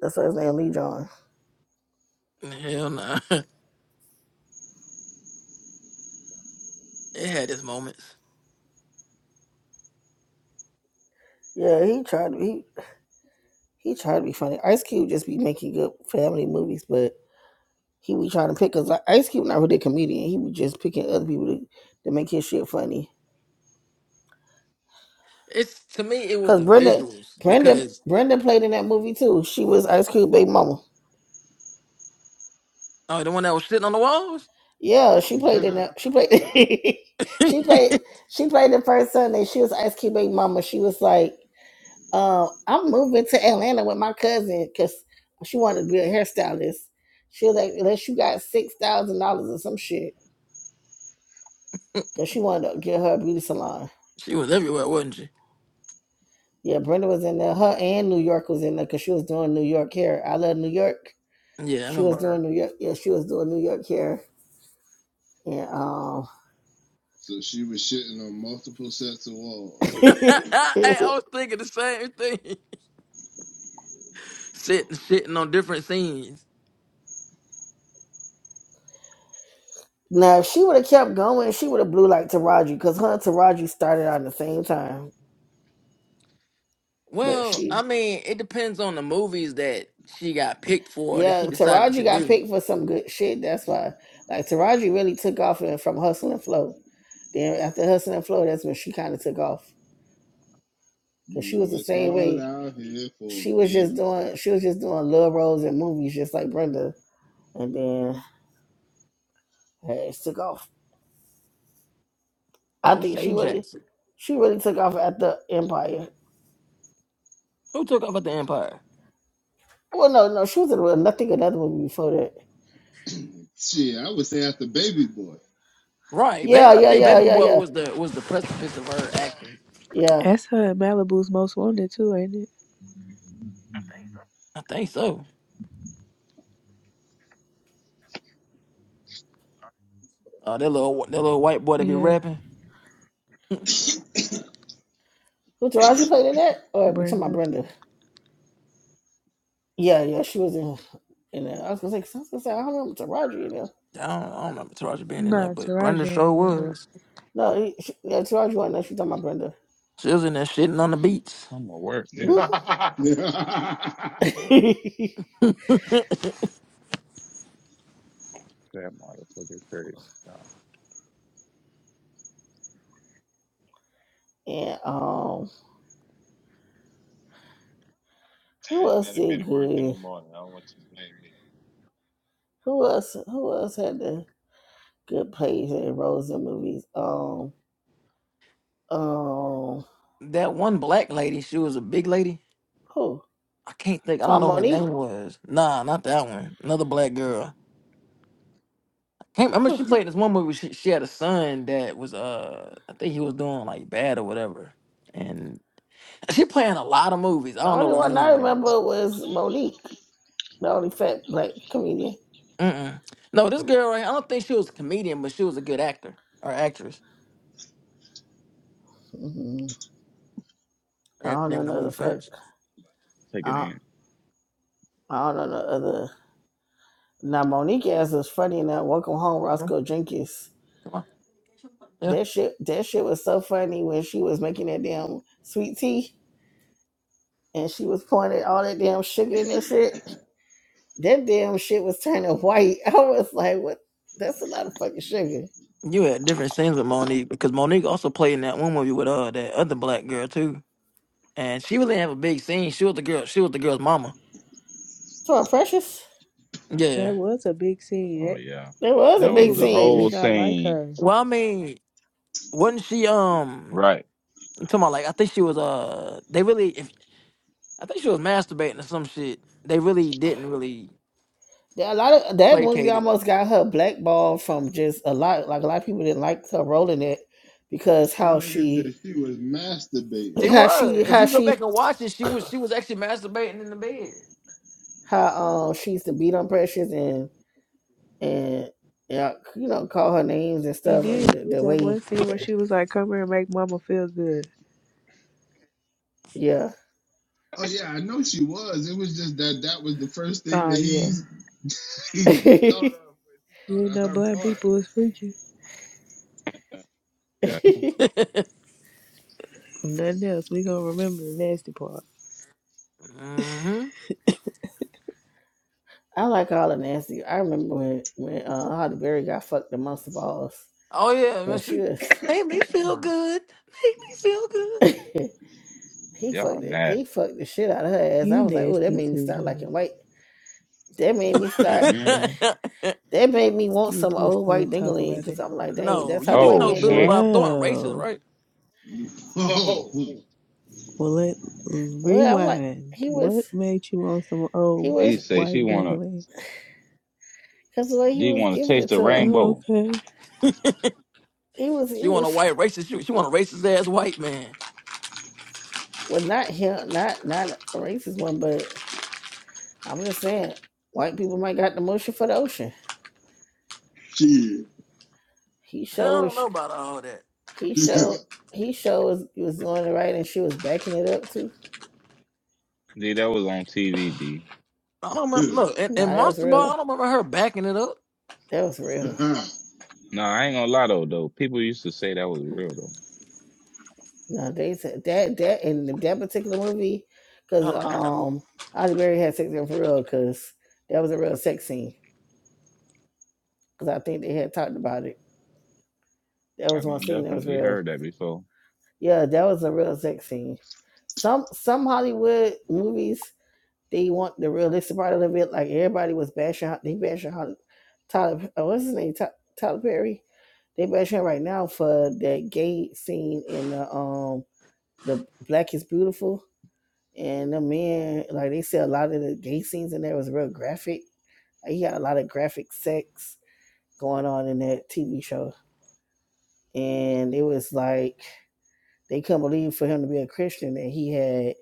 D: That's why his name Lee John.
F: nah. It had its moments.
D: Yeah, he tried to he he tried to be funny. Ice Cube just be making good family movies, but he be trying to pick because Ice Cube not really a comedian. He be just picking other people to, to make his shit funny.
F: It's to me, it was
D: Cause
F: the
D: Brenda,
F: visuals
D: Brenda,
F: because
D: Brenda played in that movie too. She was Ice Cube baby mama.
F: oh, the one that was sitting on the walls.
D: Yeah, she played in that. She played. she played. She played the first Sunday. She was Ice Cube baby mama. She was like, uh, "I'm moving to Atlanta with my cousin because she wanted to be a hairstylist." She was like, "Unless you got six thousand dollars or some shit," because she wanted to get her a beauty salon.
F: she was everywhere, wasn't she?
D: Yeah, Brenda was in there. Her and New York was in there because she was doing New York hair. I love New York.
F: Yeah, I
D: She was
F: remember
D: doing
F: her.
D: New York. Yeah, she was doing New York hair. And
E: so she was shitting on multiple sets of walls.
F: hey,
D: um,
F: I was thinking the same thing. Sitting, sitting on different scenes.
D: Now, if she would have kept going, she would have blew like Taraji because her and Taraji started out at the same time. But
F: Well, I
D: she,
F: mean, it depends on the movies that she got picked for that
D: yeah,
F: she decided
D: Taraji
F: to
D: got
F: do.
D: picked for some good shit. That's why, like, Taraji really took off in- from Hustle and Flow. Then after Hustle and Flow, that's when she kind of took off
E: You
D: because she was
E: know,
D: the
E: it's
D: same
E: hard
D: way.
E: out here for a
D: She was just
E: pimp.
D: doing, she was just doing little roles in movies, just like Brenda. And then hey, it took off. I
F: Oh,
D: think
F: O'Shea
D: she really,
F: Jackson.
D: she really took off at the Empire.
F: Who took over the Empire?
D: Well, no, no, she was in well, Nothing Another movie before that.
E: Shit, I would say after baby boy.
F: Right,
D: Yeah,
F: baby. I
D: yeah,
F: think
D: yeah,
F: Baby
D: yeah,
F: Boy
D: yeah,
F: was the was the precipice of her acting.
D: yeah.
A: That's her Malibu's most wanted too, ain't it?
F: I think so. Uh, that little that little white boy that be
A: Yeah.
F: rapping.
D: Who Taraji played in that? Or to my
A: Brenda.
D: Brenda? Yeah, yeah, she was in in that. I was gonna say, 'cause I was gonna say, I don't remember Taraji in there.
F: I don't, I don't remember Taraji being in there,
A: No,
F: but Brenda
A: Tarajian
F: sure
A: and them.
F: was.
D: No, he, she, yeah, Taraji wasn't there. She talking about Brenda.
F: She was in there shitting on the beats.
C: I'm at work, yeah,
D: Mhm.
C: yeah.
E: that
C: you That motherfucker crazy. No.
D: and um, who
C: Damn, you
D: else
C: gotta be
D: did
C: to work in the
D: good?
C: morning. I don't want you to blame me.
D: Who else? Who else had the good plays and roles in movies? Um, um,
F: that one black lady, she was a big lady.
D: who?
F: I can't think. I don't
D: Tom
F: know what her
D: Monique.
F: name was. Nah, not that one. Another black girl. I can't remember.
D: Whew.
F: She played this one movie. She, she had a son that was uh, I think he was doing like bad or whatever. And she playing a lot of movies. I
D: The
F: don't
D: only
F: know her
D: one I
F: name though.
D: remember was Monique, the only fat black comedian.
F: Mm-mm. No, this girl right. here, I don't think she was a comedian, but she was a good actor or actress.
D: hmm I
F: Yeah,
D: don't know
F: name of the movie
D: another fat.
F: first.
C: Take it
D: I,
C: in.
D: I don't know the other. Now Monique ass is funny enough. Welcome home,
F: Mhm.
D: Roscoe Jenkins.
F: Come on. Yeah,
D: That shit, that shit was so funny when she was making that damn sweet tea and she was pouring it all that damn sugar in that shit. That damn shit was turning white. I was like, what? That's a lot of fucking sugar.
F: you had different scenes with Monique because Monique also played in that one movie with uh that other black girl too, and she really didn't have a big scene. She was the girl. She was the girl's mama.
D: To our precious,
F: Yeah.
A: That was a big scene.
C: Oh
A: That
C: yeah,
D: there was a
C: that
A: that
C: was
D: big
C: the
A: movie made me
D: scene.
C: whole
A: not like
C: scene,
A: her.
F: Well, I mean, wasn't she um
C: right?
F: I'm talking about like I think she was uh they really if I think she was masturbating or some shit. They really didn't really
D: Yeah, A lot of that movie
F: placate it.
D: almost got her blackballed from just a lot. Like a lot of people didn't like her role in it because how
E: nigga
D: she,
E: said she was masturbating.
F: She
D: how
F: was.
D: she,
F: If
D: how
F: you go
D: she
F: back and watch it, she was she was actually masturbating in the bed.
D: how um she used to beat on Precious and and yeah, you know, call her names and
A: She
D: stuff,
A: did.
D: and
A: It
D: the,
A: was
D: the
A: that one
D: way
A: scene where she was like, "Come here and make mama feel good."
D: yeah.
E: Oh yeah, I know she was. It was just that that was the first thing
A: Oh
E: that
A: yeah.
E: he he thought
D: I
E: of when he
A: You
E: thought
A: ain't
E: of
A: know
E: her
A: black
E: part.
A: people is freaky.
C: That-
A: If Nothing else. We gonna remember the nasty part.
F: hmm
D: like all of Nancy. I remember when when uh, Holly Berry got fucked the monster balls,
F: Oh yeah, man,
D: but she
F: she
D: was
F: made me feel good. Make me
D: he
C: y'all
D: fucked it. He
C: nasty.
D: fucked the shit out of her ass. I
A: You
D: was like, oh, that
A: nasty
D: made me
A: too,
D: start
A: Joey.
D: liking white. That made me
F: feel
D: start.
C: Mm-mm.
F: good.
D: That
A: You
D: made me want
A: you
D: some
A: just
D: old white
A: don't talk
D: dingling
A: about
D: because
A: it.
D: I'm like, dang,
F: no,
D: that's how
F: you
D: the
F: do
D: white
C: Oh
F: know
D: man do
F: Billy
D: it.
C: shit.
F: Bob Thornton racist,
A: Wow.
F: right?
C: Oh,
E: Oh
A: Well, let
D: Well, I'm like,
A: rewind.
D: he was
A: What made you want some
D: he
A: old
C: D
D: was
C: say she
A: white
C: wanna.
A: dangling?
D: because the way he
C: D
D: was
C: wanna
D: giving
C: taste
D: it
C: the
D: to her.
A: Oh,
C: rainbow.
A: okay.
D: He was
F: She
D: he
F: want a
D: was
F: white racist. She, she want a racist ass white man.
D: well not him not not a racist one, but I'm just saying white people might got the motion for the ocean.
E: shit.
D: He
F: I
D: showed
F: don't know about all that.
D: he showed he showed he was doing it right and she was backing it up too.
C: D that was on TV. D.
F: I don't remember. Look,
E: What's
F: and, and
D: Nah, that was
F: Monster Ball,
D: real.
F: I don't remember her backing it up.
D: That was real.
C: No, I ain't gonna lie though. Though people used to say that was real though.
D: No, they said that that in that particular movie, because
F: Hold on,
D: um, Holly Berry had sex in for real, because that was a real sex scene. Because I think they had talked about it. That
C: I
D: was one
C: done
D: scene that was
C: definitely
D: real.
C: heard that before.
D: Yeah, that was a real sex scene. Some some Hollywood movies they want the realistic part of it. Like everybody was bashing, they bashing Holly, Tyler. Oh, what's his name? Ty, Tyler Perry. They bashing him right now for that gay scene in the um the Black is Beautiful and the men like they said a lot of the gay scenes in there was real graphic. Like, he got a lot of graphic sex going on in that TV show, and it was like They couldn't believe for him to be a Christian that he had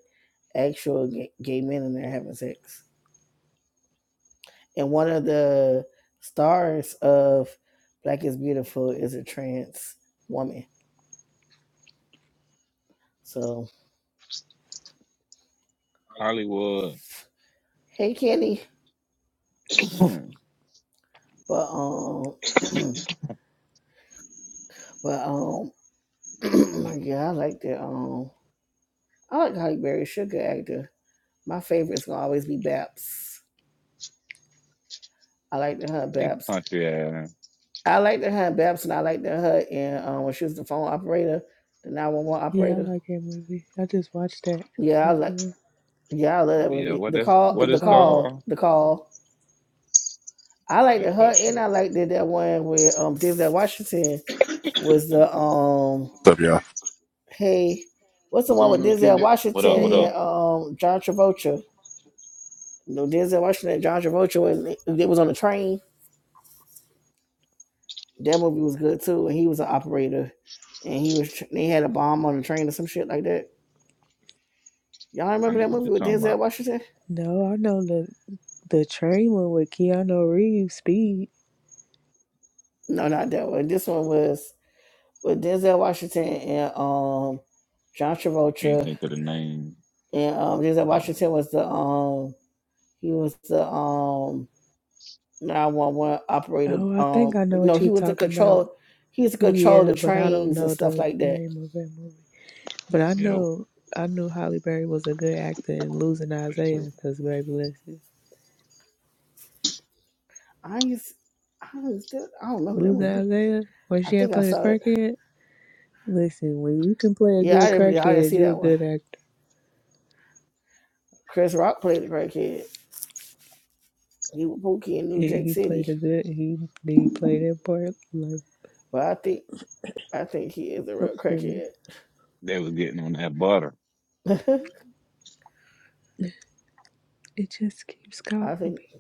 D: actual gay men in there having sex. And one of the stars of Black is Beautiful is a trans woman. So,
C: Hollywood,
D: hey, Kenny.
C: they
D: But um, but um, yeah, I like the um, I like Halle Berry, sugar actor. My favorite's gonna always be Babs. I like the her Babs.
C: country ass.
D: I like the her Babs, and I like the her and um, when she was the phone operator, the nine one one
A: Yeah, I
D: operator.
A: like that movie. I just watched that.
D: Yeah, I like.
A: Mhm.
D: Yeah, I love that
C: Oh yeah,
D: movie.
C: what
D: The
C: that's
D: call,
A: The
C: what
D: the
C: it's
A: call.
D: call,
C: called?
D: the call. I
C: Yeah,
D: like the
C: that's
D: her,
C: that
D: and
C: shit.
D: I like that that one with um Denzel Washington was
C: Yeah.
D: the um
G: What's up, y'all?
D: hey, what's the one
E: going
D: with
E: on,
D: Denzel
E: Kenny?
C: Did What up?
D: Washington
C: What up?
D: and
A: Hey.
D: um John Travolta? No, Denzel Washington and John Travolta was it was on the train. That movie was good too, and he was an operator, and he was they had a bomb on the train or some shit like that. Y'all
C: I
D: remember
C: know
D: that
C: what
D: movie
C: you're
D: with
C: talking
D: Denzel
C: about.
D: Washington?
A: No, I know the the train one with Keanu Reeves, Speed.
D: No, not that one. This one was. with Denzel Washington and um John
C: I Can't
D: Travolta.
C: think of the name.
D: And um Denzel
C: Oh,
D: Washington was the um he was the um nine one one operator.
A: Oh, I think
D: Um
A: I know
D: no,
A: what
D: he
A: you're
D: was the
A: talking about.
D: control he was the control
A: Yeah,
D: the
A: but I don't
D: trains and
A: know
D: stuff
A: the
D: like that.
A: name of that movie. But I
C: yo,
A: know I knew Holly Berry was a good actor in Losing
C: that's her.
A: Isaiah because baby, listen,
D: I used I don't, I don't remember that
A: Losing
D: movie.
A: Isaiah when
D: I
A: she had
D: think I
A: played a
D: saw it.
A: crackhead. Listen, when you can play a
D: Yeah,
A: good
D: I didn't I didn't
A: crackhead,
D: see
A: you're a
D: that one.
A: good actor.
D: Chris Rock played the crackhead. He was Pookie in New
A: He,
D: Jack
A: he
D: City.
A: played a good. He he played that part like.
D: But I think I think he is a
A: I'm
D: real
A: screaming.
D: crackhead.
C: They was getting on that butter.
A: It just keeps calling
D: I think
A: me.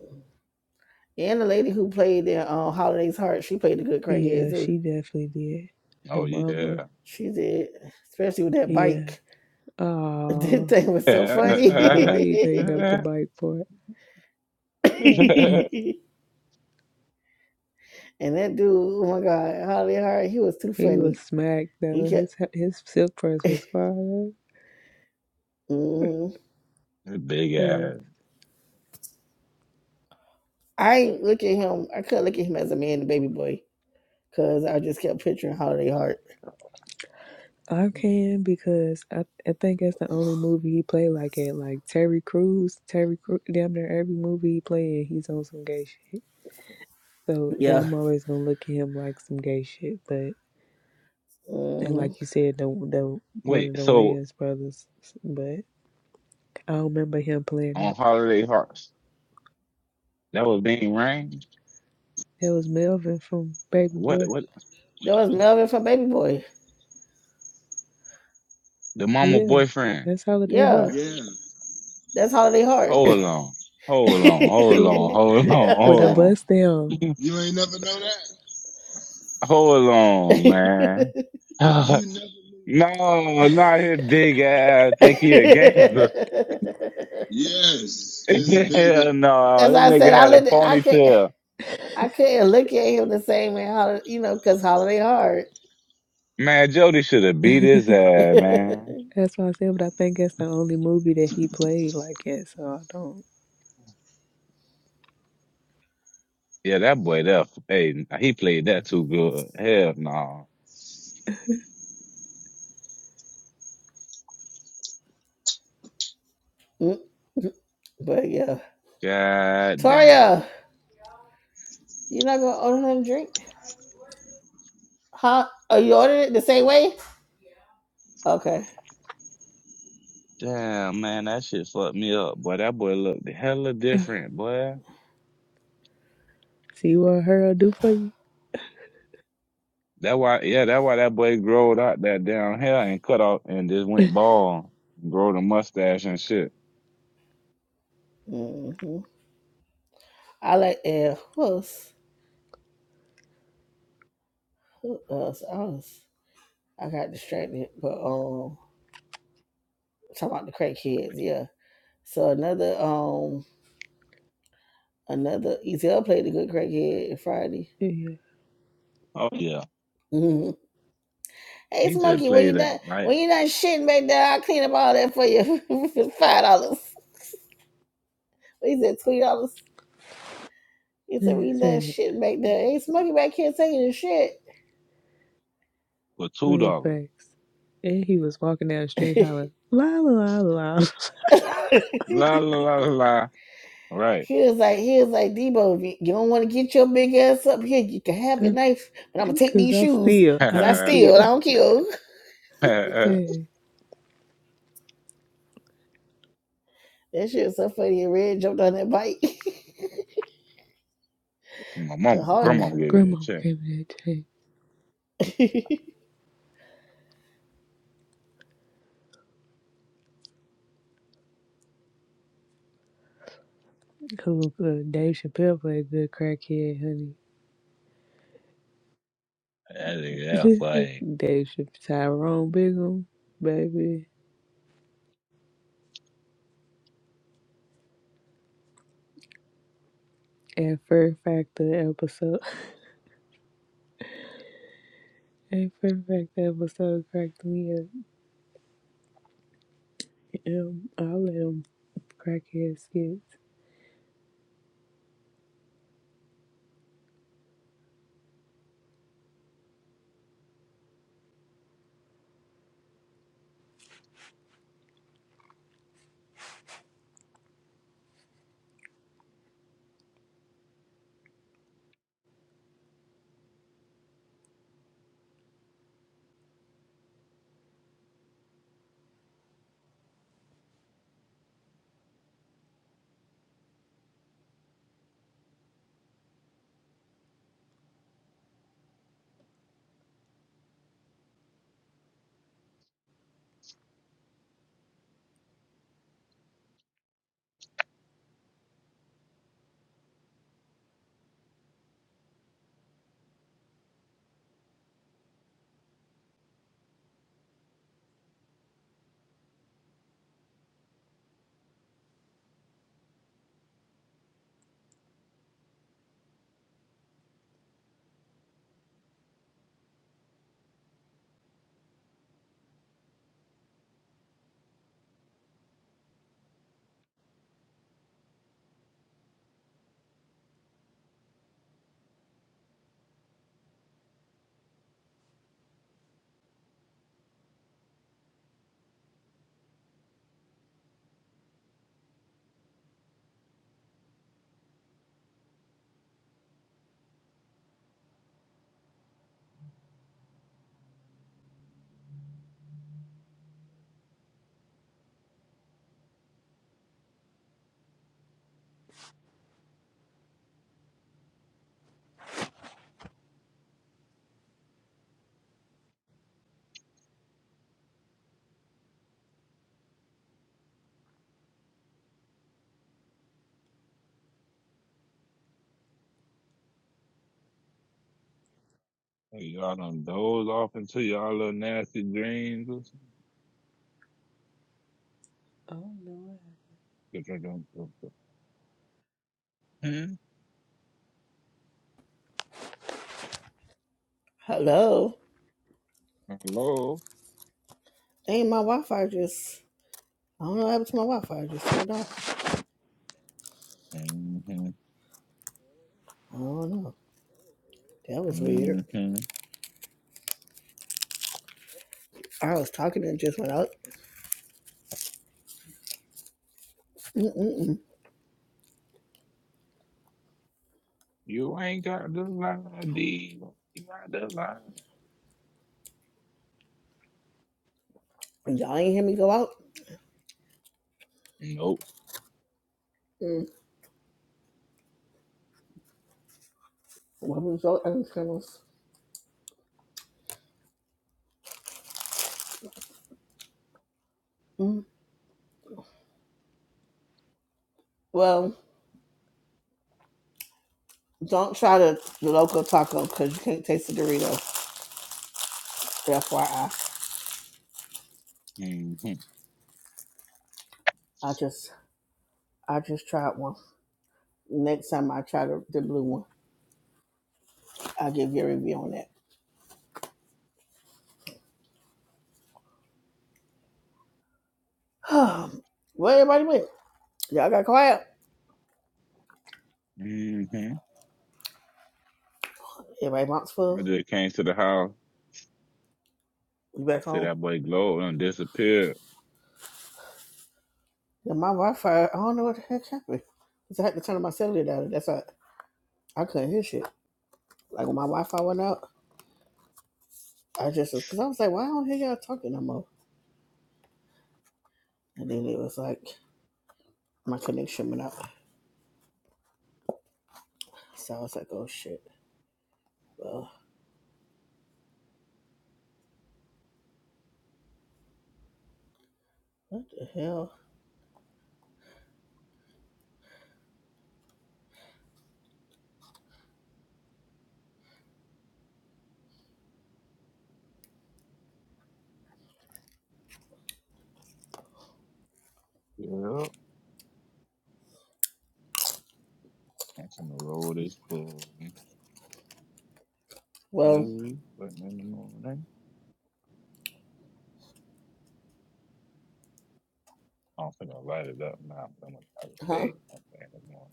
D: And the lady who played in uh, Holiday's Heart, she played a good crackhead
A: Yeah,
D: too.
A: she definitely did. The
C: Oh yeah.
A: mama.
D: She did, especially with that
A: Yeah.
D: bike. That
A: Oh,
D: thing was so
A: this
D: funny.
A: is why you made up the bike part.
D: and that dude, oh my God, Holiday Heart, he was too
A: he was
D: funny.
A: smacked
D: He
A: though.
D: kept.
A: His his silk press was fire.
D: Mhm.
C: Big
A: Man.
C: ass.
D: I ain't look at him. I couldn't look at him as a man, the baby boy, because I just kept picturing Holiday Heart.
A: I can because I, I think that's the only movie he played like it. Like Terry Crews, Terry Crews, damn near every movie he played, he's on some gay shit. So and
D: Yeah.
A: I'm always gonna look at him like some gay shit. but. And
D: hmm
A: like you said, the the one
C: Wait,
A: of the
C: so
A: Wayans brothers, but I don't remember him playing
C: on
A: though.
C: Holiday Hearts, that was Bing Rain?
A: That was Melvin from Baby
C: What?
A: Boy.
C: What?
D: There was Melvin from Baby Boy.
C: The mama
A: Yeah,
C: boyfriend?
A: that's Holiday
D: Yeah,
A: Heart
E: Yeah.
D: that's Holiday Heart.
C: Hold on. Hold on. Hold on. Hold on.
A: with a
C: Hold
A: bust down.
C: on.
E: You ain't never know that?
C: Hold on,
D: yeah.
C: man.
E: You never knew that.
C: No, not his big ass. Think
D: As
C: he a gangster?
E: Yes, Yes. his big
C: Hell no, this
D: I
C: nigga
D: said, I
C: had a
D: looked, I could,
C: ponytail.
D: I couldn't look at him the same way, hol- you know, because holiday hard.
C: Man, Jody should have beat his ass, man.
A: That's what I said, but I think that's the only movie that he played like that. So I don't
C: Yeah, that boy, that hey, he played that too good. Hell no.
D: Mm, but yeah,
C: God damn.
D: Toria, you're not gonna order another drink, huh? Are you ordering it the same way? Okay.
C: Damn, man, that shit fucked me up. Boy, that boy looked hella different, boy.
A: see what her will do for you.
C: That why, yeah, that why that boy growed out that damn hair and cut off and just went bald, grow the mustache and shit.
D: hmm I like and who else? Who else? I was, I got distracted, but um, talking about the crackheads, yeah. So another um, another ETL played the good crackhead Friday.
A: Yeah,
C: Oh yeah,
D: Hey,
C: he just
D: Smokey, when
C: played
D: you done
C: that right.
D: when you done shitting back there, I'll clean up all that for you for five dollars. What He said twenty dollars? He said, when
A: that's
D: you done
A: it.
D: shitting back there, hey, Smokey back here taking his shit.
C: for two
A: Weird
C: dollars.
A: facts. And he was walking down the street hollering, la la la
C: La
D: he
C: la la la la. All right.
D: was like, he was like, Debo, if you don't want to get your big ass up here, you can have
A: la,
D: your knife, but I'm gonna take
A: because
D: these
A: I
D: shoes
A: steal, I
D: because I
A: don't
D: steal,
A: kill.
D: I don't kill.
A: hey.
D: That shit was so funny. And Red jumped on that bike.
C: My
D: Her
C: mama,
D: heart.
A: Well,
C: grandmama
A: my
C: gave me
A: grandma
C: that check.
A: came in today. Who uh, Dave Chappelle played good crackhead, honey.
C: That nigga, that's funny.
A: Dave Chappelle, Tyrone Biggum, baby. And Fear Factor episode. And Fear Factor episode cracked me up. Um, all of them crackhead skits.
C: Hey, Y'all done doze off into y'all little nasty dreams.
A: Oh no.
C: or something? Hmm?
D: Hello.
C: Hello?
D: Ain't my Wi-Fi just? I don't know what happened to my Wi-Fi. It just turned off.
C: Mm-hmm.
D: I don't know. That was weird.
C: Mm-hmm.
D: I was talking and it just went out. Mm-mm-mm.
C: You ain't got the line, D. You got the line.
D: Y'all ain't hear me go out.
C: Nope.
D: Mm. What was your internals? Mm. Well, don't try the, the local taco because you can't taste the Dorito. FYI,
C: Mm-hmm.
D: I I just I just tried one. Next time I try the, the blue one, I'll give you a review on that. Where everybody went? Y'all got quiet.
C: Mm-hmm.
D: Everybody box
C: I
D: full.
C: just came to the house.
D: You
C: I
D: back
C: see
D: home?
C: that boy glow and disappeared.
D: Yeah, my Wi-Fi, I don't know what the heck happened. Cause I had to turn my cellular down. That's why I couldn't hear shit. Like when my Wi-Fi went out, I just cause I was like, why I don't I hear y'all talking no more? And then it was like my connection went out. So I was like, oh shit. Well, what the hell?
C: Yeah. That's on the road is for
D: Well,
C: Lily, but in the morning. I'm finna light it up now, but I'm gonna try to
D: huh?
C: stay up in the morning.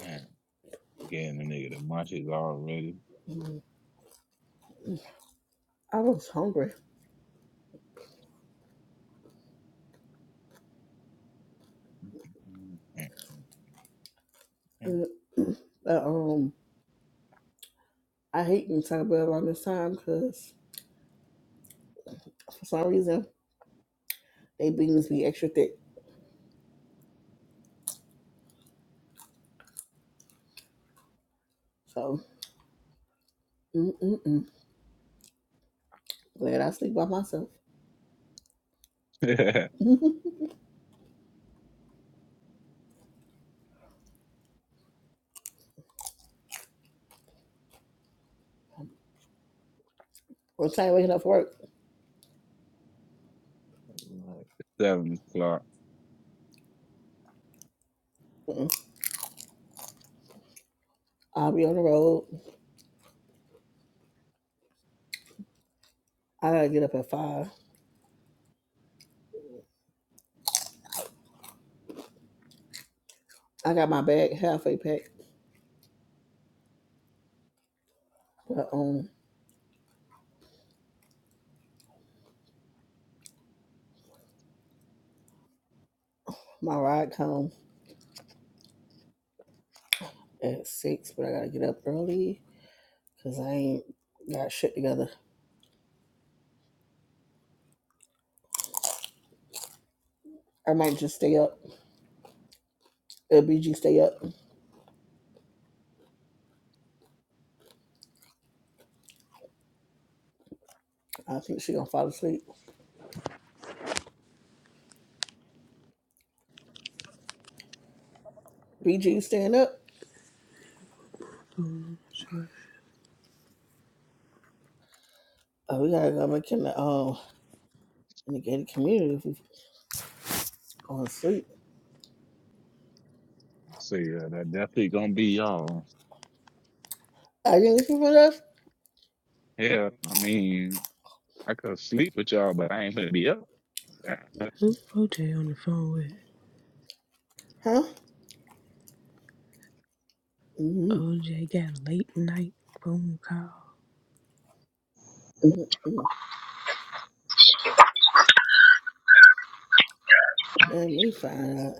C: Man, getting the nigga the munchies already.
D: Mm, I was hungry. Uh, But, um, I hate inside bread around this time because for some reason they beans be extra thick. So, mm mm mm. Glad I sleep by myself. what time waking up for work?
C: Right, Seven o'clock.
D: Mm-mm. I'll be on the road. I gotta get up at five. I got my bag halfway packed, but um, my ride come at six. But I gotta get up early because I ain't got shit together. I might just stay up. If BG stay up, I think she gonna fall asleep. BG staying up?
A: Um,
D: Oh, we gotta go back in the um in the gated community if we going to sleep.
C: So yeah, that definitely gonna be y'all.
D: Are you looking for us?
C: Yeah, I mean, I could sleep with y'all, but I ain't finna be up.
A: who OJ on the phone with?
D: Huh? Mm-hmm.
A: OJ got a late night phone call.
D: mm Let me find out.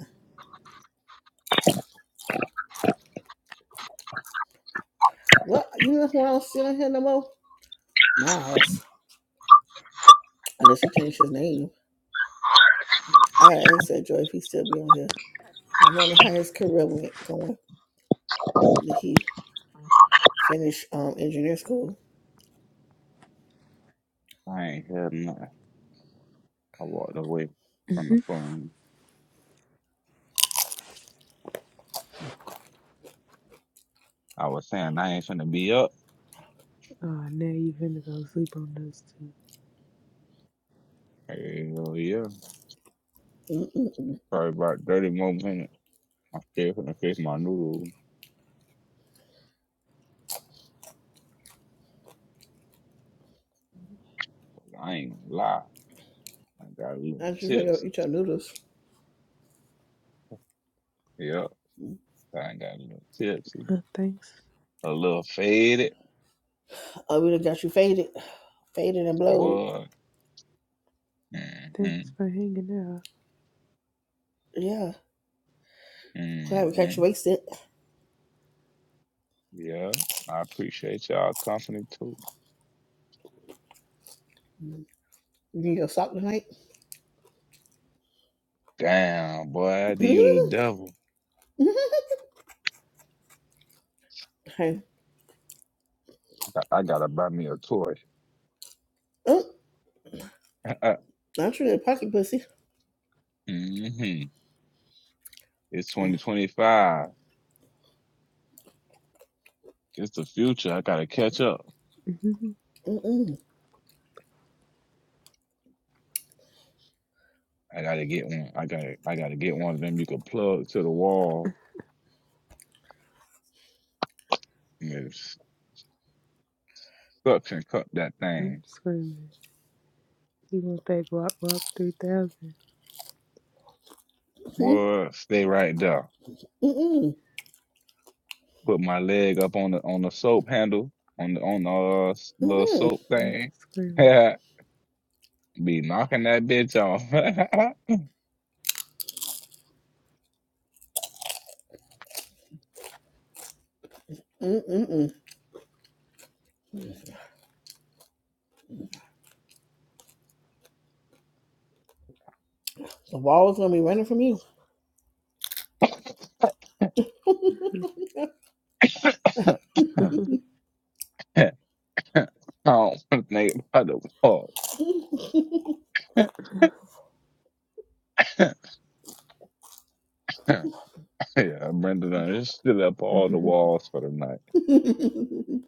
D: What? You know who else still in here no more? Miles. Unless he changed his name. I gotta ask that Joy if he still be on here. I wonder how his career went going. Did he finish um engineer school?
C: I ain't heard nothing. I walked away from
A: hmm
C: the phone. I was saying I ain't finna be up.
A: Oh, now you finna go sleep on those two.
C: Hell yeah.
D: Mm-mm-mm.
C: Probably about 30 more minutes. I am still finna fix my noodles. I ain't gonna lie. I got a little
D: I just figure out
C: tipsy.
D: eat your noodles.
C: Yep, I got a little tipsy.
A: Uh, thanks.
C: A little faded.
D: Oh, we have got you faded, faded and blowed.
C: What? Mm-hmm.
A: Thanks for hanging
D: Yeah, glad we got
C: Mm-hmm.
D: you wasted.
C: Yeah. I appreciate y'all company too.
D: Mm-hmm. You need your sock tonight.
C: Damn, boy, you the devil.
D: hey,
C: I, I gotta buy me a toy.
D: oh, I'm sure that pocket pussy.
C: hmm It's
D: Uh,
C: 2025. It's the future. I gotta catch up.
A: out.
D: Mm-mm,
C: I gotta get one. I gotta I gotta get one of them you can plug to the wall. suction cup that
A: I'm
C: thing.
A: screaming. You gonna think Wop Wop 3000?
D: mm-mm,
C: Boy, stay right there.
D: mm-mm,
C: Put my leg up on the on the soap handle on the on the uh, s- little
D: mm-mm,
C: soap
A: I'm
C: thing.
A: screaming.
C: Be knocking that bitch off.
D: mm-mm. The wall's gonna be running from you.
A: yeah,
C: I don't want to think about the walls. yeah, Brenda done just stood up all the walls for the night.
D: Mm-mm-mm,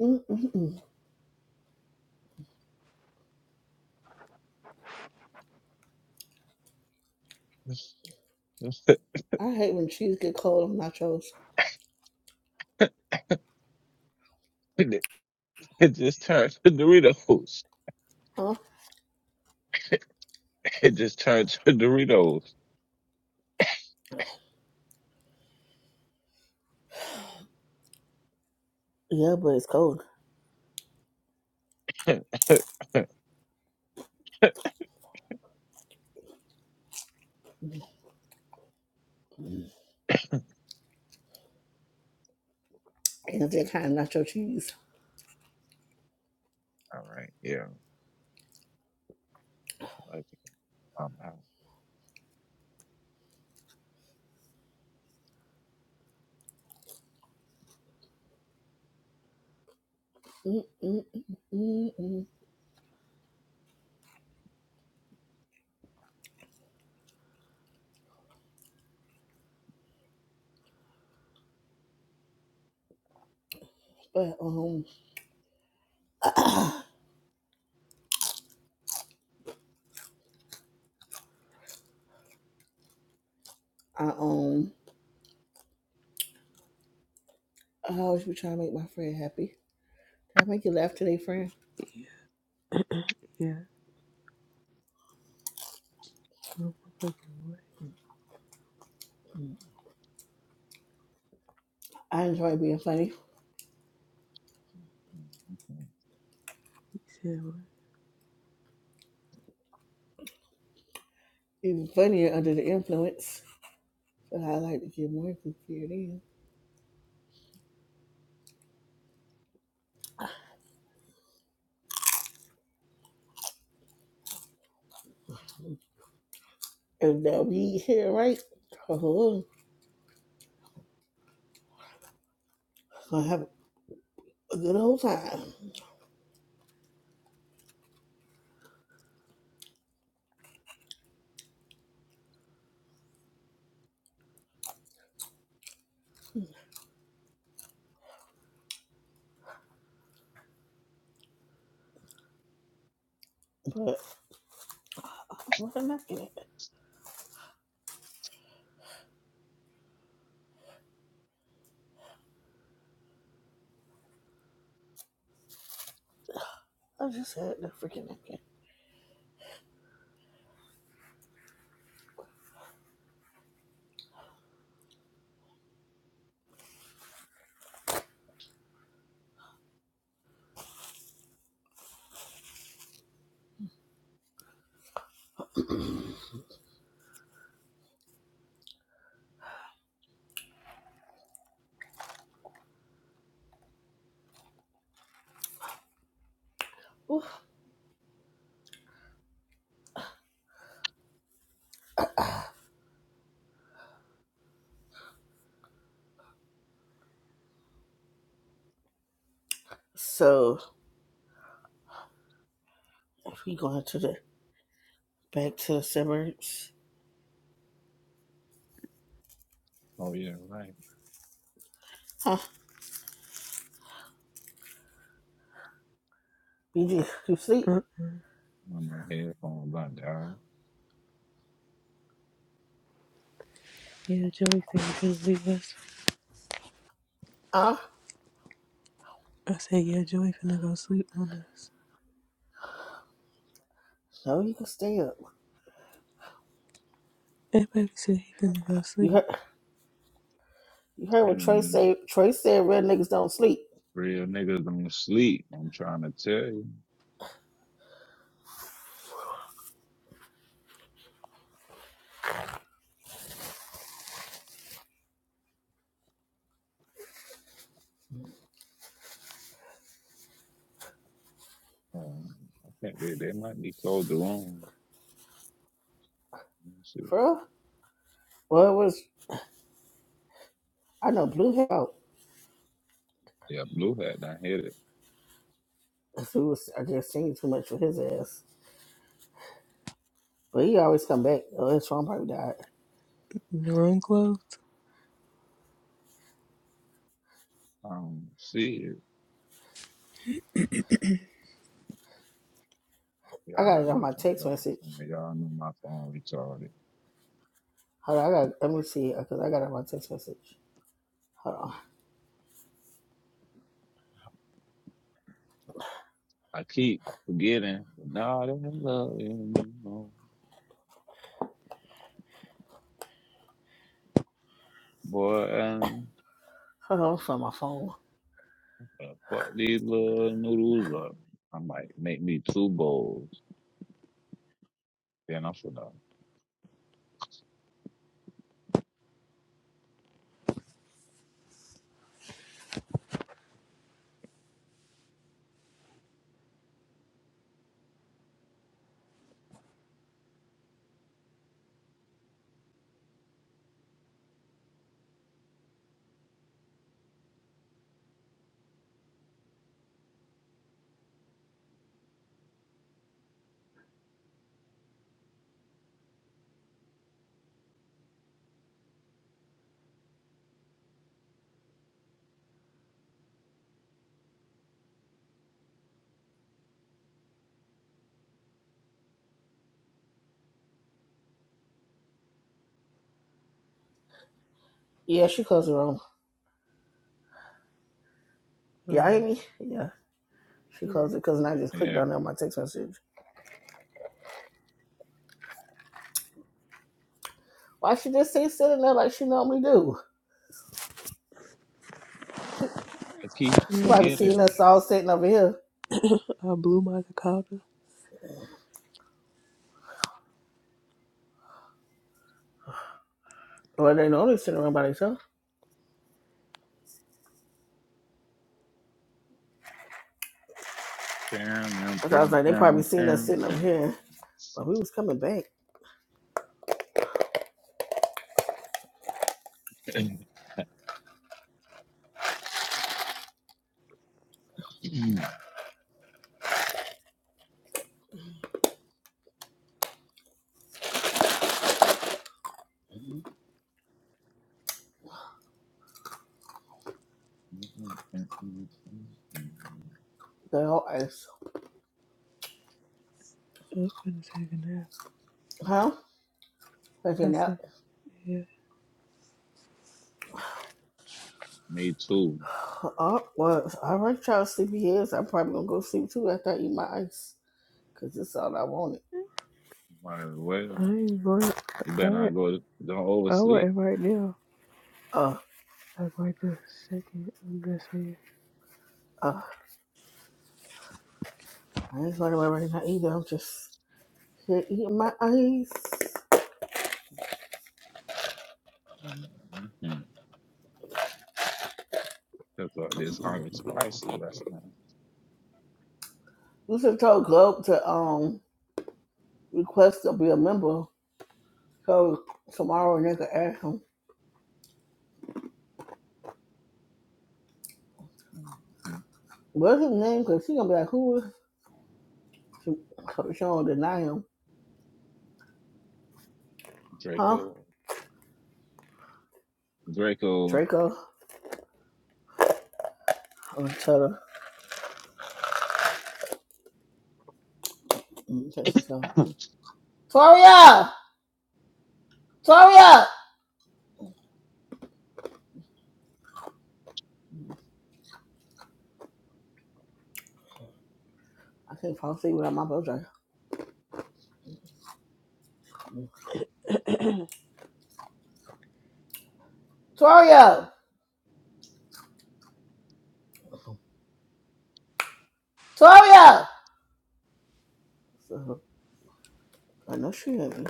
D: mm-mm-mm. I hate when cheese get cold on nachos.
C: it it just turned to Doritos.
D: Huh?
C: It just turned to Doritos.
D: Yeah, but it's cold.
C: all right,
D: And it's that kind of nacho cheese.
C: yeah. Okay. Um,
D: mm mm mm mm But um, I um, I always be trying to make my friend happy. Can I make you laugh today, friend?
A: yeah. Motherfucking what?
D: Mm. I enjoy being funny,
C: Mhm.
A: He said what?
D: even funnier under the influence. But I like to get more goofier than. And now we here, right? Oh, gonna have a good old time. But what a napkin! I just had the freaking napkin. Ooh. So. If We going to the back to the suburbs.
C: Oh yeah, right.
D: Huh? BG, you sleep?
A: Uh,
C: When my headphones are down,
A: yeah, Joey said he finna leave us.
D: Ah?
A: I said, yeah, Joey finna go sleep on us.
D: No, you can stay up.
A: And baby said he finna go
D: You
A: sleep.
D: heard you heard what
C: and
D: Trey
C: then
D: said Trey said red niggas don't sleep.
C: real niggas don't sleep. I'm trying to tell you. Um, I think they, they might be closed the room. Let me see.
D: For real? Well it was I know blue hair out.
C: Yeah, blue hat. I hit it.
D: He was I guess singing too much for his ass. But he always come back. Oh, his phone probably died.
A: The room closed.
C: Um, see it.
D: I
C: Y'all
D: got
C: gotta
D: it on
C: look
D: my
C: on
D: text
C: y'all.
D: message.
C: Some of y'all know my phone retarded.
D: Hold on, I got let me see because I got it on my text message. Hold on.
C: I keep forgetting, but nah, they ain't loving me no boy. Um,
D: Hold on, it's on my phone.
C: uh, fuck these little noodles up. I might make me two bowls. Then I'm finna.
D: Yeah, she closed the room.
A: Um,
D: Y'all hear me? Yeah. She
A: yeah. yeah.
D: closed it because I just
C: Yeah.
D: clicked on it on my text message. Why she just sit sitting there like she normally do? She,
C: Cause keep
D: she probably seen
C: forgetting.
D: us all sitting over here.
A: I blew my cicada.
D: Well, they know they sitting around by themselves.
C: Down,
D: But I was like, they probably seen us sitting over here. But we was coming back. The whole ice.
A: I'm finna take a nap.
D: Huh? But out.
A: I said, yeah.
C: Me too.
D: Oh, well, I'm all right, y'all sleepy heads. I'm probably gonna go sleep too after I eat my ice. Cause that's all I wanted.
C: Might as
A: I
C: well.
A: ain't going.
C: You better
A: I
C: not go don't
A: I
C: oversleep.
A: wouldn't right now.
D: Uh,
A: Like right this second. I'm just saying.
D: uh, I ain't going nowhere right now either. I'm just here eating my ice.
C: Took all this hot and spicy last night.
D: You should have told Globe to um request to be a member So tomorrow, nigga ask him,
C: Mm-hmm.
D: what's his name? Because he going to be like, who is? So she don't deny him. Huh?
C: Draco. Draco.
D: Draco. I'm going to tell her. I'm going to text her. tell her, Toria! Toria! I can't fall asleep without my brother. Draco. Toria! Toria! So I know she heard me.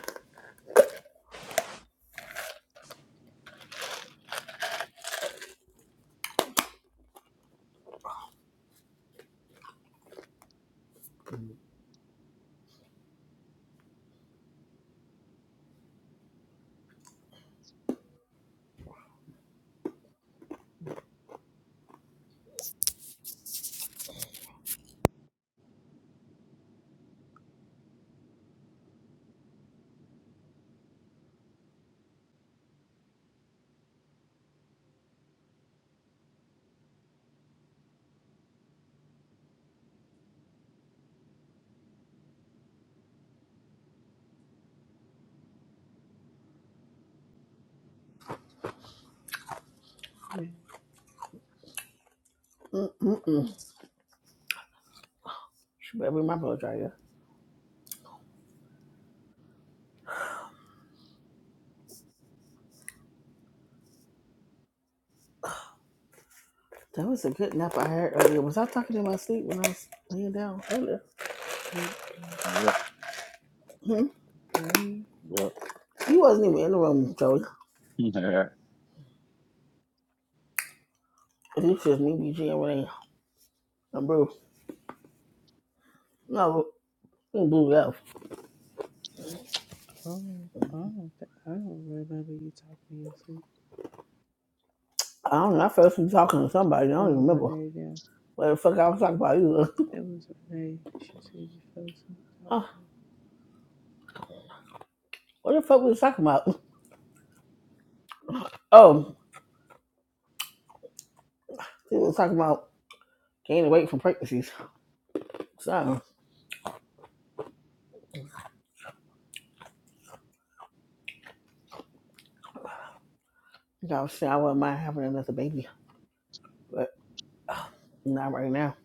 A: Yeah.
D: Mm-mm-mm. She better be my brother, dryer. That was a good nap I had earlier. Was I talking in my sleep when I was laying down earlier?
A: Huh?
C: yep.
D: Hmm?
A: Earlier?
C: Yep.
D: He wasn't even in the room, Joey. It's just me, BG, and Renee. And bro. No. You can do that.
A: Oh, I don't, th- I don't remember you talking to me. sleep.
D: I don't know. I first was talking to somebody. I don't even
A: Oh,
D: remember
A: Renee now.
D: what the fuck I was talking about either.
A: It was Renee. She said you fell asleep talking
D: Huh, what the fuck we was I talking about? Oh, we was talking about gaining weight from pregnancies. So, I was saying I wouldn't mind having another baby, but not right now.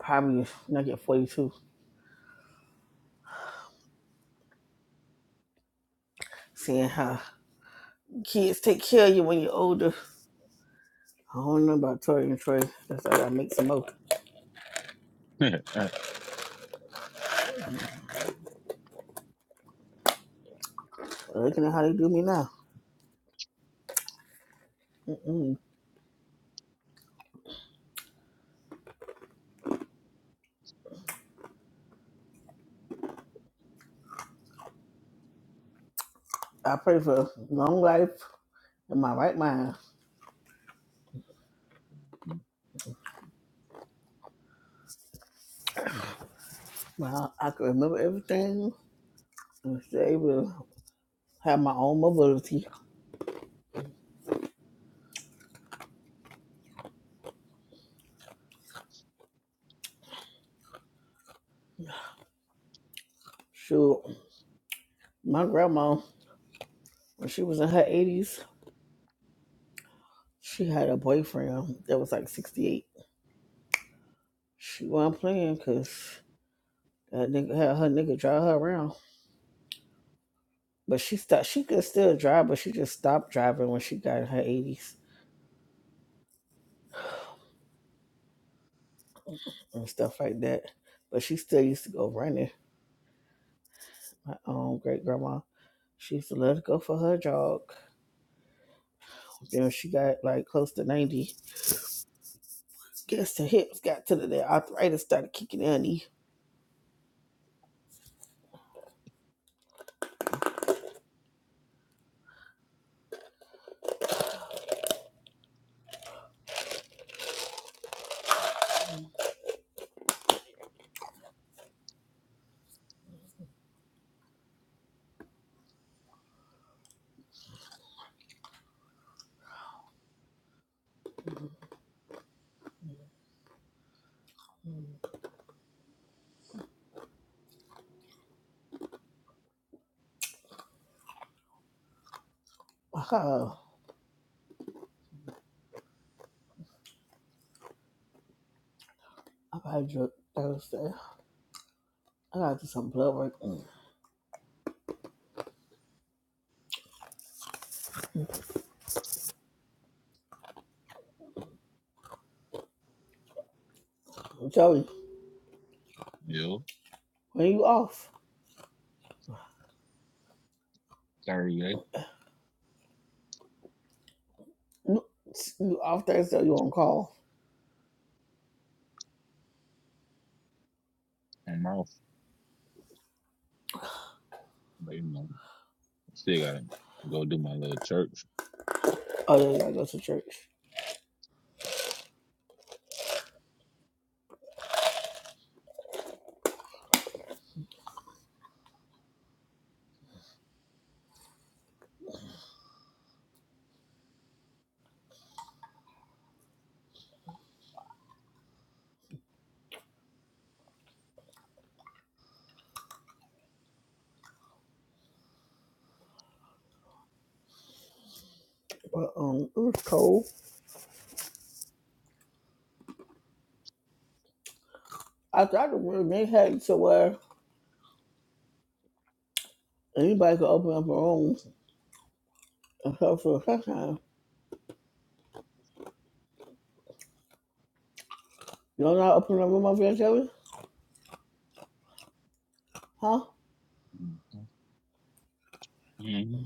D: Probably when I get 42. Seeing how kids take care of you when you're older. I don't know about Tori and Troy. That's how I make some more. But looking at how they do me now. Mm-mm. I pray for long life in my right mind. Well, I can remember everything I was able to have my own mobility. Shoot, my grandma, when she was in her 80s, she had a boyfriend that was like 68. She wasn't playing because that nigga had her nigga drive her around. But she stopped, she could still drive, but she just stopped driving when she got in her 80s and stuff like that. But she still used to go running. My um, great grandma, she used to let her go for her jog. Then when she got like close to 90. Guess her hips got to the, the arthritis started kicking in her knee. Mm. Wow. I probably drug Thursday. I gotta do some blood work. Mm. Joey,
C: yeah.
D: when you off?
C: Saturday.
D: You you off Thursday? You on call?
C: I'm off, But you know, I still gotta go do my little church.
D: Oh yeah, you gotta go to church. But um, it was cold. I thought the room they had it to where anybody could open up a room except for the first time. You know how to open up a room over there, Joey? Huh?
C: Mm-hmm. hmm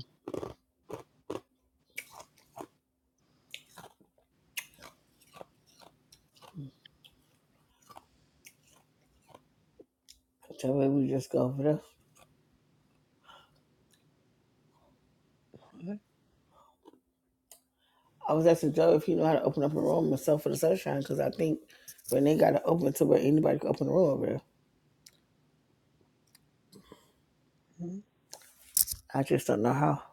D: Joey, we just go over there. I was asking Joey if he knew how to open up a room myself for the sunshine because I think when they got to open to where anybody could open a room over there.
A: to her. Huh?
D: I just don't know how.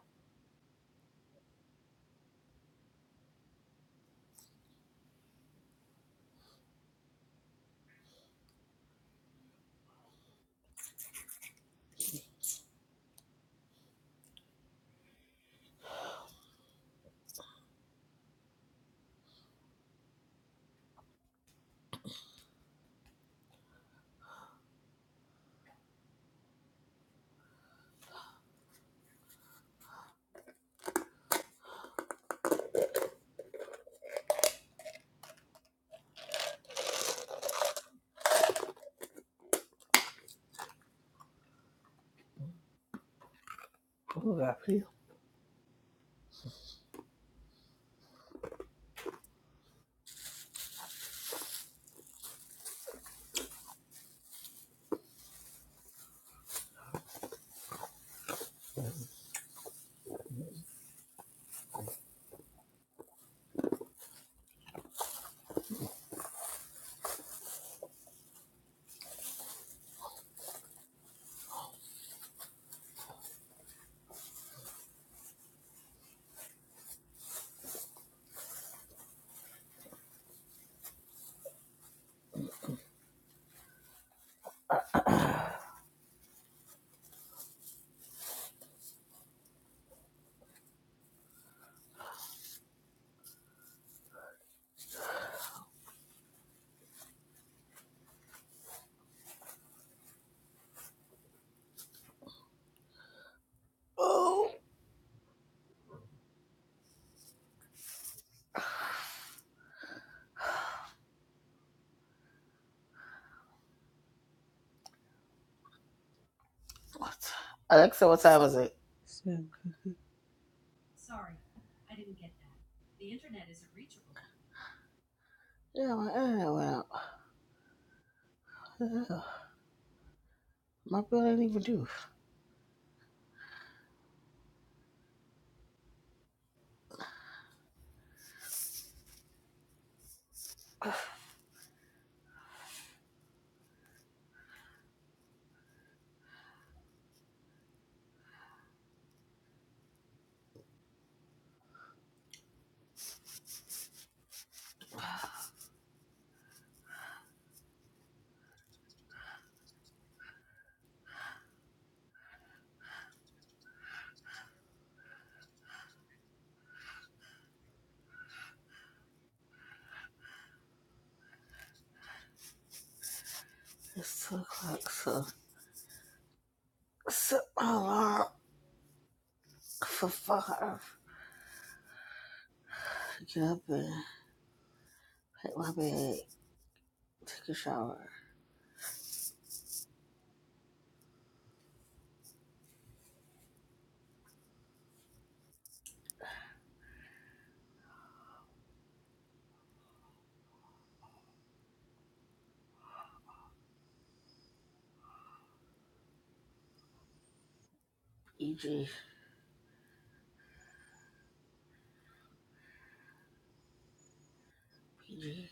D: Oh, God, please. Oh, what- Alexa, what time is it?
A: 750.
D: Yeah, my internet went out. Yeah, My bill ain't even due. It's two o'clock, so I set my alarm for five. To get up and pack my bag, take a shower. EG, PG.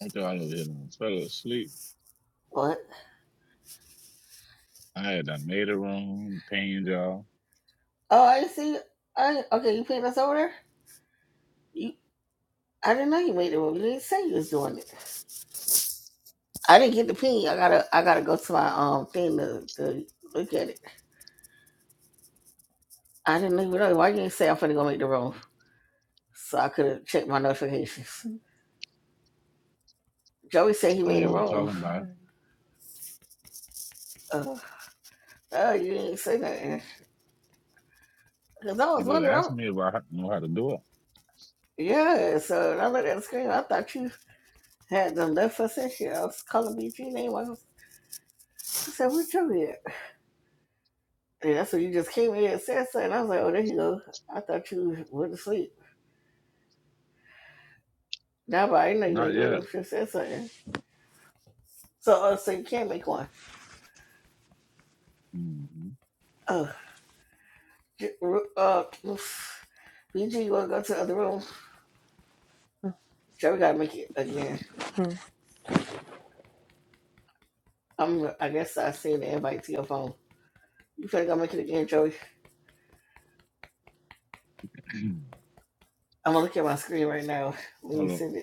C: After all of it, I was hit on, fell asleep.
D: What?
C: I had done made a room, paying y'all.
D: Oh, I see. I okay. You paid us over there. You. I didn't know you made the room. You didn't say you was doing it. I didn't get the pin. I gotta. I gotta go to my um thing to, to look at it. I didn't even know. Why you didn't say I'm finna go make the room? so I could have checked my notifications. Joey said he
C: So
D: made a
C: you were
D: room.
C: talking
A: I
C: about,
A: heard.
D: Uh, oh, you didn't say nothing. Because I was
C: you were
D: wondering, I'm,
C: asking me if I know how to do it.
D: yeah, so when I looked at the screen, I thought you had them left us in here. I was calling BG name. I, was, I said, "Where's Joey at? And that's when you just came in and said something. I was like, oh, there you go. I thought you went to sleep. Now, but I didn't know you
C: Not
D: made a room.
C: yet.
D: You should have said something. So, uh, so you can't make one.
C: Mm-hmm.
D: Oh, j- uh, BG, you want to go to the other room? Joey got to make it again. I'm, I guess I sent the invite to your phone. You finna go make it again, Joey. I'm gonna look at my screen right now when you send it.